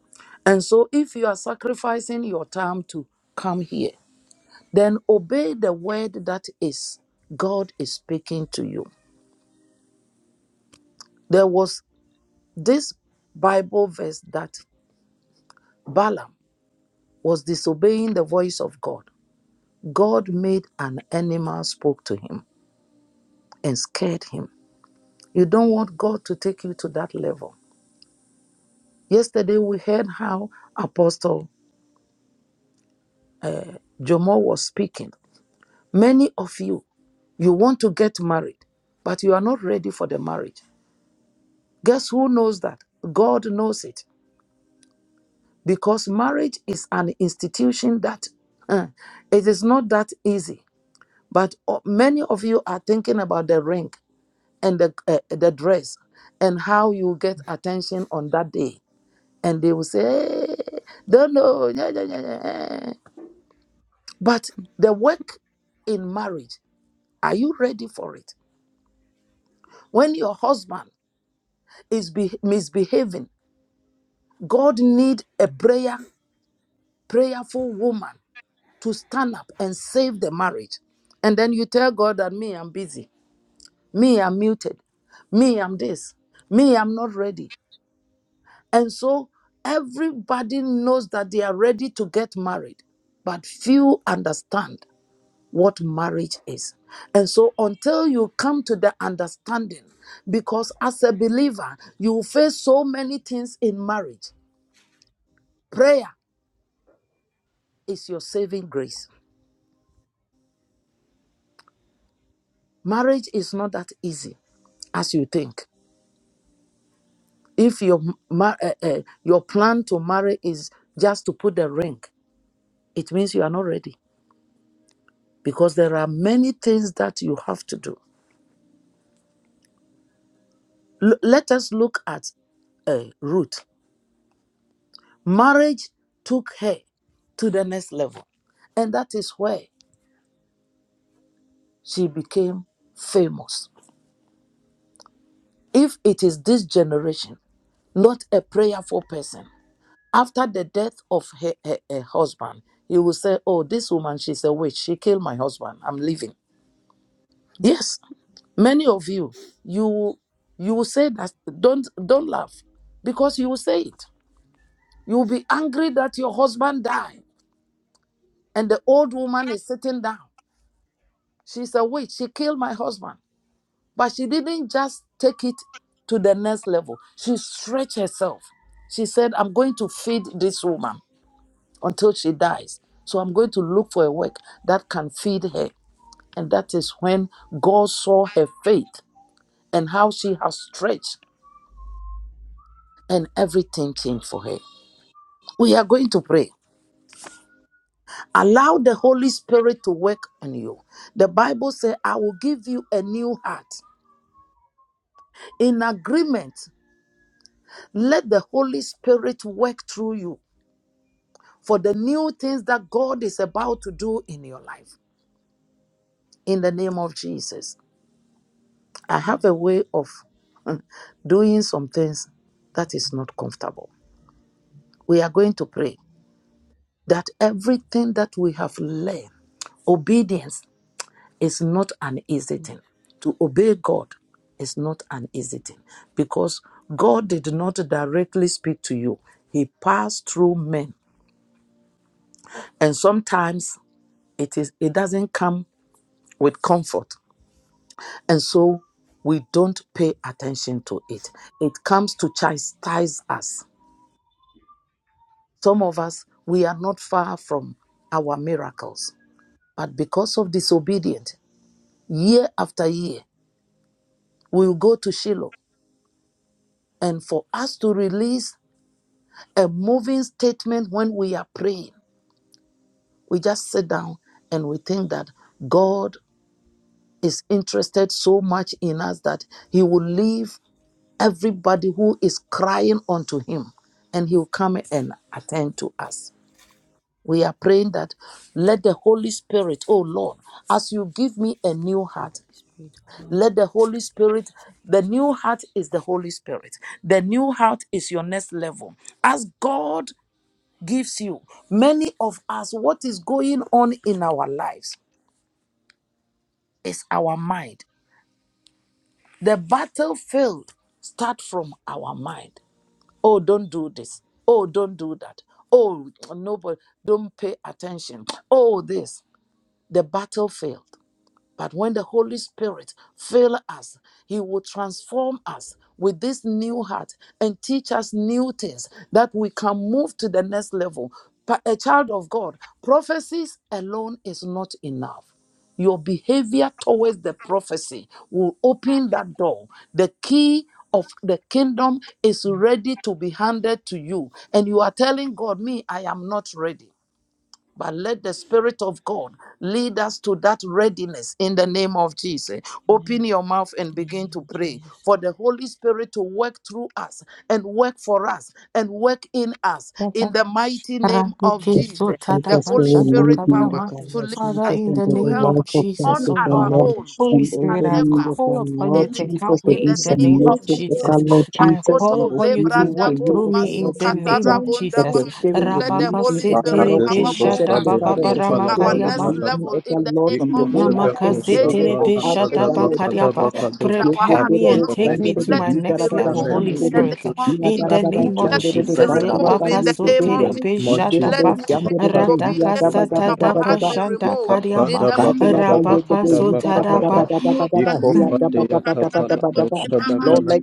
[SPEAKER 1] And so, if you are sacrificing your time to come here, then obey the word that is God is speaking to you. There was this Bible verse that Balaam was disobeying the voice of God. God made an animal spoke to him and scared him. You don't want God to take you to that level. Yesterday we heard how Apostle Jomo was speaking. Many of you, you want to get married, but you are not ready for the marriage. Guess who knows that? God knows it. Because marriage is an institution that uh, it is not that easy. But uh, many of you are thinking about the ring. and the uh, the dress and how you get attention on that day and they will say "Eh, don't know yeah, yeah, yeah, yeah." yeah. but the work in marriage are you ready for it when your husband is be- misbehaving god need a prayer prayerful woman to stand up and save the marriage and then you tell god that me i'm busy me i'm muted me i'm this me i'm not ready And so everybody knows that they are ready to get married, but few understand what marriage is. And so until you come to the understanding, because as a believer, you will face so many things in marriage. Prayer is your saving grace. Marriage is not that easy as you think. If your ma- uh, uh, your plan to marry is just to put the ring, it means you are not ready because there are many things that you have to do. L- let us look at uh, Ruth. Marriage took her to the next level, and that is where she became famous. If it is this generation, not a prayerful person, after the death of her, her, her husband, you will say, Oh, this woman, she's a witch. She killed my husband. I'm leaving. Yes, many of you you you will say that don't don't laugh because you will say it you will be angry that your husband died And the old woman is sitting down. She's a witch. She killed my husband. But she didn't just take it to the next level. She stretched herself. She said, I'm going to feed this woman until she dies. So I'm going to look for a work that can feed her. And that is when God saw her faith and how she has stretched, and everything changed for her. We are going to pray. Allow the Holy Spirit to work on you. The Bible says, I will give you a new heart in agreement. Let the Holy Spirit work through you for the new things that God is about to do in your life. In the name of Jesus. I have a way of mm, doing some things that is not comfortable. We are going to pray that everything that we have learned, obedience is not an easy thing. To obey God is not an easy thing because God did not directly speak to you, He passed through men and sometimes it is it doesn't come with comfort and so we don't pay attention to it it comes to chastise us some of us we are not far from our miracles but because of disobedience year after year we will go to shiloh and for us to release a moving statement when we are praying we just sit down and we think that god is interested so much in us that he will leave everybody who is crying unto him and he will come and attend to us. We are praying that let the Holy Spirit, oh Lord, as you give me a new heart, let the Holy Spirit, the new heart is the Holy Spirit. The new heart is your next level. As God gives you, many of us, what is going on in our lives is our mind. The battlefield start from our mind. oh don't do this oh don't do that oh nobody don't pay attention oh this the battlefield but when the Holy Spirit fills us, He will transform us with this new heart and teach us new things that we can move to the next level. But a child of God, prophecies alone is not enough. Your behavior towards the prophecy will open that door. The key of the kingdom is ready to be handed to you. And you are telling God, Me, I am not ready. But let the Spirit of God lead us to that readiness in the name of Jesus. Open your mouth and begin to pray for the Holy Spirit to work through us and work for us and work in us in the mighty
[SPEAKER 2] ra
[SPEAKER 1] name
[SPEAKER 2] di
[SPEAKER 1] of
[SPEAKER 2] ki
[SPEAKER 7] Let
[SPEAKER 2] su
[SPEAKER 1] Jesus. The
[SPEAKER 7] us
[SPEAKER 1] Holy
[SPEAKER 7] go and lead
[SPEAKER 1] Spirit
[SPEAKER 7] me in the
[SPEAKER 1] power
[SPEAKER 7] God,
[SPEAKER 1] to
[SPEAKER 7] Lord
[SPEAKER 1] lead
[SPEAKER 2] Father,
[SPEAKER 1] us,
[SPEAKER 7] Jesus,
[SPEAKER 2] in
[SPEAKER 7] and
[SPEAKER 2] the
[SPEAKER 7] to
[SPEAKER 1] to
[SPEAKER 7] the
[SPEAKER 2] name
[SPEAKER 1] help
[SPEAKER 2] of
[SPEAKER 7] life
[SPEAKER 1] us
[SPEAKER 7] of faith
[SPEAKER 1] on
[SPEAKER 2] Jesus,
[SPEAKER 7] of
[SPEAKER 2] oh
[SPEAKER 7] the
[SPEAKER 1] our
[SPEAKER 2] Lord, uh,
[SPEAKER 7] Lord,
[SPEAKER 1] own.
[SPEAKER 2] Holy
[SPEAKER 1] We
[SPEAKER 7] and
[SPEAKER 2] Spirit,
[SPEAKER 7] order
[SPEAKER 1] can
[SPEAKER 3] Thank you.
[SPEAKER 2] I
[SPEAKER 1] never
[SPEAKER 7] me in the
[SPEAKER 2] call
[SPEAKER 7] God,
[SPEAKER 1] do
[SPEAKER 2] upon
[SPEAKER 3] Thank
[SPEAKER 2] you
[SPEAKER 7] Lord
[SPEAKER 2] to
[SPEAKER 1] anything
[SPEAKER 7] Jesus,
[SPEAKER 2] help
[SPEAKER 7] to
[SPEAKER 2] me
[SPEAKER 1] in
[SPEAKER 7] be
[SPEAKER 1] the
[SPEAKER 2] in the
[SPEAKER 1] name
[SPEAKER 2] name of
[SPEAKER 1] of
[SPEAKER 7] submissive, O
[SPEAKER 1] Jesus.
[SPEAKER 7] God,
[SPEAKER 2] Jesus.
[SPEAKER 7] Lord
[SPEAKER 2] I
[SPEAKER 7] Jesus,
[SPEAKER 1] Makoto
[SPEAKER 2] call
[SPEAKER 7] and
[SPEAKER 2] upon you to
[SPEAKER 7] obedient to
[SPEAKER 2] work
[SPEAKER 7] you,
[SPEAKER 1] lebrandabo
[SPEAKER 2] through
[SPEAKER 7] O God,
[SPEAKER 2] me in
[SPEAKER 7] Lord
[SPEAKER 2] the
[SPEAKER 1] masukata
[SPEAKER 7] Jesus.
[SPEAKER 2] name
[SPEAKER 7] um,
[SPEAKER 2] of
[SPEAKER 7] That
[SPEAKER 2] Jesus.
[SPEAKER 7] your
[SPEAKER 1] rabondabam
[SPEAKER 7] spirit would
[SPEAKER 1] let the
[SPEAKER 7] lead
[SPEAKER 2] Rabaka
[SPEAKER 7] me,
[SPEAKER 1] Holy
[SPEAKER 7] O God,
[SPEAKER 1] Spirit
[SPEAKER 2] Sitere
[SPEAKER 7] Lord
[SPEAKER 4] Makadeve
[SPEAKER 1] power
[SPEAKER 7] Jesus,
[SPEAKER 1] move
[SPEAKER 4] kosa
[SPEAKER 2] Beshata
[SPEAKER 7] Heavenly
[SPEAKER 1] us
[SPEAKER 4] deve
[SPEAKER 2] Baba
[SPEAKER 7] Father, that
[SPEAKER 1] into
[SPEAKER 4] kopa
[SPEAKER 7] your
[SPEAKER 4] la
[SPEAKER 1] our
[SPEAKER 7] spirit
[SPEAKER 4] dava
[SPEAKER 7] would
[SPEAKER 2] Barama
[SPEAKER 1] next
[SPEAKER 7] lead me,
[SPEAKER 4] kadava.
[SPEAKER 1] level
[SPEAKER 7] O
[SPEAKER 1] in
[SPEAKER 7] God,
[SPEAKER 1] the
[SPEAKER 7] Lord,
[SPEAKER 1] name
[SPEAKER 7] from
[SPEAKER 4] Iko
[SPEAKER 7] the
[SPEAKER 1] of
[SPEAKER 7] way I
[SPEAKER 4] deve
[SPEAKER 1] Jesus.
[SPEAKER 7] think to
[SPEAKER 4] kosa
[SPEAKER 7] the
[SPEAKER 1] Any
[SPEAKER 7] way
[SPEAKER 4] pa
[SPEAKER 7] I
[SPEAKER 4] la
[SPEAKER 7] act, O
[SPEAKER 1] obedience,
[SPEAKER 7] God,
[SPEAKER 4] kadava
[SPEAKER 7] Lord Jesus.
[SPEAKER 4] kadava
[SPEAKER 2] Lamakasiterepeshatapakariapa.
[SPEAKER 7] um,
[SPEAKER 1] disobedience in
[SPEAKER 4] kadeve.
[SPEAKER 1] our
[SPEAKER 2] Prepare
[SPEAKER 1] heart,
[SPEAKER 2] me
[SPEAKER 1] oh
[SPEAKER 4] In
[SPEAKER 2] and
[SPEAKER 7] Yeketerebo,
[SPEAKER 4] the
[SPEAKER 1] Lord,
[SPEAKER 2] take
[SPEAKER 4] name
[SPEAKER 2] me
[SPEAKER 4] of
[SPEAKER 2] to
[SPEAKER 7] shanderebo,
[SPEAKER 1] let
[SPEAKER 2] my
[SPEAKER 4] Jesus,
[SPEAKER 1] it be
[SPEAKER 2] next
[SPEAKER 7] yidarababa,
[SPEAKER 4] Father,
[SPEAKER 2] level,
[SPEAKER 4] may
[SPEAKER 1] removed
[SPEAKER 2] Holy
[SPEAKER 1] in
[SPEAKER 4] you
[SPEAKER 1] the
[SPEAKER 7] shanderebo,
[SPEAKER 2] Spirit.
[SPEAKER 1] name of
[SPEAKER 4] introduce
[SPEAKER 2] In
[SPEAKER 1] Jesus.
[SPEAKER 4] us
[SPEAKER 2] the
[SPEAKER 7] yidarababa,
[SPEAKER 2] name of
[SPEAKER 4] into
[SPEAKER 1] Let
[SPEAKER 4] a
[SPEAKER 7] shanderebo,
[SPEAKER 1] it be
[SPEAKER 4] different
[SPEAKER 2] Jesus.
[SPEAKER 4] level.
[SPEAKER 7] katuwaba,
[SPEAKER 1] removed in the name
[SPEAKER 4] In
[SPEAKER 7] yeketeya.
[SPEAKER 1] of
[SPEAKER 4] the
[SPEAKER 1] Jesus.
[SPEAKER 4] name
[SPEAKER 7] He
[SPEAKER 4] of
[SPEAKER 7] did a
[SPEAKER 1] Let
[SPEAKER 4] Jesus,
[SPEAKER 7] bit,
[SPEAKER 2] Labakasoterepeshatapa.
[SPEAKER 3] you.
[SPEAKER 7] yum
[SPEAKER 1] every
[SPEAKER 7] did it, he
[SPEAKER 4] Makadeve
[SPEAKER 7] had
[SPEAKER 1] disobedience
[SPEAKER 7] dabba
[SPEAKER 3] Thank
[SPEAKER 1] from
[SPEAKER 7] dabba
[SPEAKER 1] our
[SPEAKER 4] kosa
[SPEAKER 7] dabba
[SPEAKER 1] heart
[SPEAKER 7] dabba.
[SPEAKER 1] be
[SPEAKER 4] Ikopata
[SPEAKER 1] removed in
[SPEAKER 2] Radakasatatatapashandakariama.
[SPEAKER 1] the
[SPEAKER 7] Lord, let
[SPEAKER 2] Rabakasotarapa.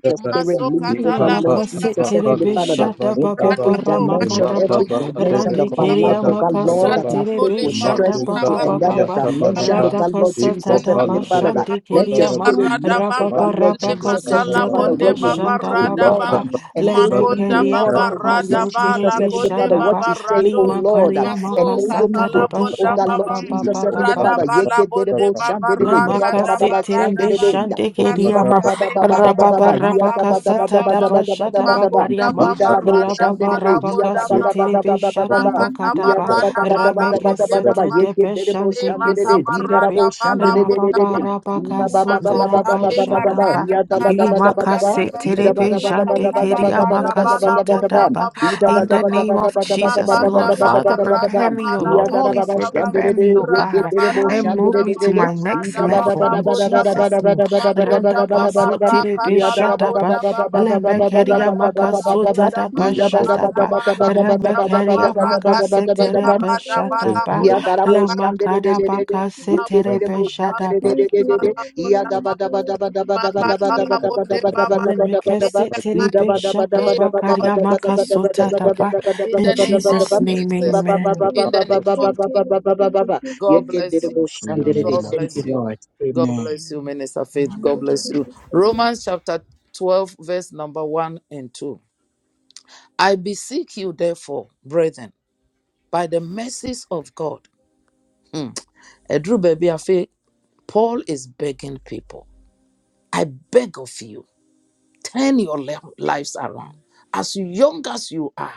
[SPEAKER 7] your spirit lead, oh
[SPEAKER 1] Masokata
[SPEAKER 7] God, Lord Jesus,
[SPEAKER 2] Makasetere
[SPEAKER 7] Heavenly Father, that
[SPEAKER 2] beshata
[SPEAKER 7] in
[SPEAKER 2] baba
[SPEAKER 7] every
[SPEAKER 2] bara
[SPEAKER 7] dimension,
[SPEAKER 2] makataba
[SPEAKER 7] every dimension of
[SPEAKER 2] rande
[SPEAKER 7] my life,
[SPEAKER 2] keria
[SPEAKER 7] oh God, Lord,
[SPEAKER 2] makaso
[SPEAKER 7] that my
[SPEAKER 2] tere
[SPEAKER 7] faith will stretch
[SPEAKER 2] beshata
[SPEAKER 7] into
[SPEAKER 2] baba baba
[SPEAKER 7] another
[SPEAKER 2] ba
[SPEAKER 7] dimension, oh
[SPEAKER 2] rata
[SPEAKER 7] God, Lord
[SPEAKER 2] kasata
[SPEAKER 7] Jesus,
[SPEAKER 2] tada
[SPEAKER 1] Konda
[SPEAKER 7] Heavenly Father, that
[SPEAKER 1] baba
[SPEAKER 2] bashande
[SPEAKER 7] let your
[SPEAKER 1] konde
[SPEAKER 2] keria ma
[SPEAKER 7] spirit
[SPEAKER 1] barada
[SPEAKER 7] lead,
[SPEAKER 1] bang
[SPEAKER 7] oh
[SPEAKER 2] raba
[SPEAKER 7] God,
[SPEAKER 2] bara
[SPEAKER 7] Lord
[SPEAKER 1] le
[SPEAKER 7] Jesus,
[SPEAKER 2] bakaso
[SPEAKER 1] makala
[SPEAKER 7] Heavenly
[SPEAKER 2] tada
[SPEAKER 7] Father,
[SPEAKER 1] bonde
[SPEAKER 7] where you
[SPEAKER 1] baba
[SPEAKER 7] lead,
[SPEAKER 2] bashata
[SPEAKER 7] oh
[SPEAKER 1] rada
[SPEAKER 2] baba
[SPEAKER 7] Lord,
[SPEAKER 1] bang
[SPEAKER 2] ba
[SPEAKER 7] um,
[SPEAKER 2] leme
[SPEAKER 7] enable me
[SPEAKER 1] makonda
[SPEAKER 7] to
[SPEAKER 2] keria
[SPEAKER 1] baba
[SPEAKER 7] follow, oh God,
[SPEAKER 1] rada
[SPEAKER 7] Lord
[SPEAKER 2] bakaso
[SPEAKER 1] ba
[SPEAKER 7] Jesus,
[SPEAKER 2] tere
[SPEAKER 1] la
[SPEAKER 7] Heavenly
[SPEAKER 1] konde
[SPEAKER 7] Father,
[SPEAKER 2] bishata
[SPEAKER 7] what
[SPEAKER 2] ba
[SPEAKER 1] baba
[SPEAKER 7] you say,
[SPEAKER 1] rado
[SPEAKER 7] oh
[SPEAKER 2] lima
[SPEAKER 7] Lord,
[SPEAKER 2] karia
[SPEAKER 1] maso
[SPEAKER 2] makasa
[SPEAKER 7] Enable
[SPEAKER 3] you.
[SPEAKER 7] me
[SPEAKER 1] katala
[SPEAKER 2] tada
[SPEAKER 7] to do, oh
[SPEAKER 1] bonda
[SPEAKER 3] Thank
[SPEAKER 7] God,
[SPEAKER 2] bashata
[SPEAKER 7] Lord
[SPEAKER 1] baba
[SPEAKER 2] baba
[SPEAKER 7] Jesus, Heavenly
[SPEAKER 2] baba
[SPEAKER 7] Father.
[SPEAKER 1] Radabala bonde
[SPEAKER 7] Yekeberebo
[SPEAKER 1] baba
[SPEAKER 7] shandedede,
[SPEAKER 2] Lamaka
[SPEAKER 1] rakadaba
[SPEAKER 7] hiyagarababa
[SPEAKER 2] siterebe
[SPEAKER 1] radaba
[SPEAKER 7] shandedede.
[SPEAKER 2] shande
[SPEAKER 4] In the name
[SPEAKER 2] keriyama
[SPEAKER 1] masota le
[SPEAKER 2] rababa
[SPEAKER 7] Ibababababababababa,
[SPEAKER 1] baradaba la
[SPEAKER 2] rabaka
[SPEAKER 1] bonda
[SPEAKER 2] satada
[SPEAKER 1] baba
[SPEAKER 2] bashada
[SPEAKER 7] hiyagabadabadabadabadabadabadaba.
[SPEAKER 1] makonda
[SPEAKER 2] bakariyama
[SPEAKER 1] baba
[SPEAKER 7] Idarabo
[SPEAKER 1] radaba
[SPEAKER 2] rababa
[SPEAKER 1] la
[SPEAKER 7] shandedede,
[SPEAKER 2] rabaka
[SPEAKER 1] bonda baba
[SPEAKER 2] soterebe shada
[SPEAKER 7] hiyababababababababa.
[SPEAKER 1] makataba
[SPEAKER 2] bakadaba
[SPEAKER 1] radaba la
[SPEAKER 2] remeke
[SPEAKER 1] bonde
[SPEAKER 7] Hiyagabadabadabadabadabadaba,
[SPEAKER 1] baba
[SPEAKER 2] setedebe
[SPEAKER 7] yekeberebo
[SPEAKER 1] ile
[SPEAKER 2] shande
[SPEAKER 7] shandedede,
[SPEAKER 1] makaba
[SPEAKER 2] kesiterebe
[SPEAKER 7] hidarabo
[SPEAKER 1] radaba la bonda
[SPEAKER 2] rababa
[SPEAKER 7] shandedededede.
[SPEAKER 1] baba
[SPEAKER 2] rabaka sotaraba
[SPEAKER 1] Makotale
[SPEAKER 2] shada
[SPEAKER 7] Ibabababababababababa,
[SPEAKER 2] ba
[SPEAKER 1] barada bala
[SPEAKER 2] Limaka
[SPEAKER 1] bonda
[SPEAKER 7] hiyadabadabadabadaba.
[SPEAKER 1] baba.
[SPEAKER 2] seterebe shande
[SPEAKER 1] Makata
[SPEAKER 2] keriyama
[SPEAKER 1] barada bala bonda
[SPEAKER 2] kasotada
[SPEAKER 7] Idabadabadabadabadabadabadabadabadaba.
[SPEAKER 2] ba
[SPEAKER 1] baba
[SPEAKER 2] in
[SPEAKER 1] rada
[SPEAKER 2] the
[SPEAKER 1] bam.
[SPEAKER 2] name of Jesus, O
[SPEAKER 1] Makanda
[SPEAKER 2] Lord.
[SPEAKER 1] baba
[SPEAKER 2] Father,
[SPEAKER 1] rada
[SPEAKER 2] prepare me, O
[SPEAKER 1] bala
[SPEAKER 2] Lord. Holy
[SPEAKER 1] bonda
[SPEAKER 2] Spirit,
[SPEAKER 1] baba.
[SPEAKER 2] prepare me, O
[SPEAKER 1] Rada
[SPEAKER 2] God
[SPEAKER 1] bala
[SPEAKER 2] and move
[SPEAKER 1] bonda
[SPEAKER 2] me to
[SPEAKER 1] baba
[SPEAKER 2] my next
[SPEAKER 1] rada
[SPEAKER 2] level
[SPEAKER 1] bala
[SPEAKER 2] in
[SPEAKER 1] bonda bam.
[SPEAKER 2] Jesus' name.
[SPEAKER 1] Makunda baba
[SPEAKER 2] Randakaso terebe
[SPEAKER 1] rakata la
[SPEAKER 2] shatapa,
[SPEAKER 1] bonda baba.
[SPEAKER 2] lemekeria
[SPEAKER 1] Rada bala
[SPEAKER 2] makaso
[SPEAKER 1] bonda
[SPEAKER 2] tadapa
[SPEAKER 1] baba rada
[SPEAKER 2] shatapa,
[SPEAKER 1] bala bonda
[SPEAKER 3] you.
[SPEAKER 1] baba
[SPEAKER 2] remekeria makase
[SPEAKER 1] rakatule
[SPEAKER 3] Thank
[SPEAKER 7] Ida
[SPEAKER 2] terebe
[SPEAKER 3] you,
[SPEAKER 1] barada
[SPEAKER 3] Lord
[SPEAKER 1] bala
[SPEAKER 2] shatapa,
[SPEAKER 7] Ya
[SPEAKER 3] Jesus. Thank
[SPEAKER 1] bonda
[SPEAKER 7] darabo şandere de
[SPEAKER 2] lamakada
[SPEAKER 7] de de de.
[SPEAKER 3] you,
[SPEAKER 2] bakase
[SPEAKER 3] Lord
[SPEAKER 7] Yeke dere
[SPEAKER 2] terebe
[SPEAKER 7] bo şandere
[SPEAKER 2] shatapa.
[SPEAKER 7] de de de de de. Ya
[SPEAKER 1] baba.
[SPEAKER 7] daba daba daba
[SPEAKER 3] Jesus.
[SPEAKER 7] daba daba daba daba daba
[SPEAKER 1] Makatalabonde
[SPEAKER 7] daba daba
[SPEAKER 1] Baba,
[SPEAKER 7] daba daba
[SPEAKER 1] in
[SPEAKER 7] daba.
[SPEAKER 2] Lemekese
[SPEAKER 1] the
[SPEAKER 7] Yi
[SPEAKER 1] mighty
[SPEAKER 2] terebe
[SPEAKER 7] daba daba daba
[SPEAKER 1] name
[SPEAKER 2] shatapa,
[SPEAKER 7] daba
[SPEAKER 1] of
[SPEAKER 7] daba daba
[SPEAKER 2] karia
[SPEAKER 7] daba
[SPEAKER 2] makaso
[SPEAKER 7] daba
[SPEAKER 1] Jesus,
[SPEAKER 7] daba daba
[SPEAKER 2] tadapa.
[SPEAKER 7] daba
[SPEAKER 1] in
[SPEAKER 2] In
[SPEAKER 1] the
[SPEAKER 7] daba daba
[SPEAKER 1] name
[SPEAKER 7] daba
[SPEAKER 1] of
[SPEAKER 7] daba.
[SPEAKER 2] Jesus' name,
[SPEAKER 7] Ba
[SPEAKER 1] Jesus,
[SPEAKER 7] ba ba
[SPEAKER 2] amen.
[SPEAKER 7] ba ba
[SPEAKER 1] in the
[SPEAKER 7] ba ba
[SPEAKER 1] name
[SPEAKER 7] ba
[SPEAKER 1] of
[SPEAKER 7] ba ba ba ba ba ba
[SPEAKER 1] Jesus.
[SPEAKER 7] ba ba.
[SPEAKER 1] God
[SPEAKER 7] Yeke
[SPEAKER 1] bless
[SPEAKER 7] dere
[SPEAKER 1] you.
[SPEAKER 7] bo şandere de.
[SPEAKER 1] God
[SPEAKER 4] of
[SPEAKER 7] Thank
[SPEAKER 1] bless
[SPEAKER 7] you,
[SPEAKER 1] you.
[SPEAKER 7] Lord.
[SPEAKER 1] God
[SPEAKER 7] Amen.
[SPEAKER 1] bless you, Minister Faith. God bless you. Romans chapter 12, verse number 1 and 2. I beseech you, therefore, brethren, by the mercies of God. Hmm. Edru baby afe, Paul is begging people. I beg of you. turn your le- lives around. As young as you are,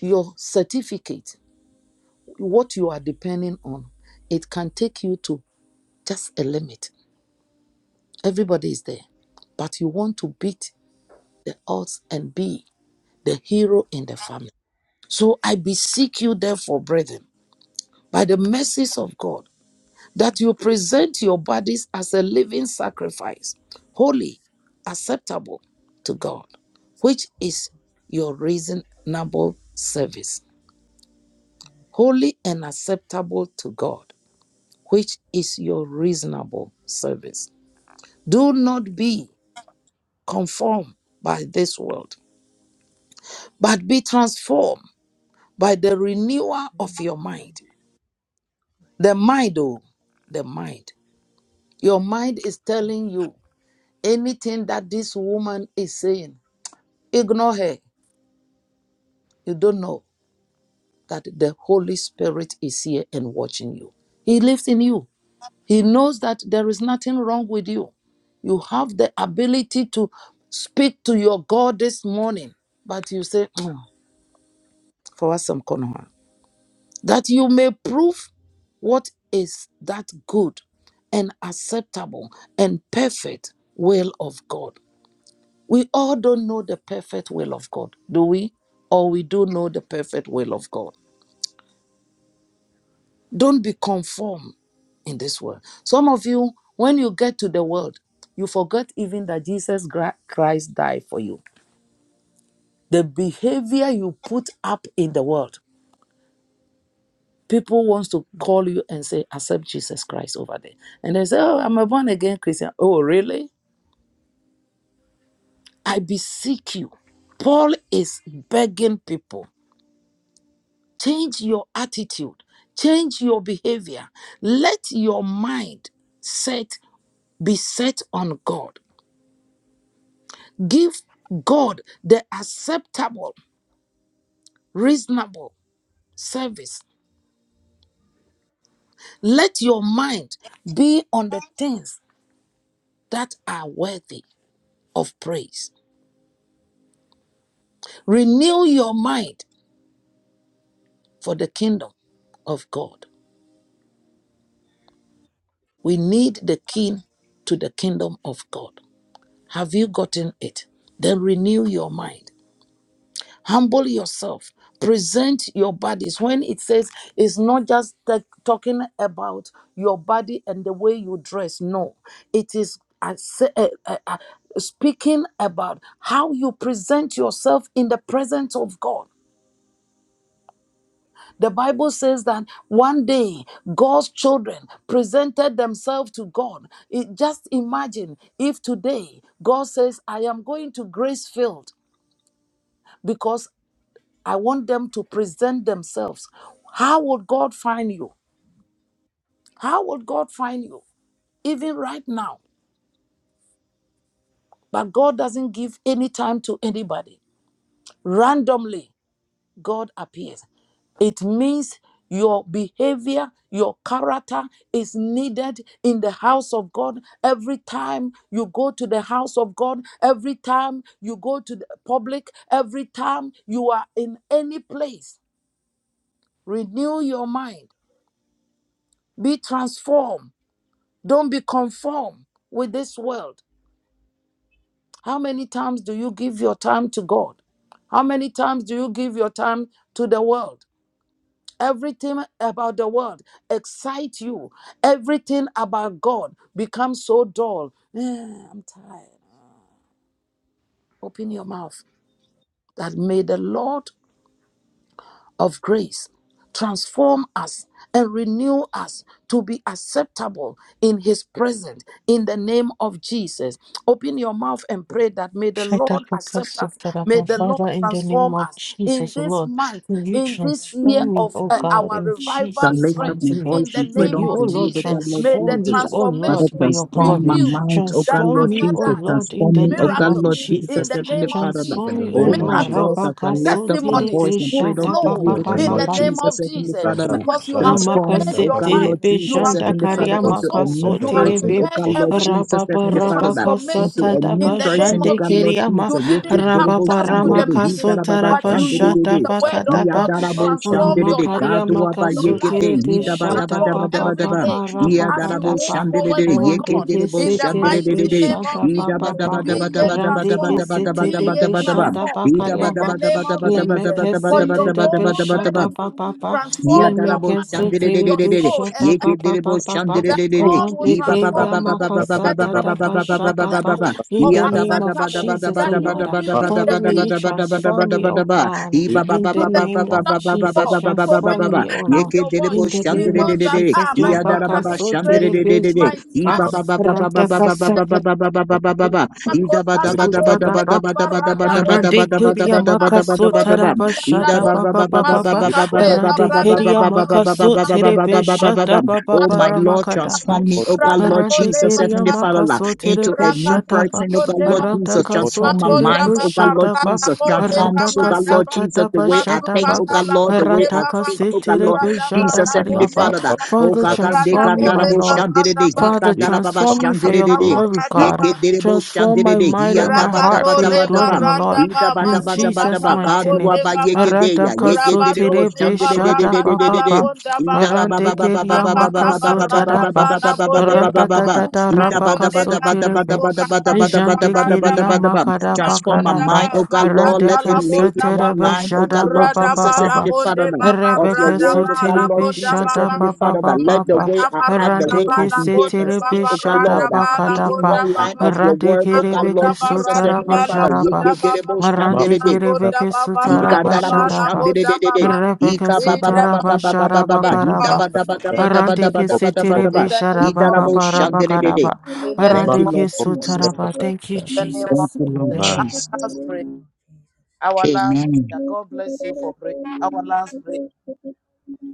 [SPEAKER 1] your certificate, what you are depending on, it can take you to just a limit. Everybody is there, but you want to beat the odds and be the hero in the family. So I beseech you, therefore, brethren, by the mercies of God. that you present your bodies as a living sacrifice, holy, acceptable to God, which is your reasonable service. Holy and acceptable to God, which is your reasonable service. Do not be conformed by this world, but be transformed by the renewal of your mind. The mind, oh, the mind. Your mind is telling you anything that this woman is saying Ignore her. You don't know that the Holy Spirit is here and watching you. He lives in you. He knows that there is nothing wrong with you. You have the ability to speak to your God this morning, but you say, "Mm, for us, some corner. huh?" That you may prove what is that good and acceptable and perfect will of God. We all don't know the perfect will of God, do we? Or we do know the perfect will of God. Don't be conformed in this world. Some of you, when you get to the world, you forget even that Jesus Gra- Christ died for you. The behavior you put up in the world, people wants to call you and say, accept Jesus Christ over there. And they say, oh, I'm a born again Christian. Oh, really? I beseech you. Paul is begging people, change your attitude, change your behavior. Let your mind set be set on God. Give God the acceptable, reasonable service. Let your mind be on the things that are worthy of praise. Renew your mind for the kingdom of God. We need the key to the kingdom of God. Have you gotten it? Then renew your mind. Humble yourself. Present your bodies. When it says it's not just ta- talking about your body and the way you dress, no, it is uh, se- uh, uh, uh, speaking about how you present yourself in the presence of God. The Bible says that one day God's children presented themselves to God. It- just imagine if today God says, I am going to Grace Field I want them to present themselves. How would God find you? How would God find you? Even right now. But God doesn't give any time to anybody. Randomly, God appears. It means your behavior, your character is needed in the house of God. Every time you go to the house of God, every time you go to the public, every time you are in any place, renew your mind, be transformed Don't be conformed with this world. How many times do you give your time to God? How many times do you give your time to the world? Everything about the world excites you. Everything about God becomes so dull. Eh, I'm tired. Open your mouth that may the Lord of grace. Transform us and renew us to be acceptable in His presence in the name of Jesus. Open your mouth and pray that may the
[SPEAKER 2] Shaita
[SPEAKER 1] Lord accept
[SPEAKER 2] Pokasu
[SPEAKER 1] us. May
[SPEAKER 2] Taraba.
[SPEAKER 1] the Lord
[SPEAKER 2] Father, in the name
[SPEAKER 1] transform
[SPEAKER 2] of
[SPEAKER 1] us in
[SPEAKER 2] Jesus,
[SPEAKER 1] this
[SPEAKER 2] Lord,
[SPEAKER 1] month,
[SPEAKER 2] may you
[SPEAKER 1] in this year
[SPEAKER 2] transform me,
[SPEAKER 1] of
[SPEAKER 2] O
[SPEAKER 1] uh,
[SPEAKER 2] God,
[SPEAKER 1] our
[SPEAKER 2] in
[SPEAKER 7] I
[SPEAKER 1] revival
[SPEAKER 2] Jesus'
[SPEAKER 7] lift up
[SPEAKER 1] stretch
[SPEAKER 2] mighty
[SPEAKER 7] my
[SPEAKER 2] name.
[SPEAKER 7] voice
[SPEAKER 1] in the
[SPEAKER 7] and pray
[SPEAKER 2] May
[SPEAKER 1] name
[SPEAKER 2] you, O
[SPEAKER 7] unto
[SPEAKER 1] of
[SPEAKER 7] you,
[SPEAKER 2] Lord,
[SPEAKER 1] Jesus.
[SPEAKER 7] O God Lord
[SPEAKER 1] May the
[SPEAKER 2] transform
[SPEAKER 7] Jesus.
[SPEAKER 2] me, O
[SPEAKER 7] Father,
[SPEAKER 2] Lord,
[SPEAKER 1] transformation
[SPEAKER 2] by your
[SPEAKER 1] be
[SPEAKER 7] transform my
[SPEAKER 2] glory.
[SPEAKER 1] huge
[SPEAKER 7] mind, O
[SPEAKER 1] that
[SPEAKER 7] God
[SPEAKER 2] Transform
[SPEAKER 7] Lord
[SPEAKER 2] me,
[SPEAKER 1] after
[SPEAKER 2] O
[SPEAKER 7] Jesus,
[SPEAKER 1] that
[SPEAKER 2] Lord, in
[SPEAKER 7] transform
[SPEAKER 2] the
[SPEAKER 7] me, O
[SPEAKER 2] name
[SPEAKER 7] God
[SPEAKER 2] of
[SPEAKER 1] miracles
[SPEAKER 7] Lord Jesus,
[SPEAKER 1] in the
[SPEAKER 2] Jesus.
[SPEAKER 7] Heavenly
[SPEAKER 1] name of
[SPEAKER 7] Father. Lord.
[SPEAKER 1] Jesus.
[SPEAKER 4] in
[SPEAKER 2] Transform
[SPEAKER 4] the
[SPEAKER 2] me, O
[SPEAKER 7] Oh
[SPEAKER 4] name of
[SPEAKER 7] my
[SPEAKER 2] Lord.
[SPEAKER 4] Jesus,
[SPEAKER 7] God,
[SPEAKER 1] Miracles,
[SPEAKER 7] as I lift
[SPEAKER 2] Rabakaso
[SPEAKER 7] up my
[SPEAKER 2] Tere
[SPEAKER 1] testimonies
[SPEAKER 7] voice and
[SPEAKER 1] will
[SPEAKER 7] pray
[SPEAKER 2] Shaita
[SPEAKER 7] unto
[SPEAKER 1] flow
[SPEAKER 7] you,
[SPEAKER 4] in the
[SPEAKER 7] O God
[SPEAKER 4] name
[SPEAKER 1] in
[SPEAKER 4] of
[SPEAKER 1] the
[SPEAKER 7] Lord
[SPEAKER 4] Jesus,
[SPEAKER 1] name
[SPEAKER 7] Jesus,
[SPEAKER 1] of
[SPEAKER 7] Heavenly
[SPEAKER 1] Jesus
[SPEAKER 7] Father.
[SPEAKER 4] Shadaba,
[SPEAKER 7] Lord.
[SPEAKER 1] because you have
[SPEAKER 4] Shadaba,
[SPEAKER 7] Transform me,
[SPEAKER 1] prepared
[SPEAKER 7] O
[SPEAKER 4] Shadaba,
[SPEAKER 1] your
[SPEAKER 7] God Lord
[SPEAKER 1] mind,
[SPEAKER 2] Namakaseterebe
[SPEAKER 1] you
[SPEAKER 7] Jesus,
[SPEAKER 1] have
[SPEAKER 7] Heavenly
[SPEAKER 1] prepared
[SPEAKER 7] Father,
[SPEAKER 2] Shandakarya
[SPEAKER 1] your
[SPEAKER 4] Shadaba,
[SPEAKER 7] into a
[SPEAKER 1] soul,
[SPEAKER 7] new
[SPEAKER 4] Shadaba,
[SPEAKER 1] you have
[SPEAKER 4] Shadaba,
[SPEAKER 7] person,
[SPEAKER 2] Makasoterebe
[SPEAKER 7] O
[SPEAKER 1] prepared
[SPEAKER 7] God
[SPEAKER 4] Shadaba,
[SPEAKER 7] Lord
[SPEAKER 1] everything
[SPEAKER 7] Jesus,
[SPEAKER 2] Rababa
[SPEAKER 7] Heavenly
[SPEAKER 1] to
[SPEAKER 7] Father. Into
[SPEAKER 1] transformation
[SPEAKER 7] a
[SPEAKER 4] Shadaba,
[SPEAKER 7] new
[SPEAKER 2] Rabakasataraba
[SPEAKER 1] in the name
[SPEAKER 7] person, O
[SPEAKER 1] of
[SPEAKER 7] God
[SPEAKER 1] Jesus.
[SPEAKER 7] Lord
[SPEAKER 2] Shandekeriyama
[SPEAKER 1] You
[SPEAKER 7] Jesus. You
[SPEAKER 1] didn't
[SPEAKER 7] keep the
[SPEAKER 1] come
[SPEAKER 7] devil,
[SPEAKER 2] Rababa
[SPEAKER 1] just
[SPEAKER 7] stand the
[SPEAKER 1] to the
[SPEAKER 7] devil, he's that
[SPEAKER 1] meeting,
[SPEAKER 7] about,
[SPEAKER 2] Ramakasotara
[SPEAKER 1] but
[SPEAKER 7] stand
[SPEAKER 1] you
[SPEAKER 7] the
[SPEAKER 1] used
[SPEAKER 7] devil.
[SPEAKER 1] the word of
[SPEAKER 2] Shadabakadaba
[SPEAKER 1] God to
[SPEAKER 7] Iadarabo
[SPEAKER 1] transform
[SPEAKER 7] Shandere,
[SPEAKER 1] your life
[SPEAKER 2] Alamakaria
[SPEAKER 7] Gaduaba
[SPEAKER 2] makasu
[SPEAKER 1] your life
[SPEAKER 7] Yekebe,
[SPEAKER 2] tere
[SPEAKER 1] is being
[SPEAKER 2] pishata
[SPEAKER 1] transformed
[SPEAKER 2] pa pa
[SPEAKER 1] every
[SPEAKER 2] pa
[SPEAKER 7] Idabadabadabadabadaba,
[SPEAKER 1] day
[SPEAKER 2] pa rapa
[SPEAKER 1] as you
[SPEAKER 7] Iadarabo
[SPEAKER 2] kata
[SPEAKER 1] move
[SPEAKER 2] pa.
[SPEAKER 7] Shandere,
[SPEAKER 1] forward with
[SPEAKER 2] Rante
[SPEAKER 1] God.
[SPEAKER 7] Yekedelebo
[SPEAKER 1] In
[SPEAKER 2] kese
[SPEAKER 1] the
[SPEAKER 7] Shandere,
[SPEAKER 2] tere
[SPEAKER 1] mighty name of
[SPEAKER 2] pishata
[SPEAKER 1] Jesus,
[SPEAKER 2] pa pa pa.
[SPEAKER 1] be ye
[SPEAKER 2] Rante
[SPEAKER 1] transformed.
[SPEAKER 2] kese
[SPEAKER 1] Be
[SPEAKER 2] tere
[SPEAKER 1] ye
[SPEAKER 7] Idabadabadabadabadabadabadabadabadabadaba,
[SPEAKER 2] pishata pa
[SPEAKER 1] transformed in
[SPEAKER 2] karia
[SPEAKER 1] the
[SPEAKER 2] ma.
[SPEAKER 1] name of
[SPEAKER 2] Leme
[SPEAKER 1] Jesus for
[SPEAKER 2] kese
[SPEAKER 1] your
[SPEAKER 2] tere
[SPEAKER 1] own
[SPEAKER 7] Idabadabadabadabadabadabadabadabadabadabadabadaba,
[SPEAKER 2] pishata pa
[SPEAKER 1] benefit.
[SPEAKER 2] pa pa.
[SPEAKER 7] Ya
[SPEAKER 1] Transform
[SPEAKER 2] Leme
[SPEAKER 1] your
[SPEAKER 7] darabo
[SPEAKER 1] mind,
[SPEAKER 2] kese
[SPEAKER 7] shandere de
[SPEAKER 2] tere
[SPEAKER 7] de
[SPEAKER 1] your
[SPEAKER 7] de de de.
[SPEAKER 1] soul, and
[SPEAKER 2] pishata
[SPEAKER 7] Ye
[SPEAKER 2] pa pa
[SPEAKER 7] kedere
[SPEAKER 2] pa
[SPEAKER 7] bo
[SPEAKER 2] pa pa.
[SPEAKER 7] shandere
[SPEAKER 1] that
[SPEAKER 7] de de de.
[SPEAKER 1] God will
[SPEAKER 2] Rante
[SPEAKER 7] I ba ba ba
[SPEAKER 1] transform
[SPEAKER 2] keria
[SPEAKER 7] ba ba
[SPEAKER 1] you
[SPEAKER 7] ba ba ba ba
[SPEAKER 1] and
[SPEAKER 2] makasata
[SPEAKER 7] ba
[SPEAKER 1] bring
[SPEAKER 7] ba
[SPEAKER 2] da
[SPEAKER 7] ba
[SPEAKER 1] you
[SPEAKER 7] ba
[SPEAKER 2] pa
[SPEAKER 7] ba ba
[SPEAKER 1] to the
[SPEAKER 7] ba
[SPEAKER 2] shata
[SPEAKER 7] ba ba
[SPEAKER 2] pa.
[SPEAKER 7] ba.
[SPEAKER 1] level
[SPEAKER 2] In
[SPEAKER 1] of
[SPEAKER 2] the
[SPEAKER 7] Ya da ba
[SPEAKER 2] name
[SPEAKER 7] da
[SPEAKER 2] of
[SPEAKER 7] ba da ba
[SPEAKER 1] acceptable,
[SPEAKER 7] da ba
[SPEAKER 2] Jesus, O
[SPEAKER 1] that
[SPEAKER 7] da
[SPEAKER 1] He
[SPEAKER 7] ba da
[SPEAKER 1] will
[SPEAKER 2] Lord.
[SPEAKER 7] ba
[SPEAKER 1] give
[SPEAKER 7] da ba da ba
[SPEAKER 1] you
[SPEAKER 7] da
[SPEAKER 2] Father,
[SPEAKER 1] the
[SPEAKER 7] ba
[SPEAKER 2] may
[SPEAKER 1] key
[SPEAKER 2] you
[SPEAKER 7] da ba da ba da ba
[SPEAKER 2] transform
[SPEAKER 7] da
[SPEAKER 2] me,
[SPEAKER 7] ba da
[SPEAKER 2] O
[SPEAKER 7] ba.
[SPEAKER 2] God.
[SPEAKER 7] I ba ba
[SPEAKER 2] In
[SPEAKER 7] ba
[SPEAKER 2] the
[SPEAKER 1] to
[SPEAKER 7] ba
[SPEAKER 1] the
[SPEAKER 7] ba ba ba
[SPEAKER 2] name
[SPEAKER 7] ba
[SPEAKER 2] of
[SPEAKER 1] kingdom of
[SPEAKER 7] ba ba ba
[SPEAKER 2] Jesus,
[SPEAKER 1] God.
[SPEAKER 7] ba ba ba ba
[SPEAKER 1] So
[SPEAKER 7] ba
[SPEAKER 1] when
[SPEAKER 7] ba
[SPEAKER 1] you
[SPEAKER 2] transform
[SPEAKER 7] ba.
[SPEAKER 2] me,
[SPEAKER 1] lift
[SPEAKER 2] O
[SPEAKER 7] Ye
[SPEAKER 1] up
[SPEAKER 2] Lord.
[SPEAKER 1] your
[SPEAKER 7] kedere bo
[SPEAKER 2] In
[SPEAKER 1] voice,
[SPEAKER 2] the
[SPEAKER 1] he
[SPEAKER 2] name
[SPEAKER 7] shandere de
[SPEAKER 2] of
[SPEAKER 1] knows
[SPEAKER 7] de de
[SPEAKER 1] that
[SPEAKER 7] de.
[SPEAKER 2] Jesus,
[SPEAKER 1] ah, my
[SPEAKER 7] Ya
[SPEAKER 2] Labaka
[SPEAKER 7] daraba
[SPEAKER 1] daughter
[SPEAKER 7] ba
[SPEAKER 1] is
[SPEAKER 7] shandere
[SPEAKER 1] praying,
[SPEAKER 7] de de de de.
[SPEAKER 2] Sotelebesa,
[SPEAKER 1] my
[SPEAKER 7] I
[SPEAKER 1] son
[SPEAKER 7] ba ba
[SPEAKER 1] is
[SPEAKER 7] ba ba ba
[SPEAKER 1] praying.
[SPEAKER 7] ba ba ba ba ba ba
[SPEAKER 2] Ratakasaka.
[SPEAKER 7] ba ba ba ba ba ba. I da ba da ba da ba
[SPEAKER 1] Makotalabo,
[SPEAKER 7] da ba da
[SPEAKER 2] Sotadaba,
[SPEAKER 7] ba da ba da ba da
[SPEAKER 1] dekabaradabo,
[SPEAKER 7] ba da
[SPEAKER 2] Arande
[SPEAKER 7] ba da ba da
[SPEAKER 2] Keria
[SPEAKER 7] ba da
[SPEAKER 1] bileba,
[SPEAKER 2] Maka
[SPEAKER 7] ba da ba da ba.
[SPEAKER 2] Sotaraba
[SPEAKER 7] Oh,
[SPEAKER 2] Shada
[SPEAKER 1] akontaliadabo,
[SPEAKER 2] Baba Baba Ba,
[SPEAKER 1] Masukate
[SPEAKER 2] Arande
[SPEAKER 1] labranda
[SPEAKER 2] Keria
[SPEAKER 1] babam
[SPEAKER 2] Maka
[SPEAKER 1] makonda
[SPEAKER 2] Soterebe
[SPEAKER 1] babam
[SPEAKER 2] Shada Baba
[SPEAKER 7] my
[SPEAKER 1] makonda
[SPEAKER 7] Lord,
[SPEAKER 2] Baramakadaba.
[SPEAKER 7] transform me,
[SPEAKER 1] babam
[SPEAKER 7] oh God,
[SPEAKER 4] Map
[SPEAKER 7] Lord
[SPEAKER 1] radabo
[SPEAKER 2] Arante
[SPEAKER 7] Jesus,
[SPEAKER 1] leba
[SPEAKER 2] keria
[SPEAKER 7] Heavenly Father, Lord,
[SPEAKER 2] makaso tere
[SPEAKER 7] into a new
[SPEAKER 2] peshataba.
[SPEAKER 7] person, oh God, Lord
[SPEAKER 1] rakata
[SPEAKER 2] Aranta
[SPEAKER 7] Jesus,
[SPEAKER 2] kaso
[SPEAKER 7] transform my
[SPEAKER 2] tere
[SPEAKER 1] Makonda
[SPEAKER 7] mind, oh
[SPEAKER 1] baba
[SPEAKER 7] God, Lord
[SPEAKER 2] peshataba.
[SPEAKER 1] rada
[SPEAKER 7] Jesus,
[SPEAKER 1] bo le
[SPEAKER 7] transform,
[SPEAKER 2] Aranta
[SPEAKER 7] oh God,
[SPEAKER 1] kabanda
[SPEAKER 7] Lord
[SPEAKER 1] ba
[SPEAKER 2] kasata
[SPEAKER 7] Jesus, the
[SPEAKER 2] daba
[SPEAKER 7] way I think,
[SPEAKER 2] shataba.
[SPEAKER 7] oh
[SPEAKER 1] masukata
[SPEAKER 7] God,
[SPEAKER 1] la
[SPEAKER 7] Lord, the
[SPEAKER 1] konde
[SPEAKER 7] way I
[SPEAKER 2] Aranta
[SPEAKER 1] baba
[SPEAKER 7] speak,
[SPEAKER 2] kase
[SPEAKER 7] oh God,
[SPEAKER 2] tere
[SPEAKER 7] Lord
[SPEAKER 1] rada ba
[SPEAKER 2] peshanta
[SPEAKER 7] Jesus,
[SPEAKER 1] da
[SPEAKER 7] Heavenly
[SPEAKER 1] konde
[SPEAKER 2] kariaba.
[SPEAKER 7] Father, Lord.
[SPEAKER 1] baba
[SPEAKER 7] oh
[SPEAKER 2] Father,
[SPEAKER 7] God, God, they
[SPEAKER 1] rada
[SPEAKER 2] transform
[SPEAKER 7] got
[SPEAKER 1] bo
[SPEAKER 2] me,
[SPEAKER 7] that
[SPEAKER 2] my
[SPEAKER 7] about
[SPEAKER 1] le ba
[SPEAKER 2] Lord.
[SPEAKER 7] Shandere,
[SPEAKER 1] ba
[SPEAKER 7] he
[SPEAKER 2] Father,
[SPEAKER 7] got that about
[SPEAKER 2] transform me for your
[SPEAKER 1] makata ba
[SPEAKER 7] Shandere,
[SPEAKER 2] glory,
[SPEAKER 1] rada
[SPEAKER 2] God.
[SPEAKER 1] ba
[SPEAKER 7] Yeke Derebo
[SPEAKER 2] Transform my
[SPEAKER 7] Shandere,
[SPEAKER 2] mind
[SPEAKER 7] Hiya
[SPEAKER 2] and my
[SPEAKER 7] Daba
[SPEAKER 2] heart
[SPEAKER 1] rakato
[SPEAKER 7] Daba
[SPEAKER 2] for your
[SPEAKER 1] le
[SPEAKER 7] Daba
[SPEAKER 1] ba
[SPEAKER 2] glory,
[SPEAKER 7] Daba.
[SPEAKER 2] O
[SPEAKER 1] randa
[SPEAKER 2] Lord.
[SPEAKER 1] ba
[SPEAKER 2] In Jesus'
[SPEAKER 1] masukata la
[SPEAKER 2] mighty name.
[SPEAKER 1] konde baba
[SPEAKER 2] Aranta kaso
[SPEAKER 1] rabado
[SPEAKER 2] tere
[SPEAKER 1] le ba
[SPEAKER 2] peshatapa
[SPEAKER 1] rakata la
[SPEAKER 2] papa
[SPEAKER 1] bonda baba
[SPEAKER 2] Arante keria
[SPEAKER 1] makata ba
[SPEAKER 2] makaso
[SPEAKER 1] rada
[SPEAKER 2] tadaba.
[SPEAKER 1] ba la bonde baba
[SPEAKER 2] Ratatata
[SPEAKER 1] makonde
[SPEAKER 2] rapakaso
[SPEAKER 1] ba
[SPEAKER 2] terepe.
[SPEAKER 1] masukata li ba
[SPEAKER 2] Jante
[SPEAKER 1] randa
[SPEAKER 2] keria
[SPEAKER 1] ba
[SPEAKER 2] makara bakara
[SPEAKER 1] Makonda ba,
[SPEAKER 2] ba. Rante
[SPEAKER 1] makanta la
[SPEAKER 2] kese
[SPEAKER 1] bonda
[SPEAKER 2] terebe
[SPEAKER 1] babam,
[SPEAKER 2] shada ba ba ba
[SPEAKER 1] radaba
[SPEAKER 2] ba
[SPEAKER 1] la
[SPEAKER 2] ba.
[SPEAKER 1] bonde baba,
[SPEAKER 2] Rebe keso
[SPEAKER 1] radaba la
[SPEAKER 2] terebe
[SPEAKER 1] bonda
[SPEAKER 2] shada
[SPEAKER 1] babam,
[SPEAKER 2] ba ba ba ba ba.
[SPEAKER 1] makata ba
[SPEAKER 2] Rante
[SPEAKER 1] radaba la
[SPEAKER 2] kese
[SPEAKER 1] bonde
[SPEAKER 2] terebe
[SPEAKER 1] baba,
[SPEAKER 2] shada
[SPEAKER 1] radaba la
[SPEAKER 7] be
[SPEAKER 2] bakada
[SPEAKER 7] in
[SPEAKER 2] ba.
[SPEAKER 1] bonda
[SPEAKER 7] one line
[SPEAKER 1] babam,
[SPEAKER 7] of your
[SPEAKER 2] Rante
[SPEAKER 7] word, oh God,
[SPEAKER 2] kerebe
[SPEAKER 1] makonda
[SPEAKER 7] Lord
[SPEAKER 1] ba
[SPEAKER 2] keso
[SPEAKER 7] Jesus, Heavenly
[SPEAKER 2] taraba
[SPEAKER 1] radaba
[SPEAKER 3] Thank
[SPEAKER 1] la
[SPEAKER 7] Father.
[SPEAKER 3] you.
[SPEAKER 2] jaraba.
[SPEAKER 1] bonda
[SPEAKER 7] Yeketerebo
[SPEAKER 1] babam,
[SPEAKER 2] Rante
[SPEAKER 7] shanderede,
[SPEAKER 2] kerebe
[SPEAKER 1] makonda
[SPEAKER 2] keso
[SPEAKER 1] baba
[SPEAKER 2] taraba
[SPEAKER 1] radaba
[SPEAKER 7] ikadarabo
[SPEAKER 1] la
[SPEAKER 2] jaraba.
[SPEAKER 1] bonda
[SPEAKER 7] shanderededede,
[SPEAKER 1] babam.
[SPEAKER 2] Rebe keso
[SPEAKER 1] In the
[SPEAKER 2] taraba
[SPEAKER 1] mighty
[SPEAKER 2] jaraba
[SPEAKER 7] ikababababababababa,
[SPEAKER 1] name of
[SPEAKER 2] karaba. Arande
[SPEAKER 1] Jesus,
[SPEAKER 2] ke setere
[SPEAKER 7] idabadabadabadabadabadabadaba,
[SPEAKER 1] in
[SPEAKER 2] be
[SPEAKER 1] the name
[SPEAKER 2] sharaba
[SPEAKER 1] of
[SPEAKER 2] ba
[SPEAKER 7] idarabo
[SPEAKER 2] ba
[SPEAKER 1] Jesus,
[SPEAKER 2] ra ba ka ra
[SPEAKER 7] shanderedede.
[SPEAKER 2] ba.
[SPEAKER 1] in the
[SPEAKER 4] The
[SPEAKER 7] Thank you,
[SPEAKER 1] name
[SPEAKER 2] Arande
[SPEAKER 1] of
[SPEAKER 4] mark
[SPEAKER 2] ke
[SPEAKER 7] Lord
[SPEAKER 4] of
[SPEAKER 7] Jesus.
[SPEAKER 4] the
[SPEAKER 1] Jesus,
[SPEAKER 2] sotara ba. Thank you,
[SPEAKER 1] in
[SPEAKER 4] Bakatata.
[SPEAKER 1] the name of
[SPEAKER 7] Thank
[SPEAKER 2] Jesus.
[SPEAKER 7] you, Lord
[SPEAKER 1] Jesus.
[SPEAKER 2] Amen.
[SPEAKER 1] I
[SPEAKER 4] Man,
[SPEAKER 7] Jesus.
[SPEAKER 1] must pray. Our last
[SPEAKER 7] Amen.
[SPEAKER 1] prayer. God bless you for praying. Our last prayer.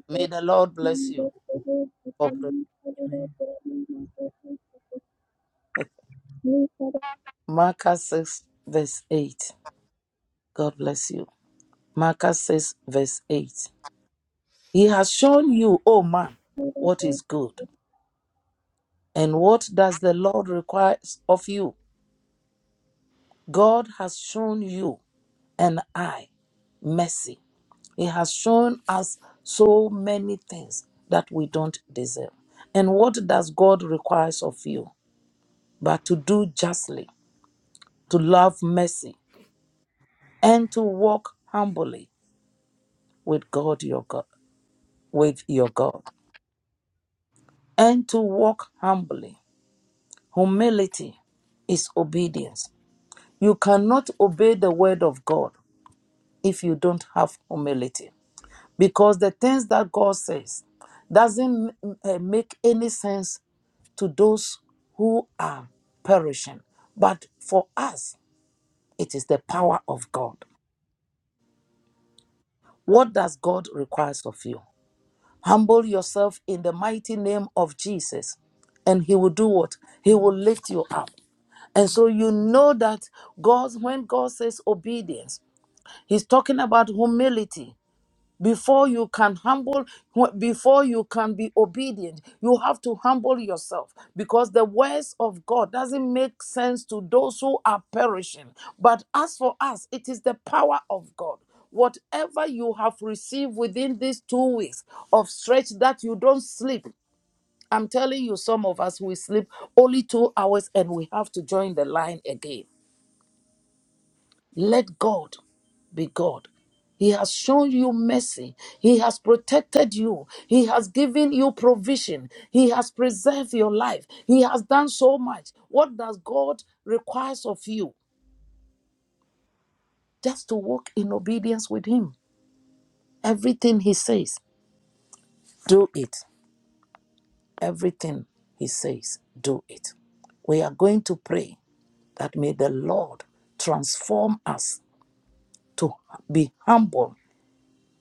[SPEAKER 1] May the Lord bless you for praying. Marcus 6, verse 8. God bless you. Marcus 6, verse 8. He has shown you, O man, what is good. And what does the Lord require of you? God has shown you and I mercy. He has shown us so many things that we don't deserve. And what does God requires of you? but to do justly, to love mercy, and to walk humbly with God your God, with your God. And to walk humbly. Humility is obedience. You cannot obey the word of God if you don't have humility. Because the things that God says doesn't uh, make any sense to those who are perishing. But for us, it is the power of God. What does God requires of you? Humble yourself in the mighty name of Jesus, and He will do what? He will lift you up. And so you know that God, when God says obedience, He's talking about humility. Before you can humble, before you can be obedient, you have to humble yourself because the words of God doesn't make sense to those who are perishing. But as for us, it is the power of God whatever you have received within these two weeks of stretch that you don't sleep. I'm telling you, some of us we sleep only two hours and we have to join the line again. Let God be God. He has shown you mercy. He has protected you. He has given you provision. He has preserved your life. He has done so much. What does God requires of you? Just to walk in obedience with Him. Everything He says, do it. Everything He says, do it. We are going to pray that may the Lord transform us to be humble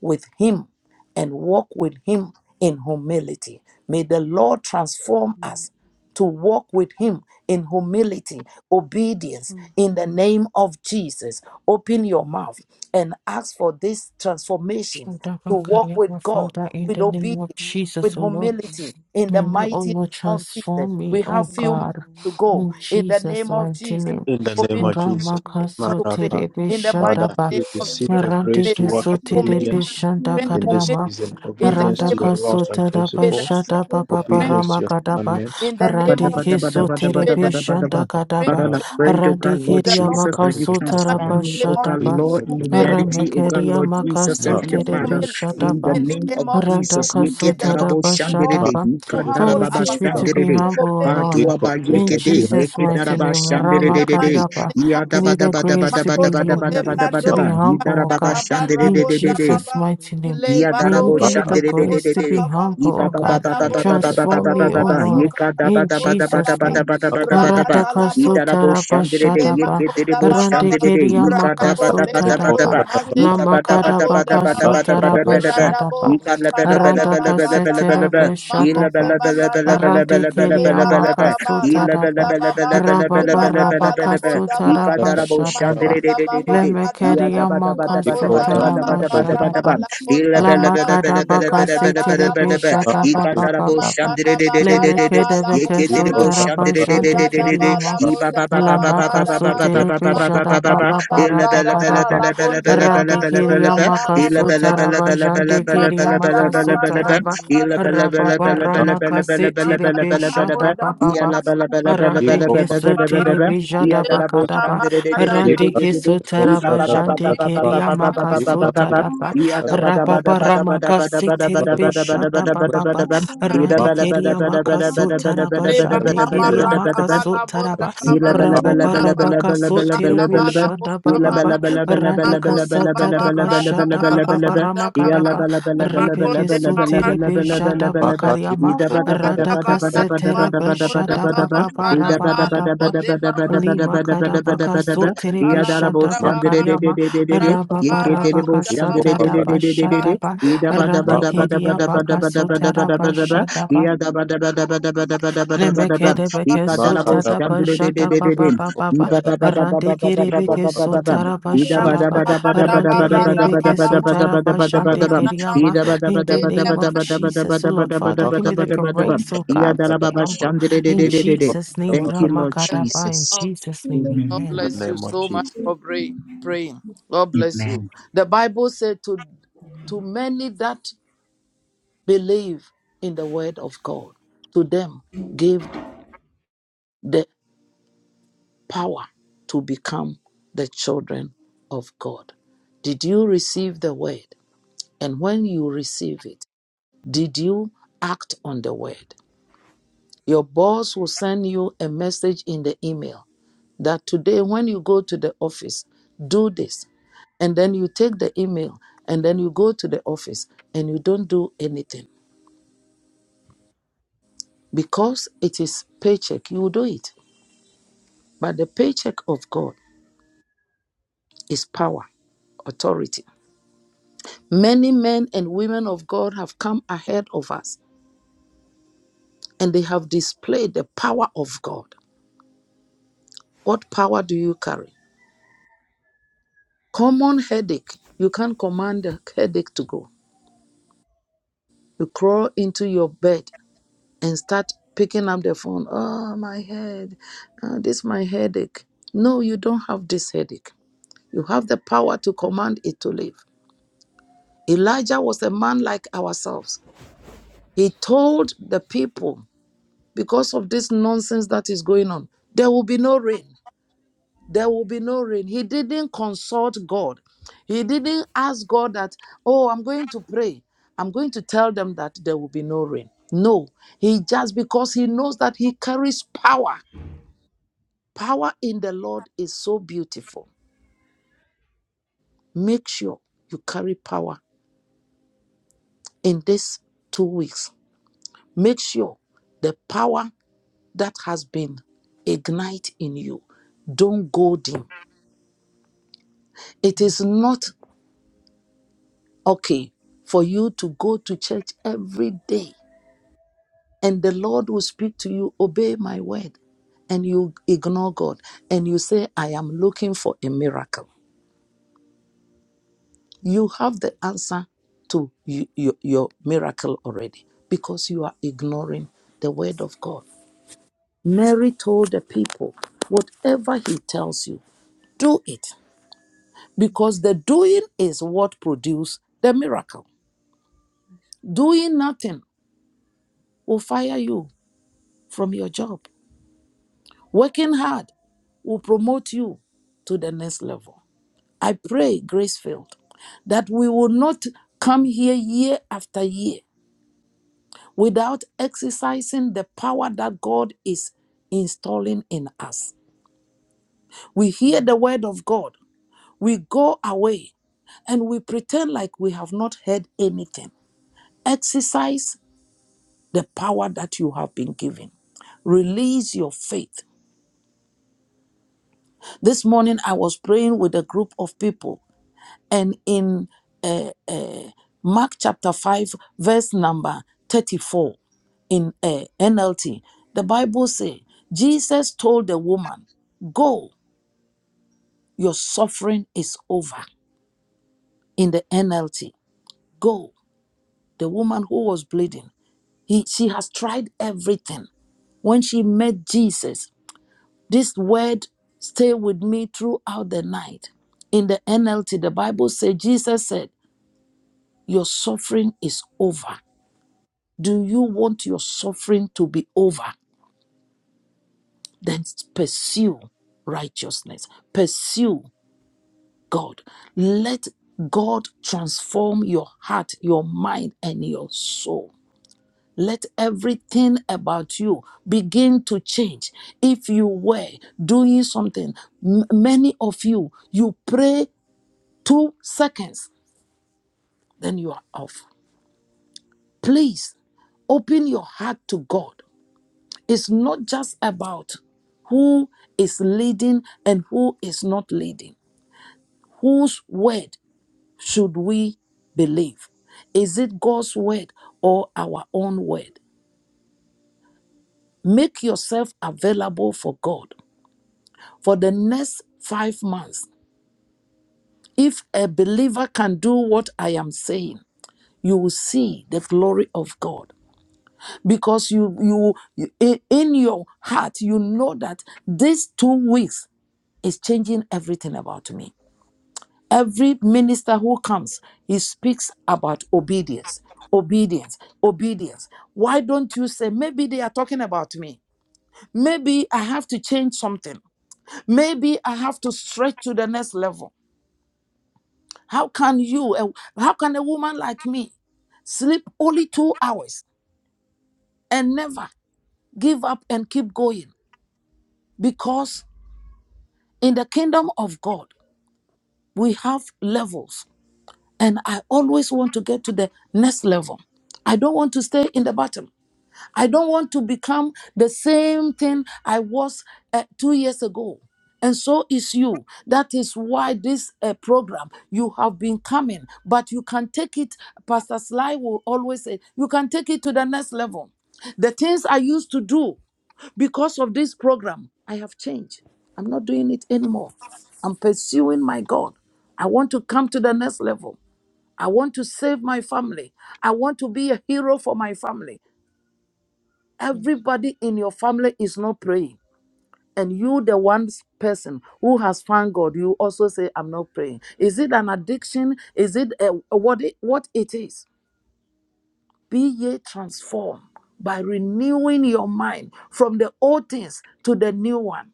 [SPEAKER 1] with Him and walk with Him in humility. May the Lord transform us to walk with Him in humility, obedience in the name of Jesus. Open your mouth and ask for this transformation to
[SPEAKER 2] Shodaba
[SPEAKER 1] walk
[SPEAKER 2] karia ba,
[SPEAKER 1] with God
[SPEAKER 2] Father, in
[SPEAKER 1] with
[SPEAKER 2] the name
[SPEAKER 1] obedience,
[SPEAKER 2] of Jesus,
[SPEAKER 1] with
[SPEAKER 2] O Lord,
[SPEAKER 1] humility in the
[SPEAKER 2] may you, O
[SPEAKER 1] mighty
[SPEAKER 2] Lord,
[SPEAKER 1] name of Jesus.
[SPEAKER 2] transform me,
[SPEAKER 1] We
[SPEAKER 2] O
[SPEAKER 1] have few minutes
[SPEAKER 2] God,
[SPEAKER 1] to go
[SPEAKER 2] in
[SPEAKER 1] in the
[SPEAKER 2] Jesus'
[SPEAKER 1] name of
[SPEAKER 2] mighty
[SPEAKER 1] Jesus.
[SPEAKER 2] name.
[SPEAKER 4] In the
[SPEAKER 1] Open
[SPEAKER 4] name of
[SPEAKER 1] your
[SPEAKER 4] Jesus,
[SPEAKER 1] mouth
[SPEAKER 2] Ramaka
[SPEAKER 1] to pray
[SPEAKER 4] Marapa,
[SPEAKER 2] sotere
[SPEAKER 1] in the mighty
[SPEAKER 4] Father,
[SPEAKER 2] be
[SPEAKER 1] name
[SPEAKER 4] we
[SPEAKER 1] of
[SPEAKER 4] seek the
[SPEAKER 2] Rante
[SPEAKER 4] grace to
[SPEAKER 1] Jesus.
[SPEAKER 4] walk in
[SPEAKER 2] kesotere
[SPEAKER 4] obedience
[SPEAKER 2] beshanta
[SPEAKER 1] Bring
[SPEAKER 4] in
[SPEAKER 1] home
[SPEAKER 4] this
[SPEAKER 2] kargama.
[SPEAKER 4] season.
[SPEAKER 1] in the
[SPEAKER 4] Obedience
[SPEAKER 2] Ranta
[SPEAKER 1] name
[SPEAKER 4] to
[SPEAKER 1] of
[SPEAKER 4] your laws and
[SPEAKER 2] kasotere
[SPEAKER 1] may the
[SPEAKER 4] principles,
[SPEAKER 1] strength.
[SPEAKER 2] beshanta papa
[SPEAKER 1] Bring
[SPEAKER 4] obedience
[SPEAKER 1] home
[SPEAKER 4] to
[SPEAKER 2] parama
[SPEAKER 4] your
[SPEAKER 2] kadaba.
[SPEAKER 4] commandments.
[SPEAKER 1] in the name
[SPEAKER 7] Bada,
[SPEAKER 2] Rante
[SPEAKER 4] In
[SPEAKER 1] of
[SPEAKER 7] bada,
[SPEAKER 1] Jesus.
[SPEAKER 4] the
[SPEAKER 7] bada,
[SPEAKER 4] name of
[SPEAKER 7] bada,
[SPEAKER 4] Jesus,
[SPEAKER 2] kesotere
[SPEAKER 7] bada,
[SPEAKER 1] May the
[SPEAKER 7] bada, bada,
[SPEAKER 1] strength.
[SPEAKER 2] beshanta
[SPEAKER 7] bada.
[SPEAKER 1] Bring
[SPEAKER 2] kadaba.
[SPEAKER 7] Father,
[SPEAKER 4] Marapa,
[SPEAKER 7] I
[SPEAKER 1] home
[SPEAKER 3] Thank
[SPEAKER 1] to
[SPEAKER 3] you.
[SPEAKER 7] pray, oh
[SPEAKER 2] Rante
[SPEAKER 7] God,
[SPEAKER 4] Bakatata,
[SPEAKER 7] Lord
[SPEAKER 1] the
[SPEAKER 2] keria
[SPEAKER 1] Lord.
[SPEAKER 7] Jesus,
[SPEAKER 4] Bakatata,
[SPEAKER 7] that you
[SPEAKER 1] in The mighty
[SPEAKER 2] makasotere
[SPEAKER 4] Bakatata, Bakatata, Bakatata,
[SPEAKER 7] transform me,
[SPEAKER 1] name
[SPEAKER 7] oh
[SPEAKER 1] of
[SPEAKER 2] beshanta
[SPEAKER 7] God,
[SPEAKER 1] Jesus.
[SPEAKER 2] pa.
[SPEAKER 7] Lord, in
[SPEAKER 1] May the
[SPEAKER 4] Bakatata,
[SPEAKER 2] Rame
[SPEAKER 7] humanity, oh God,
[SPEAKER 2] keria
[SPEAKER 1] transformation
[SPEAKER 7] Lord Jesus, Heavenly
[SPEAKER 2] makasotere
[SPEAKER 7] Father,
[SPEAKER 1] humility
[SPEAKER 7] in the
[SPEAKER 1] in
[SPEAKER 7] name
[SPEAKER 1] the
[SPEAKER 7] of
[SPEAKER 1] name of Jesus.
[SPEAKER 7] Jesus. Yeke
[SPEAKER 1] May the Lord
[SPEAKER 7] darabo
[SPEAKER 1] help
[SPEAKER 7] shanderede,
[SPEAKER 1] us
[SPEAKER 2] Radakasutarabashadaba.
[SPEAKER 1] to
[SPEAKER 7] yika
[SPEAKER 4] Bakatata,
[SPEAKER 1] humble
[SPEAKER 2] Father,
[SPEAKER 7] darababa
[SPEAKER 2] teach me to
[SPEAKER 1] ourselves,
[SPEAKER 2] be
[SPEAKER 7] shanderede,
[SPEAKER 1] to
[SPEAKER 2] humble, O
[SPEAKER 1] obey His
[SPEAKER 2] Lord.
[SPEAKER 7] padua
[SPEAKER 1] word
[SPEAKER 7] ba
[SPEAKER 2] In
[SPEAKER 1] in
[SPEAKER 7] yeke
[SPEAKER 1] the
[SPEAKER 7] de,
[SPEAKER 1] name
[SPEAKER 2] Jesus'
[SPEAKER 1] of
[SPEAKER 7] yeke
[SPEAKER 2] mighty
[SPEAKER 7] daraba
[SPEAKER 1] Jesus.
[SPEAKER 2] name,
[SPEAKER 1] In
[SPEAKER 7] shanderede
[SPEAKER 1] the
[SPEAKER 7] de de,
[SPEAKER 1] mighty
[SPEAKER 2] Ramakariaba.
[SPEAKER 1] name of
[SPEAKER 7] iya
[SPEAKER 2] Give me
[SPEAKER 7] daba
[SPEAKER 1] Jesus.
[SPEAKER 2] the
[SPEAKER 7] daba daba
[SPEAKER 2] grace to
[SPEAKER 7] daba
[SPEAKER 2] be
[SPEAKER 7] daba
[SPEAKER 1] Makoto,
[SPEAKER 7] daba daba
[SPEAKER 2] hum-
[SPEAKER 7] daba
[SPEAKER 2] to
[SPEAKER 7] daba,
[SPEAKER 2] be
[SPEAKER 1] Lebrando,
[SPEAKER 7] yi
[SPEAKER 2] humble, O
[SPEAKER 1] Kabanda,
[SPEAKER 7] darababa
[SPEAKER 2] God. In
[SPEAKER 7] shanderede de de
[SPEAKER 1] Kabarabonda,
[SPEAKER 7] de.
[SPEAKER 2] Jesus'
[SPEAKER 1] Babam,
[SPEAKER 2] mighty name.
[SPEAKER 1] Ile
[SPEAKER 7] Iya
[SPEAKER 2] May you
[SPEAKER 7] darabo
[SPEAKER 1] Baro,
[SPEAKER 2] give me the
[SPEAKER 7] shandere de de
[SPEAKER 2] grace
[SPEAKER 7] de
[SPEAKER 1] Katabonda,
[SPEAKER 2] to be
[SPEAKER 7] de.
[SPEAKER 1] Babam,
[SPEAKER 7] Ye
[SPEAKER 2] humble,
[SPEAKER 7] ba
[SPEAKER 2] O
[SPEAKER 7] ba ba
[SPEAKER 2] God.
[SPEAKER 7] ba ba ba
[SPEAKER 1] Radabo,
[SPEAKER 7] ba ba ba ba
[SPEAKER 2] Transform
[SPEAKER 7] ba ba
[SPEAKER 2] me,
[SPEAKER 1] Lebado,
[SPEAKER 7] ba
[SPEAKER 2] O
[SPEAKER 7] ba.
[SPEAKER 1] Maso,
[SPEAKER 7] Ye
[SPEAKER 2] Lord.
[SPEAKER 7] ka da ba
[SPEAKER 2] In
[SPEAKER 7] da ba da
[SPEAKER 1] Katabonda,
[SPEAKER 7] ba da
[SPEAKER 2] Jesus'
[SPEAKER 7] ba
[SPEAKER 1] Babam,
[SPEAKER 7] da
[SPEAKER 2] name.
[SPEAKER 7] ba da ba da ba da ba. Ye
[SPEAKER 1] Rakatalabonda,
[SPEAKER 7] darabo shandere de
[SPEAKER 1] Ile
[SPEAKER 7] ye
[SPEAKER 2] Radakasutarabashadaba.
[SPEAKER 7] ke
[SPEAKER 1] Makonda,
[SPEAKER 7] derebo
[SPEAKER 1] Babam,
[SPEAKER 7] shandere de. Ye ka da ba
[SPEAKER 1] Radabo,
[SPEAKER 7] da ba
[SPEAKER 4] Bakatata,
[SPEAKER 7] da ba da
[SPEAKER 1] Lebado,
[SPEAKER 2] Randekeriamakasotaraba.
[SPEAKER 7] ba.
[SPEAKER 4] Bakatata, Bakatata,
[SPEAKER 1] Maze,
[SPEAKER 7] Ye ba ba
[SPEAKER 4] Bakatata,
[SPEAKER 7] da ba da ba
[SPEAKER 1] Katalabonda,
[SPEAKER 7] da ba da
[SPEAKER 4] I
[SPEAKER 7] ba
[SPEAKER 1] Babam,
[SPEAKER 4] receive
[SPEAKER 7] da
[SPEAKER 4] the
[SPEAKER 7] ba da
[SPEAKER 4] grace,
[SPEAKER 7] ba da
[SPEAKER 4] I
[SPEAKER 7] ba.
[SPEAKER 2] Lamakadabakasotarabashadaba.
[SPEAKER 7] Ye
[SPEAKER 1] Viradabo,
[SPEAKER 7] ka la ba la ba la
[SPEAKER 1] Makadaba
[SPEAKER 7] ba la
[SPEAKER 2] Randaka
[SPEAKER 7] ba
[SPEAKER 3] Thank
[SPEAKER 7] la ba la ba
[SPEAKER 1] Baradabam,
[SPEAKER 7] la ba.
[SPEAKER 2] seterebe
[SPEAKER 7] Ye la ba
[SPEAKER 1] Makote
[SPEAKER 7] la
[SPEAKER 2] shatapa.
[SPEAKER 7] ba la ba la ba la
[SPEAKER 1] Baradabom,
[SPEAKER 7] ba
[SPEAKER 2] Rante
[SPEAKER 7] la ba la ba
[SPEAKER 1] Vile
[SPEAKER 7] la ba
[SPEAKER 2] kiriama
[SPEAKER 7] la ba.
[SPEAKER 1] Baradaba,
[SPEAKER 7] Ye la ba la
[SPEAKER 1] Labonda
[SPEAKER 2] kasutarapa.
[SPEAKER 7] ba la ba la
[SPEAKER 1] Babam,
[SPEAKER 7] ba la ba la ba la
[SPEAKER 2] Rababa
[SPEAKER 7] ba la
[SPEAKER 1] Viradaba
[SPEAKER 7] ba la
[SPEAKER 2] rabaka
[SPEAKER 7] ba.
[SPEAKER 1] Labonda
[SPEAKER 7] Ye ka
[SPEAKER 1] Babam,
[SPEAKER 2] sutarapa
[SPEAKER 7] darabo
[SPEAKER 2] shatapa.
[SPEAKER 7] shandere de
[SPEAKER 1] Makonda
[SPEAKER 7] de de de de.
[SPEAKER 2] Leme
[SPEAKER 7] Ye
[SPEAKER 1] Babaradabam,
[SPEAKER 7] da ba da
[SPEAKER 2] kiriama
[SPEAKER 7] ba da ba da ba
[SPEAKER 1] Makonda
[SPEAKER 7] da ba da ba
[SPEAKER 2] kasutarapa
[SPEAKER 7] da ba da
[SPEAKER 1] Babaradaba,
[SPEAKER 7] ba.
[SPEAKER 2] shatapa.
[SPEAKER 1] Labonda
[SPEAKER 7] Ilabella,
[SPEAKER 2] Lama
[SPEAKER 1] Babam,
[SPEAKER 2] kadabaka
[SPEAKER 1] Radaba
[SPEAKER 2] seterebe
[SPEAKER 1] Labonda Babam,
[SPEAKER 2] shatapa papa papa.
[SPEAKER 1] Makadaba
[SPEAKER 2] Leme
[SPEAKER 1] Radaba
[SPEAKER 2] kedebeke
[SPEAKER 1] Labonda Babam,
[SPEAKER 2] sutarapa
[SPEAKER 3] you.
[SPEAKER 1] Iradaba
[SPEAKER 7] Iba
[SPEAKER 1] Labonda
[SPEAKER 7] ba ba ba ba ba ba ba
[SPEAKER 2] Lamaka
[SPEAKER 7] ba
[SPEAKER 1] Babaradabam,
[SPEAKER 7] ba
[SPEAKER 2] sotere bejada
[SPEAKER 1] Makonda
[SPEAKER 2] baba bara
[SPEAKER 1] Babaradaba,
[SPEAKER 2] bakadaba
[SPEAKER 1] Labonde
[SPEAKER 2] rande
[SPEAKER 1] Bamazo
[SPEAKER 2] keria
[SPEAKER 1] Kata
[SPEAKER 2] maka
[SPEAKER 1] Labonda bam
[SPEAKER 2] sotaraba jande keria
[SPEAKER 1] Makanda
[SPEAKER 2] maka
[SPEAKER 1] baba
[SPEAKER 2] sotaraba
[SPEAKER 1] kanda bala kanda
[SPEAKER 2] rababa
[SPEAKER 1] bala
[SPEAKER 2] ramaka setere
[SPEAKER 1] makanda la
[SPEAKER 2] bejada
[SPEAKER 1] bunda baba
[SPEAKER 2] baba ba
[SPEAKER 1] kanda bala
[SPEAKER 2] Arante ke
[SPEAKER 1] baba
[SPEAKER 2] sotere bejada
[SPEAKER 1] ile
[SPEAKER 2] bakadaba
[SPEAKER 1] baba kanda bala
[SPEAKER 2] rande ke sotaraba jande
[SPEAKER 1] ile
[SPEAKER 7] ba ba
[SPEAKER 2] keria maka
[SPEAKER 1] kanda
[SPEAKER 7] ba
[SPEAKER 1] bunda
[SPEAKER 7] ba ba.
[SPEAKER 1] baba
[SPEAKER 2] sotaraba
[SPEAKER 7] Ida
[SPEAKER 1] rada
[SPEAKER 2] rababa
[SPEAKER 1] bunda
[SPEAKER 2] ramaka
[SPEAKER 1] baba
[SPEAKER 2] setere bejada baba ba rande
[SPEAKER 1] bala
[SPEAKER 2] keria maka sotaraba
[SPEAKER 1] ile
[SPEAKER 2] jande
[SPEAKER 1] makaba
[SPEAKER 2] keria
[SPEAKER 1] rada
[SPEAKER 2] maka
[SPEAKER 1] bala bunda
[SPEAKER 2] sotaraba
[SPEAKER 4] receive the
[SPEAKER 1] baba
[SPEAKER 7] Ida
[SPEAKER 4] power, I
[SPEAKER 2] Rababa
[SPEAKER 1] makanda
[SPEAKER 2] rabaka so
[SPEAKER 4] receive the
[SPEAKER 1] rada
[SPEAKER 2] tiribim
[SPEAKER 4] boldness.
[SPEAKER 1] bala
[SPEAKER 2] shada
[SPEAKER 1] bunda baba
[SPEAKER 2] bababa radaka
[SPEAKER 1] makonda
[SPEAKER 2] sata
[SPEAKER 1] baba
[SPEAKER 2] daba
[SPEAKER 1] rada
[SPEAKER 2] shada
[SPEAKER 1] bala
[SPEAKER 3] Thank you.
[SPEAKER 2] bababa
[SPEAKER 1] bunda baba
[SPEAKER 2] ramakadaba rebeke
[SPEAKER 1] makonde
[SPEAKER 2] so
[SPEAKER 1] barada
[SPEAKER 2] tiribi shada
[SPEAKER 4] Makadibi
[SPEAKER 2] bakariyama
[SPEAKER 1] In
[SPEAKER 4] Kosta Deba
[SPEAKER 2] radaka seterebe shada bababa
[SPEAKER 4] Deba,
[SPEAKER 2] rabakadaba lima kadabaka so tiribi shada
[SPEAKER 4] Mr.
[SPEAKER 2] bakariyama
[SPEAKER 4] In
[SPEAKER 2] rababa rabaka sata daba shada ba radikiriya baka so taraba Lemekede
[SPEAKER 7] Thank
[SPEAKER 2] beke
[SPEAKER 7] you,
[SPEAKER 2] sota da ba jada ba ba ba ba ba. Arande kere beke sota ra ba shada ba. Arande kere beke sota ra ba shande kere yama. In the
[SPEAKER 1] the
[SPEAKER 2] name of
[SPEAKER 1] mighty
[SPEAKER 2] Jesus, oh Lord Father, give me the grace, oh God, to be
[SPEAKER 1] name
[SPEAKER 2] humble. In Jesus' name,
[SPEAKER 7] Lord
[SPEAKER 1] the
[SPEAKER 2] Ramakada ba.
[SPEAKER 1] name
[SPEAKER 2] In
[SPEAKER 7] Jesus.
[SPEAKER 1] of Jesus.
[SPEAKER 2] Jesus' name,
[SPEAKER 7] Amen.
[SPEAKER 1] God
[SPEAKER 2] Amen.
[SPEAKER 4] the
[SPEAKER 1] bless you
[SPEAKER 4] name of
[SPEAKER 1] so much
[SPEAKER 4] Jesus.
[SPEAKER 1] for pray, praying. God bless you.
[SPEAKER 7] Amen.
[SPEAKER 1] The Bible said to to many that believe in the word of God. To them, gave the power to become the children of God. Did you receive the word? And when you receive it, did you act on the word? Your boss will send you a message in the email that today, when you go to the office, do this. And then you take the email and then you go to the office and you don't do anything because it is paycheck. You do it But the paycheck of God is power, authority. Many men and women of God have come ahead of us and they have displayed the power of God. What power do you carry? Common headache. You can't command the headache to go. You crawl into your bed and start picking up the phone. Oh, my head. Ah, this is my headache. No, you don't have this headache. You have the power to command it to leave. Elijah was a man like ourselves. He told the people because of this nonsense that is going on. There will be no rain. There will be no rain. He didn't consult God. He didn't ask God that, oh, I'm going to pray. I'm going to tell them that there will be no rain. No, he just because he knows that he carries power. Power in the Lord is so beautiful. Make sure you carry power in these two weeks. Make sure the power that has been ignite in you don't go dim It is not okay for you to go to church every day and the Lord will speak to you, obey my word, and you ignore God and you say, I am looking for a miracle. You have the answer to y- your, your miracle already because you are ignoring the word of God. Mary told the people, whatever he tells you, do it because the doing is what produces the miracle. Doing nothing will fire you from your job. Working hard will promote you to the next level. I pray, Gracefield, that we will not come here year after year without exercising the power that God is installing in us. We hear the word of God, we go away, and we pretend like we have not heard anything. Exercise the power that you have been given. Release your faith. This morning I was praying with a group of people and in uh, Mark chapter 5, verse number 34 in uh, NLT, the Bible says, Jesus told the woman, Go, your suffering is over. In the NLT, go. The woman who was bleeding, he, she has tried everything. When she met Jesus, this word stay with me throughout the night. In the NLT, the Bible says, Jesus said, Your suffering is over Do you want your suffering to be over? Then pursue righteousness, pursue God. Let God transform your heart, your mind, and your soul. Let everything about you begin to change. If you were doing something, m- many of you, you pray two seconds, then you are off. Please open your heart to God. It's not just about who is leading and who is not leading. Whose word should we believe? Is it God's word or our own word? Make yourself available for God. For the next five months, if a believer can do what I am saying, you will see the glory of God because you you, you in in your heart you know that these two weeks is changing everything about me. Every minister who comes, he speaks about obedience, obedience, obedience. Why don't you say, maybe they are talking about me? Maybe I have to change something. Maybe I have to stretch to the next level. How can you, a- how can a woman like me sleep only two hours and never give up and keep going? Because in the kingdom of God, we have levels And I always want to get to the next level. I don't want to stay in the bottom. I don't want to become the same thing I was uh, two years ago. And so is you. That is why this uh, program, you have been coming, but you can take it, Pastor Sly will always say, you can take it to the next level. The things I used to do because of this program, I have changed. I'm not doing it anymore. I'm pursuing my God. I want to come to the next level. I want to save my family. I want to be a hero for my family. Everybody in your family is not praying. And you, the one person who has found God, you also say, I'm not praying. Is it an addiction? Is it a, a- what, it, what it is? Be ye transformed by renewing your mind from the old things to the new one.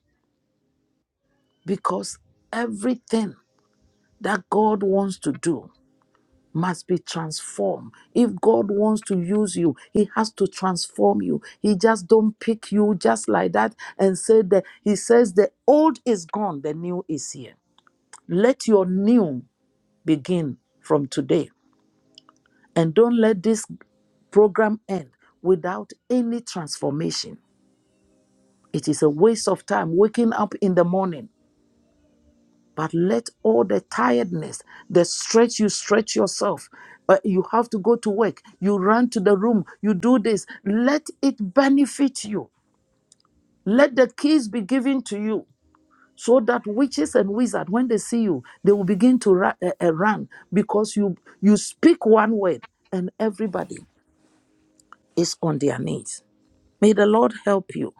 [SPEAKER 1] Because everything that God wants to do must be transformed. If God wants to use you, He has to transform you. He just don't pick you just like that and say that He says the old is gone, the new is here. Let your new begin from today, and don't let this program end without any transformation. It is a waste of time waking up in the morning But let all the tiredness, the stretch you stretch yourself, uh, you have to go to work, you run to the room, you do this, let it benefit you. Let the keys be given to you so that witches and wizards, when they see you, they will begin to ra- uh, uh, run because you, you speak one word and everybody is on their knees. May the Lord help you.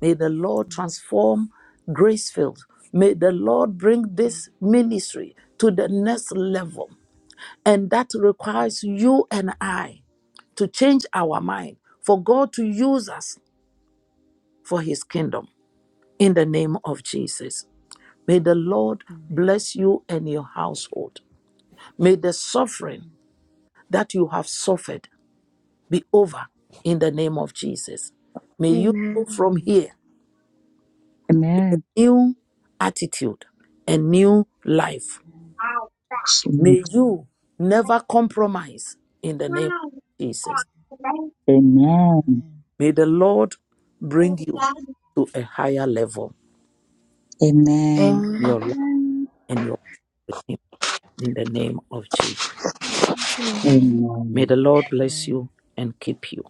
[SPEAKER 1] May the Lord transform Gracefield. May the Lord bring this ministry to the next level. And that requires you and I to change our mind for God to use us for his kingdom in the name of Jesus. May the Lord bless you and your household. May the suffering that you have suffered be over in the name of Jesus. May you go
[SPEAKER 6] Amen.
[SPEAKER 1] from here
[SPEAKER 7] Amen.
[SPEAKER 1] with a new attitude and new life. May you never compromise in the name of Jesus.
[SPEAKER 7] Amen.
[SPEAKER 1] May the Lord bring you to a higher level
[SPEAKER 7] Amen.
[SPEAKER 1] in
[SPEAKER 6] Amen.
[SPEAKER 1] your life and your life. in the name of Jesus.
[SPEAKER 6] Amen.
[SPEAKER 1] May
[SPEAKER 7] Amen.
[SPEAKER 1] the Lord bless you and keep you.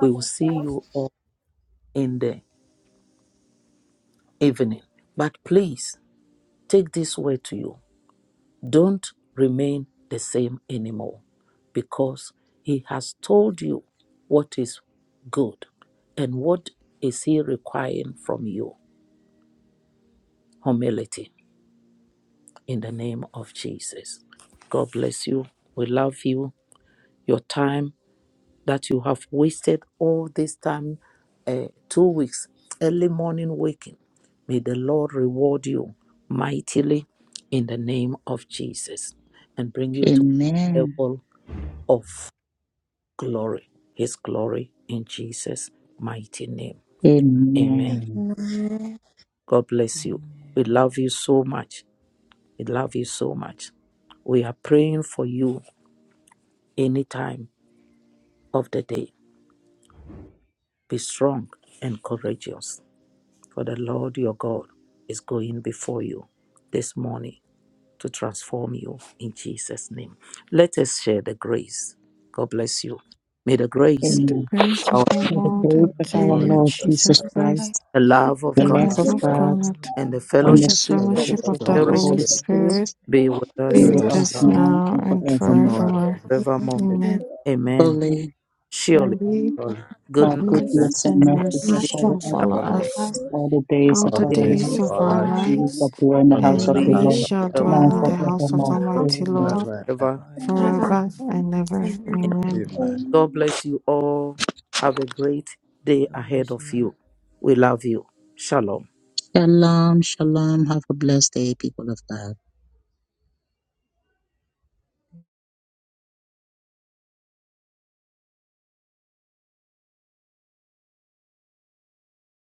[SPEAKER 1] We will see you all in the evening. But please take this word to you. Don't remain the same anymore because He has told you what is good and what is He requiring from you. Humility in the name of Jesus. God bless you. We love you. Your time that you have wasted all this time, uh, two weeks, early morning waking. May the Lord reward you mightily in the name of Jesus and bring you to
[SPEAKER 7] Amen.
[SPEAKER 1] a level of glory, His glory in Jesus' mighty name. Amen.
[SPEAKER 7] Amen.
[SPEAKER 6] Amen.
[SPEAKER 1] God bless you. We love you so much. We love you so much. We are praying for you anytime of the day. Be strong and courageous, for the Lord your God is going before you this morning to transform you in Jesus' name. Let us share the grace. God bless you. May the
[SPEAKER 2] May
[SPEAKER 1] grace,
[SPEAKER 2] the
[SPEAKER 7] Amen.
[SPEAKER 2] grace of
[SPEAKER 1] our,
[SPEAKER 2] our
[SPEAKER 7] For the
[SPEAKER 2] Lord
[SPEAKER 7] grace
[SPEAKER 2] and
[SPEAKER 7] of our
[SPEAKER 6] And
[SPEAKER 4] Lord
[SPEAKER 2] Savior
[SPEAKER 7] Lord
[SPEAKER 4] Jesus
[SPEAKER 7] Jesus
[SPEAKER 2] Jesus
[SPEAKER 4] Christ,
[SPEAKER 6] Jesus
[SPEAKER 7] Christ
[SPEAKER 6] Christ,
[SPEAKER 2] Christ,
[SPEAKER 1] the love of
[SPEAKER 7] The
[SPEAKER 2] the
[SPEAKER 1] God,
[SPEAKER 6] in
[SPEAKER 7] love
[SPEAKER 4] now,
[SPEAKER 6] the
[SPEAKER 2] love
[SPEAKER 7] of
[SPEAKER 6] mighty
[SPEAKER 2] of
[SPEAKER 4] Lord,
[SPEAKER 7] God
[SPEAKER 2] God,
[SPEAKER 1] and the
[SPEAKER 7] and
[SPEAKER 2] and
[SPEAKER 7] the
[SPEAKER 1] fellowship
[SPEAKER 2] the
[SPEAKER 7] sweet
[SPEAKER 6] name of
[SPEAKER 4] fellowship
[SPEAKER 2] fellowship
[SPEAKER 4] of
[SPEAKER 2] of
[SPEAKER 7] fellowship
[SPEAKER 4] the
[SPEAKER 2] the
[SPEAKER 6] the
[SPEAKER 7] of the
[SPEAKER 4] Holy
[SPEAKER 1] spirit
[SPEAKER 2] Holy
[SPEAKER 7] Holy
[SPEAKER 4] Spirit,
[SPEAKER 6] Lord,
[SPEAKER 7] Spirit
[SPEAKER 2] Spirit.
[SPEAKER 1] be with
[SPEAKER 6] be
[SPEAKER 1] us
[SPEAKER 4] be
[SPEAKER 2] be
[SPEAKER 7] be
[SPEAKER 4] with
[SPEAKER 6] with
[SPEAKER 7] with
[SPEAKER 6] us
[SPEAKER 2] with
[SPEAKER 7] us
[SPEAKER 4] us
[SPEAKER 2] us
[SPEAKER 4] now
[SPEAKER 6] now
[SPEAKER 7] now
[SPEAKER 2] now
[SPEAKER 7] and
[SPEAKER 2] and
[SPEAKER 4] and
[SPEAKER 6] and
[SPEAKER 7] forevermore.
[SPEAKER 4] forever.
[SPEAKER 2] forevermore.
[SPEAKER 6] forevermore.
[SPEAKER 1] forevermore.
[SPEAKER 4] May
[SPEAKER 6] Amen.
[SPEAKER 2] Amen.
[SPEAKER 1] Amen.
[SPEAKER 7] Fully,
[SPEAKER 1] Surely,
[SPEAKER 2] Surely
[SPEAKER 4] God's
[SPEAKER 7] God,
[SPEAKER 1] goodness
[SPEAKER 2] goodness
[SPEAKER 7] goodness
[SPEAKER 4] goodness
[SPEAKER 7] and
[SPEAKER 2] and
[SPEAKER 7] mercy shall
[SPEAKER 2] mercy
[SPEAKER 1] and
[SPEAKER 7] follow
[SPEAKER 6] Mercy
[SPEAKER 2] shall
[SPEAKER 7] us
[SPEAKER 4] shall
[SPEAKER 2] follow
[SPEAKER 4] follow
[SPEAKER 6] on
[SPEAKER 4] us
[SPEAKER 2] us
[SPEAKER 3] Thank
[SPEAKER 6] us,
[SPEAKER 3] you.
[SPEAKER 7] all the days
[SPEAKER 2] all
[SPEAKER 7] of
[SPEAKER 4] all
[SPEAKER 6] all
[SPEAKER 2] the
[SPEAKER 7] our
[SPEAKER 4] the
[SPEAKER 6] the
[SPEAKER 4] days
[SPEAKER 2] days
[SPEAKER 4] of
[SPEAKER 6] days
[SPEAKER 7] lives,
[SPEAKER 2] of
[SPEAKER 4] our
[SPEAKER 6] of our
[SPEAKER 3] Auditors
[SPEAKER 2] our
[SPEAKER 4] lives.
[SPEAKER 7] and
[SPEAKER 6] lives,
[SPEAKER 7] we
[SPEAKER 3] examine
[SPEAKER 2] lives,
[SPEAKER 7] shall dwell in the
[SPEAKER 4] God,
[SPEAKER 7] house of
[SPEAKER 2] and
[SPEAKER 1] mercy shall
[SPEAKER 7] the
[SPEAKER 1] we
[SPEAKER 6] and
[SPEAKER 2] we
[SPEAKER 6] we
[SPEAKER 7] Lord
[SPEAKER 4] we
[SPEAKER 6] shall
[SPEAKER 2] shall
[SPEAKER 1] us
[SPEAKER 7] now
[SPEAKER 2] dwell
[SPEAKER 7] and
[SPEAKER 3] circumstances,
[SPEAKER 2] in the
[SPEAKER 6] dwell
[SPEAKER 2] house
[SPEAKER 3] events,
[SPEAKER 2] of
[SPEAKER 6] in
[SPEAKER 2] the
[SPEAKER 7] forevermore.
[SPEAKER 6] the house
[SPEAKER 2] Almighty
[SPEAKER 7] Amen.
[SPEAKER 2] Lord
[SPEAKER 6] of
[SPEAKER 4] forever and
[SPEAKER 1] forever.
[SPEAKER 4] ever.
[SPEAKER 6] God
[SPEAKER 3] and
[SPEAKER 6] forever.
[SPEAKER 2] forever
[SPEAKER 6] and
[SPEAKER 3] their
[SPEAKER 2] and ever.
[SPEAKER 6] ever. Amen.
[SPEAKER 2] Amen.
[SPEAKER 4] Amen.
[SPEAKER 3] own
[SPEAKER 1] God bless you all. Have a great day ahead of you. We love you. Shalom.
[SPEAKER 7] Shalom, shalom. Have a blessed day, people of God.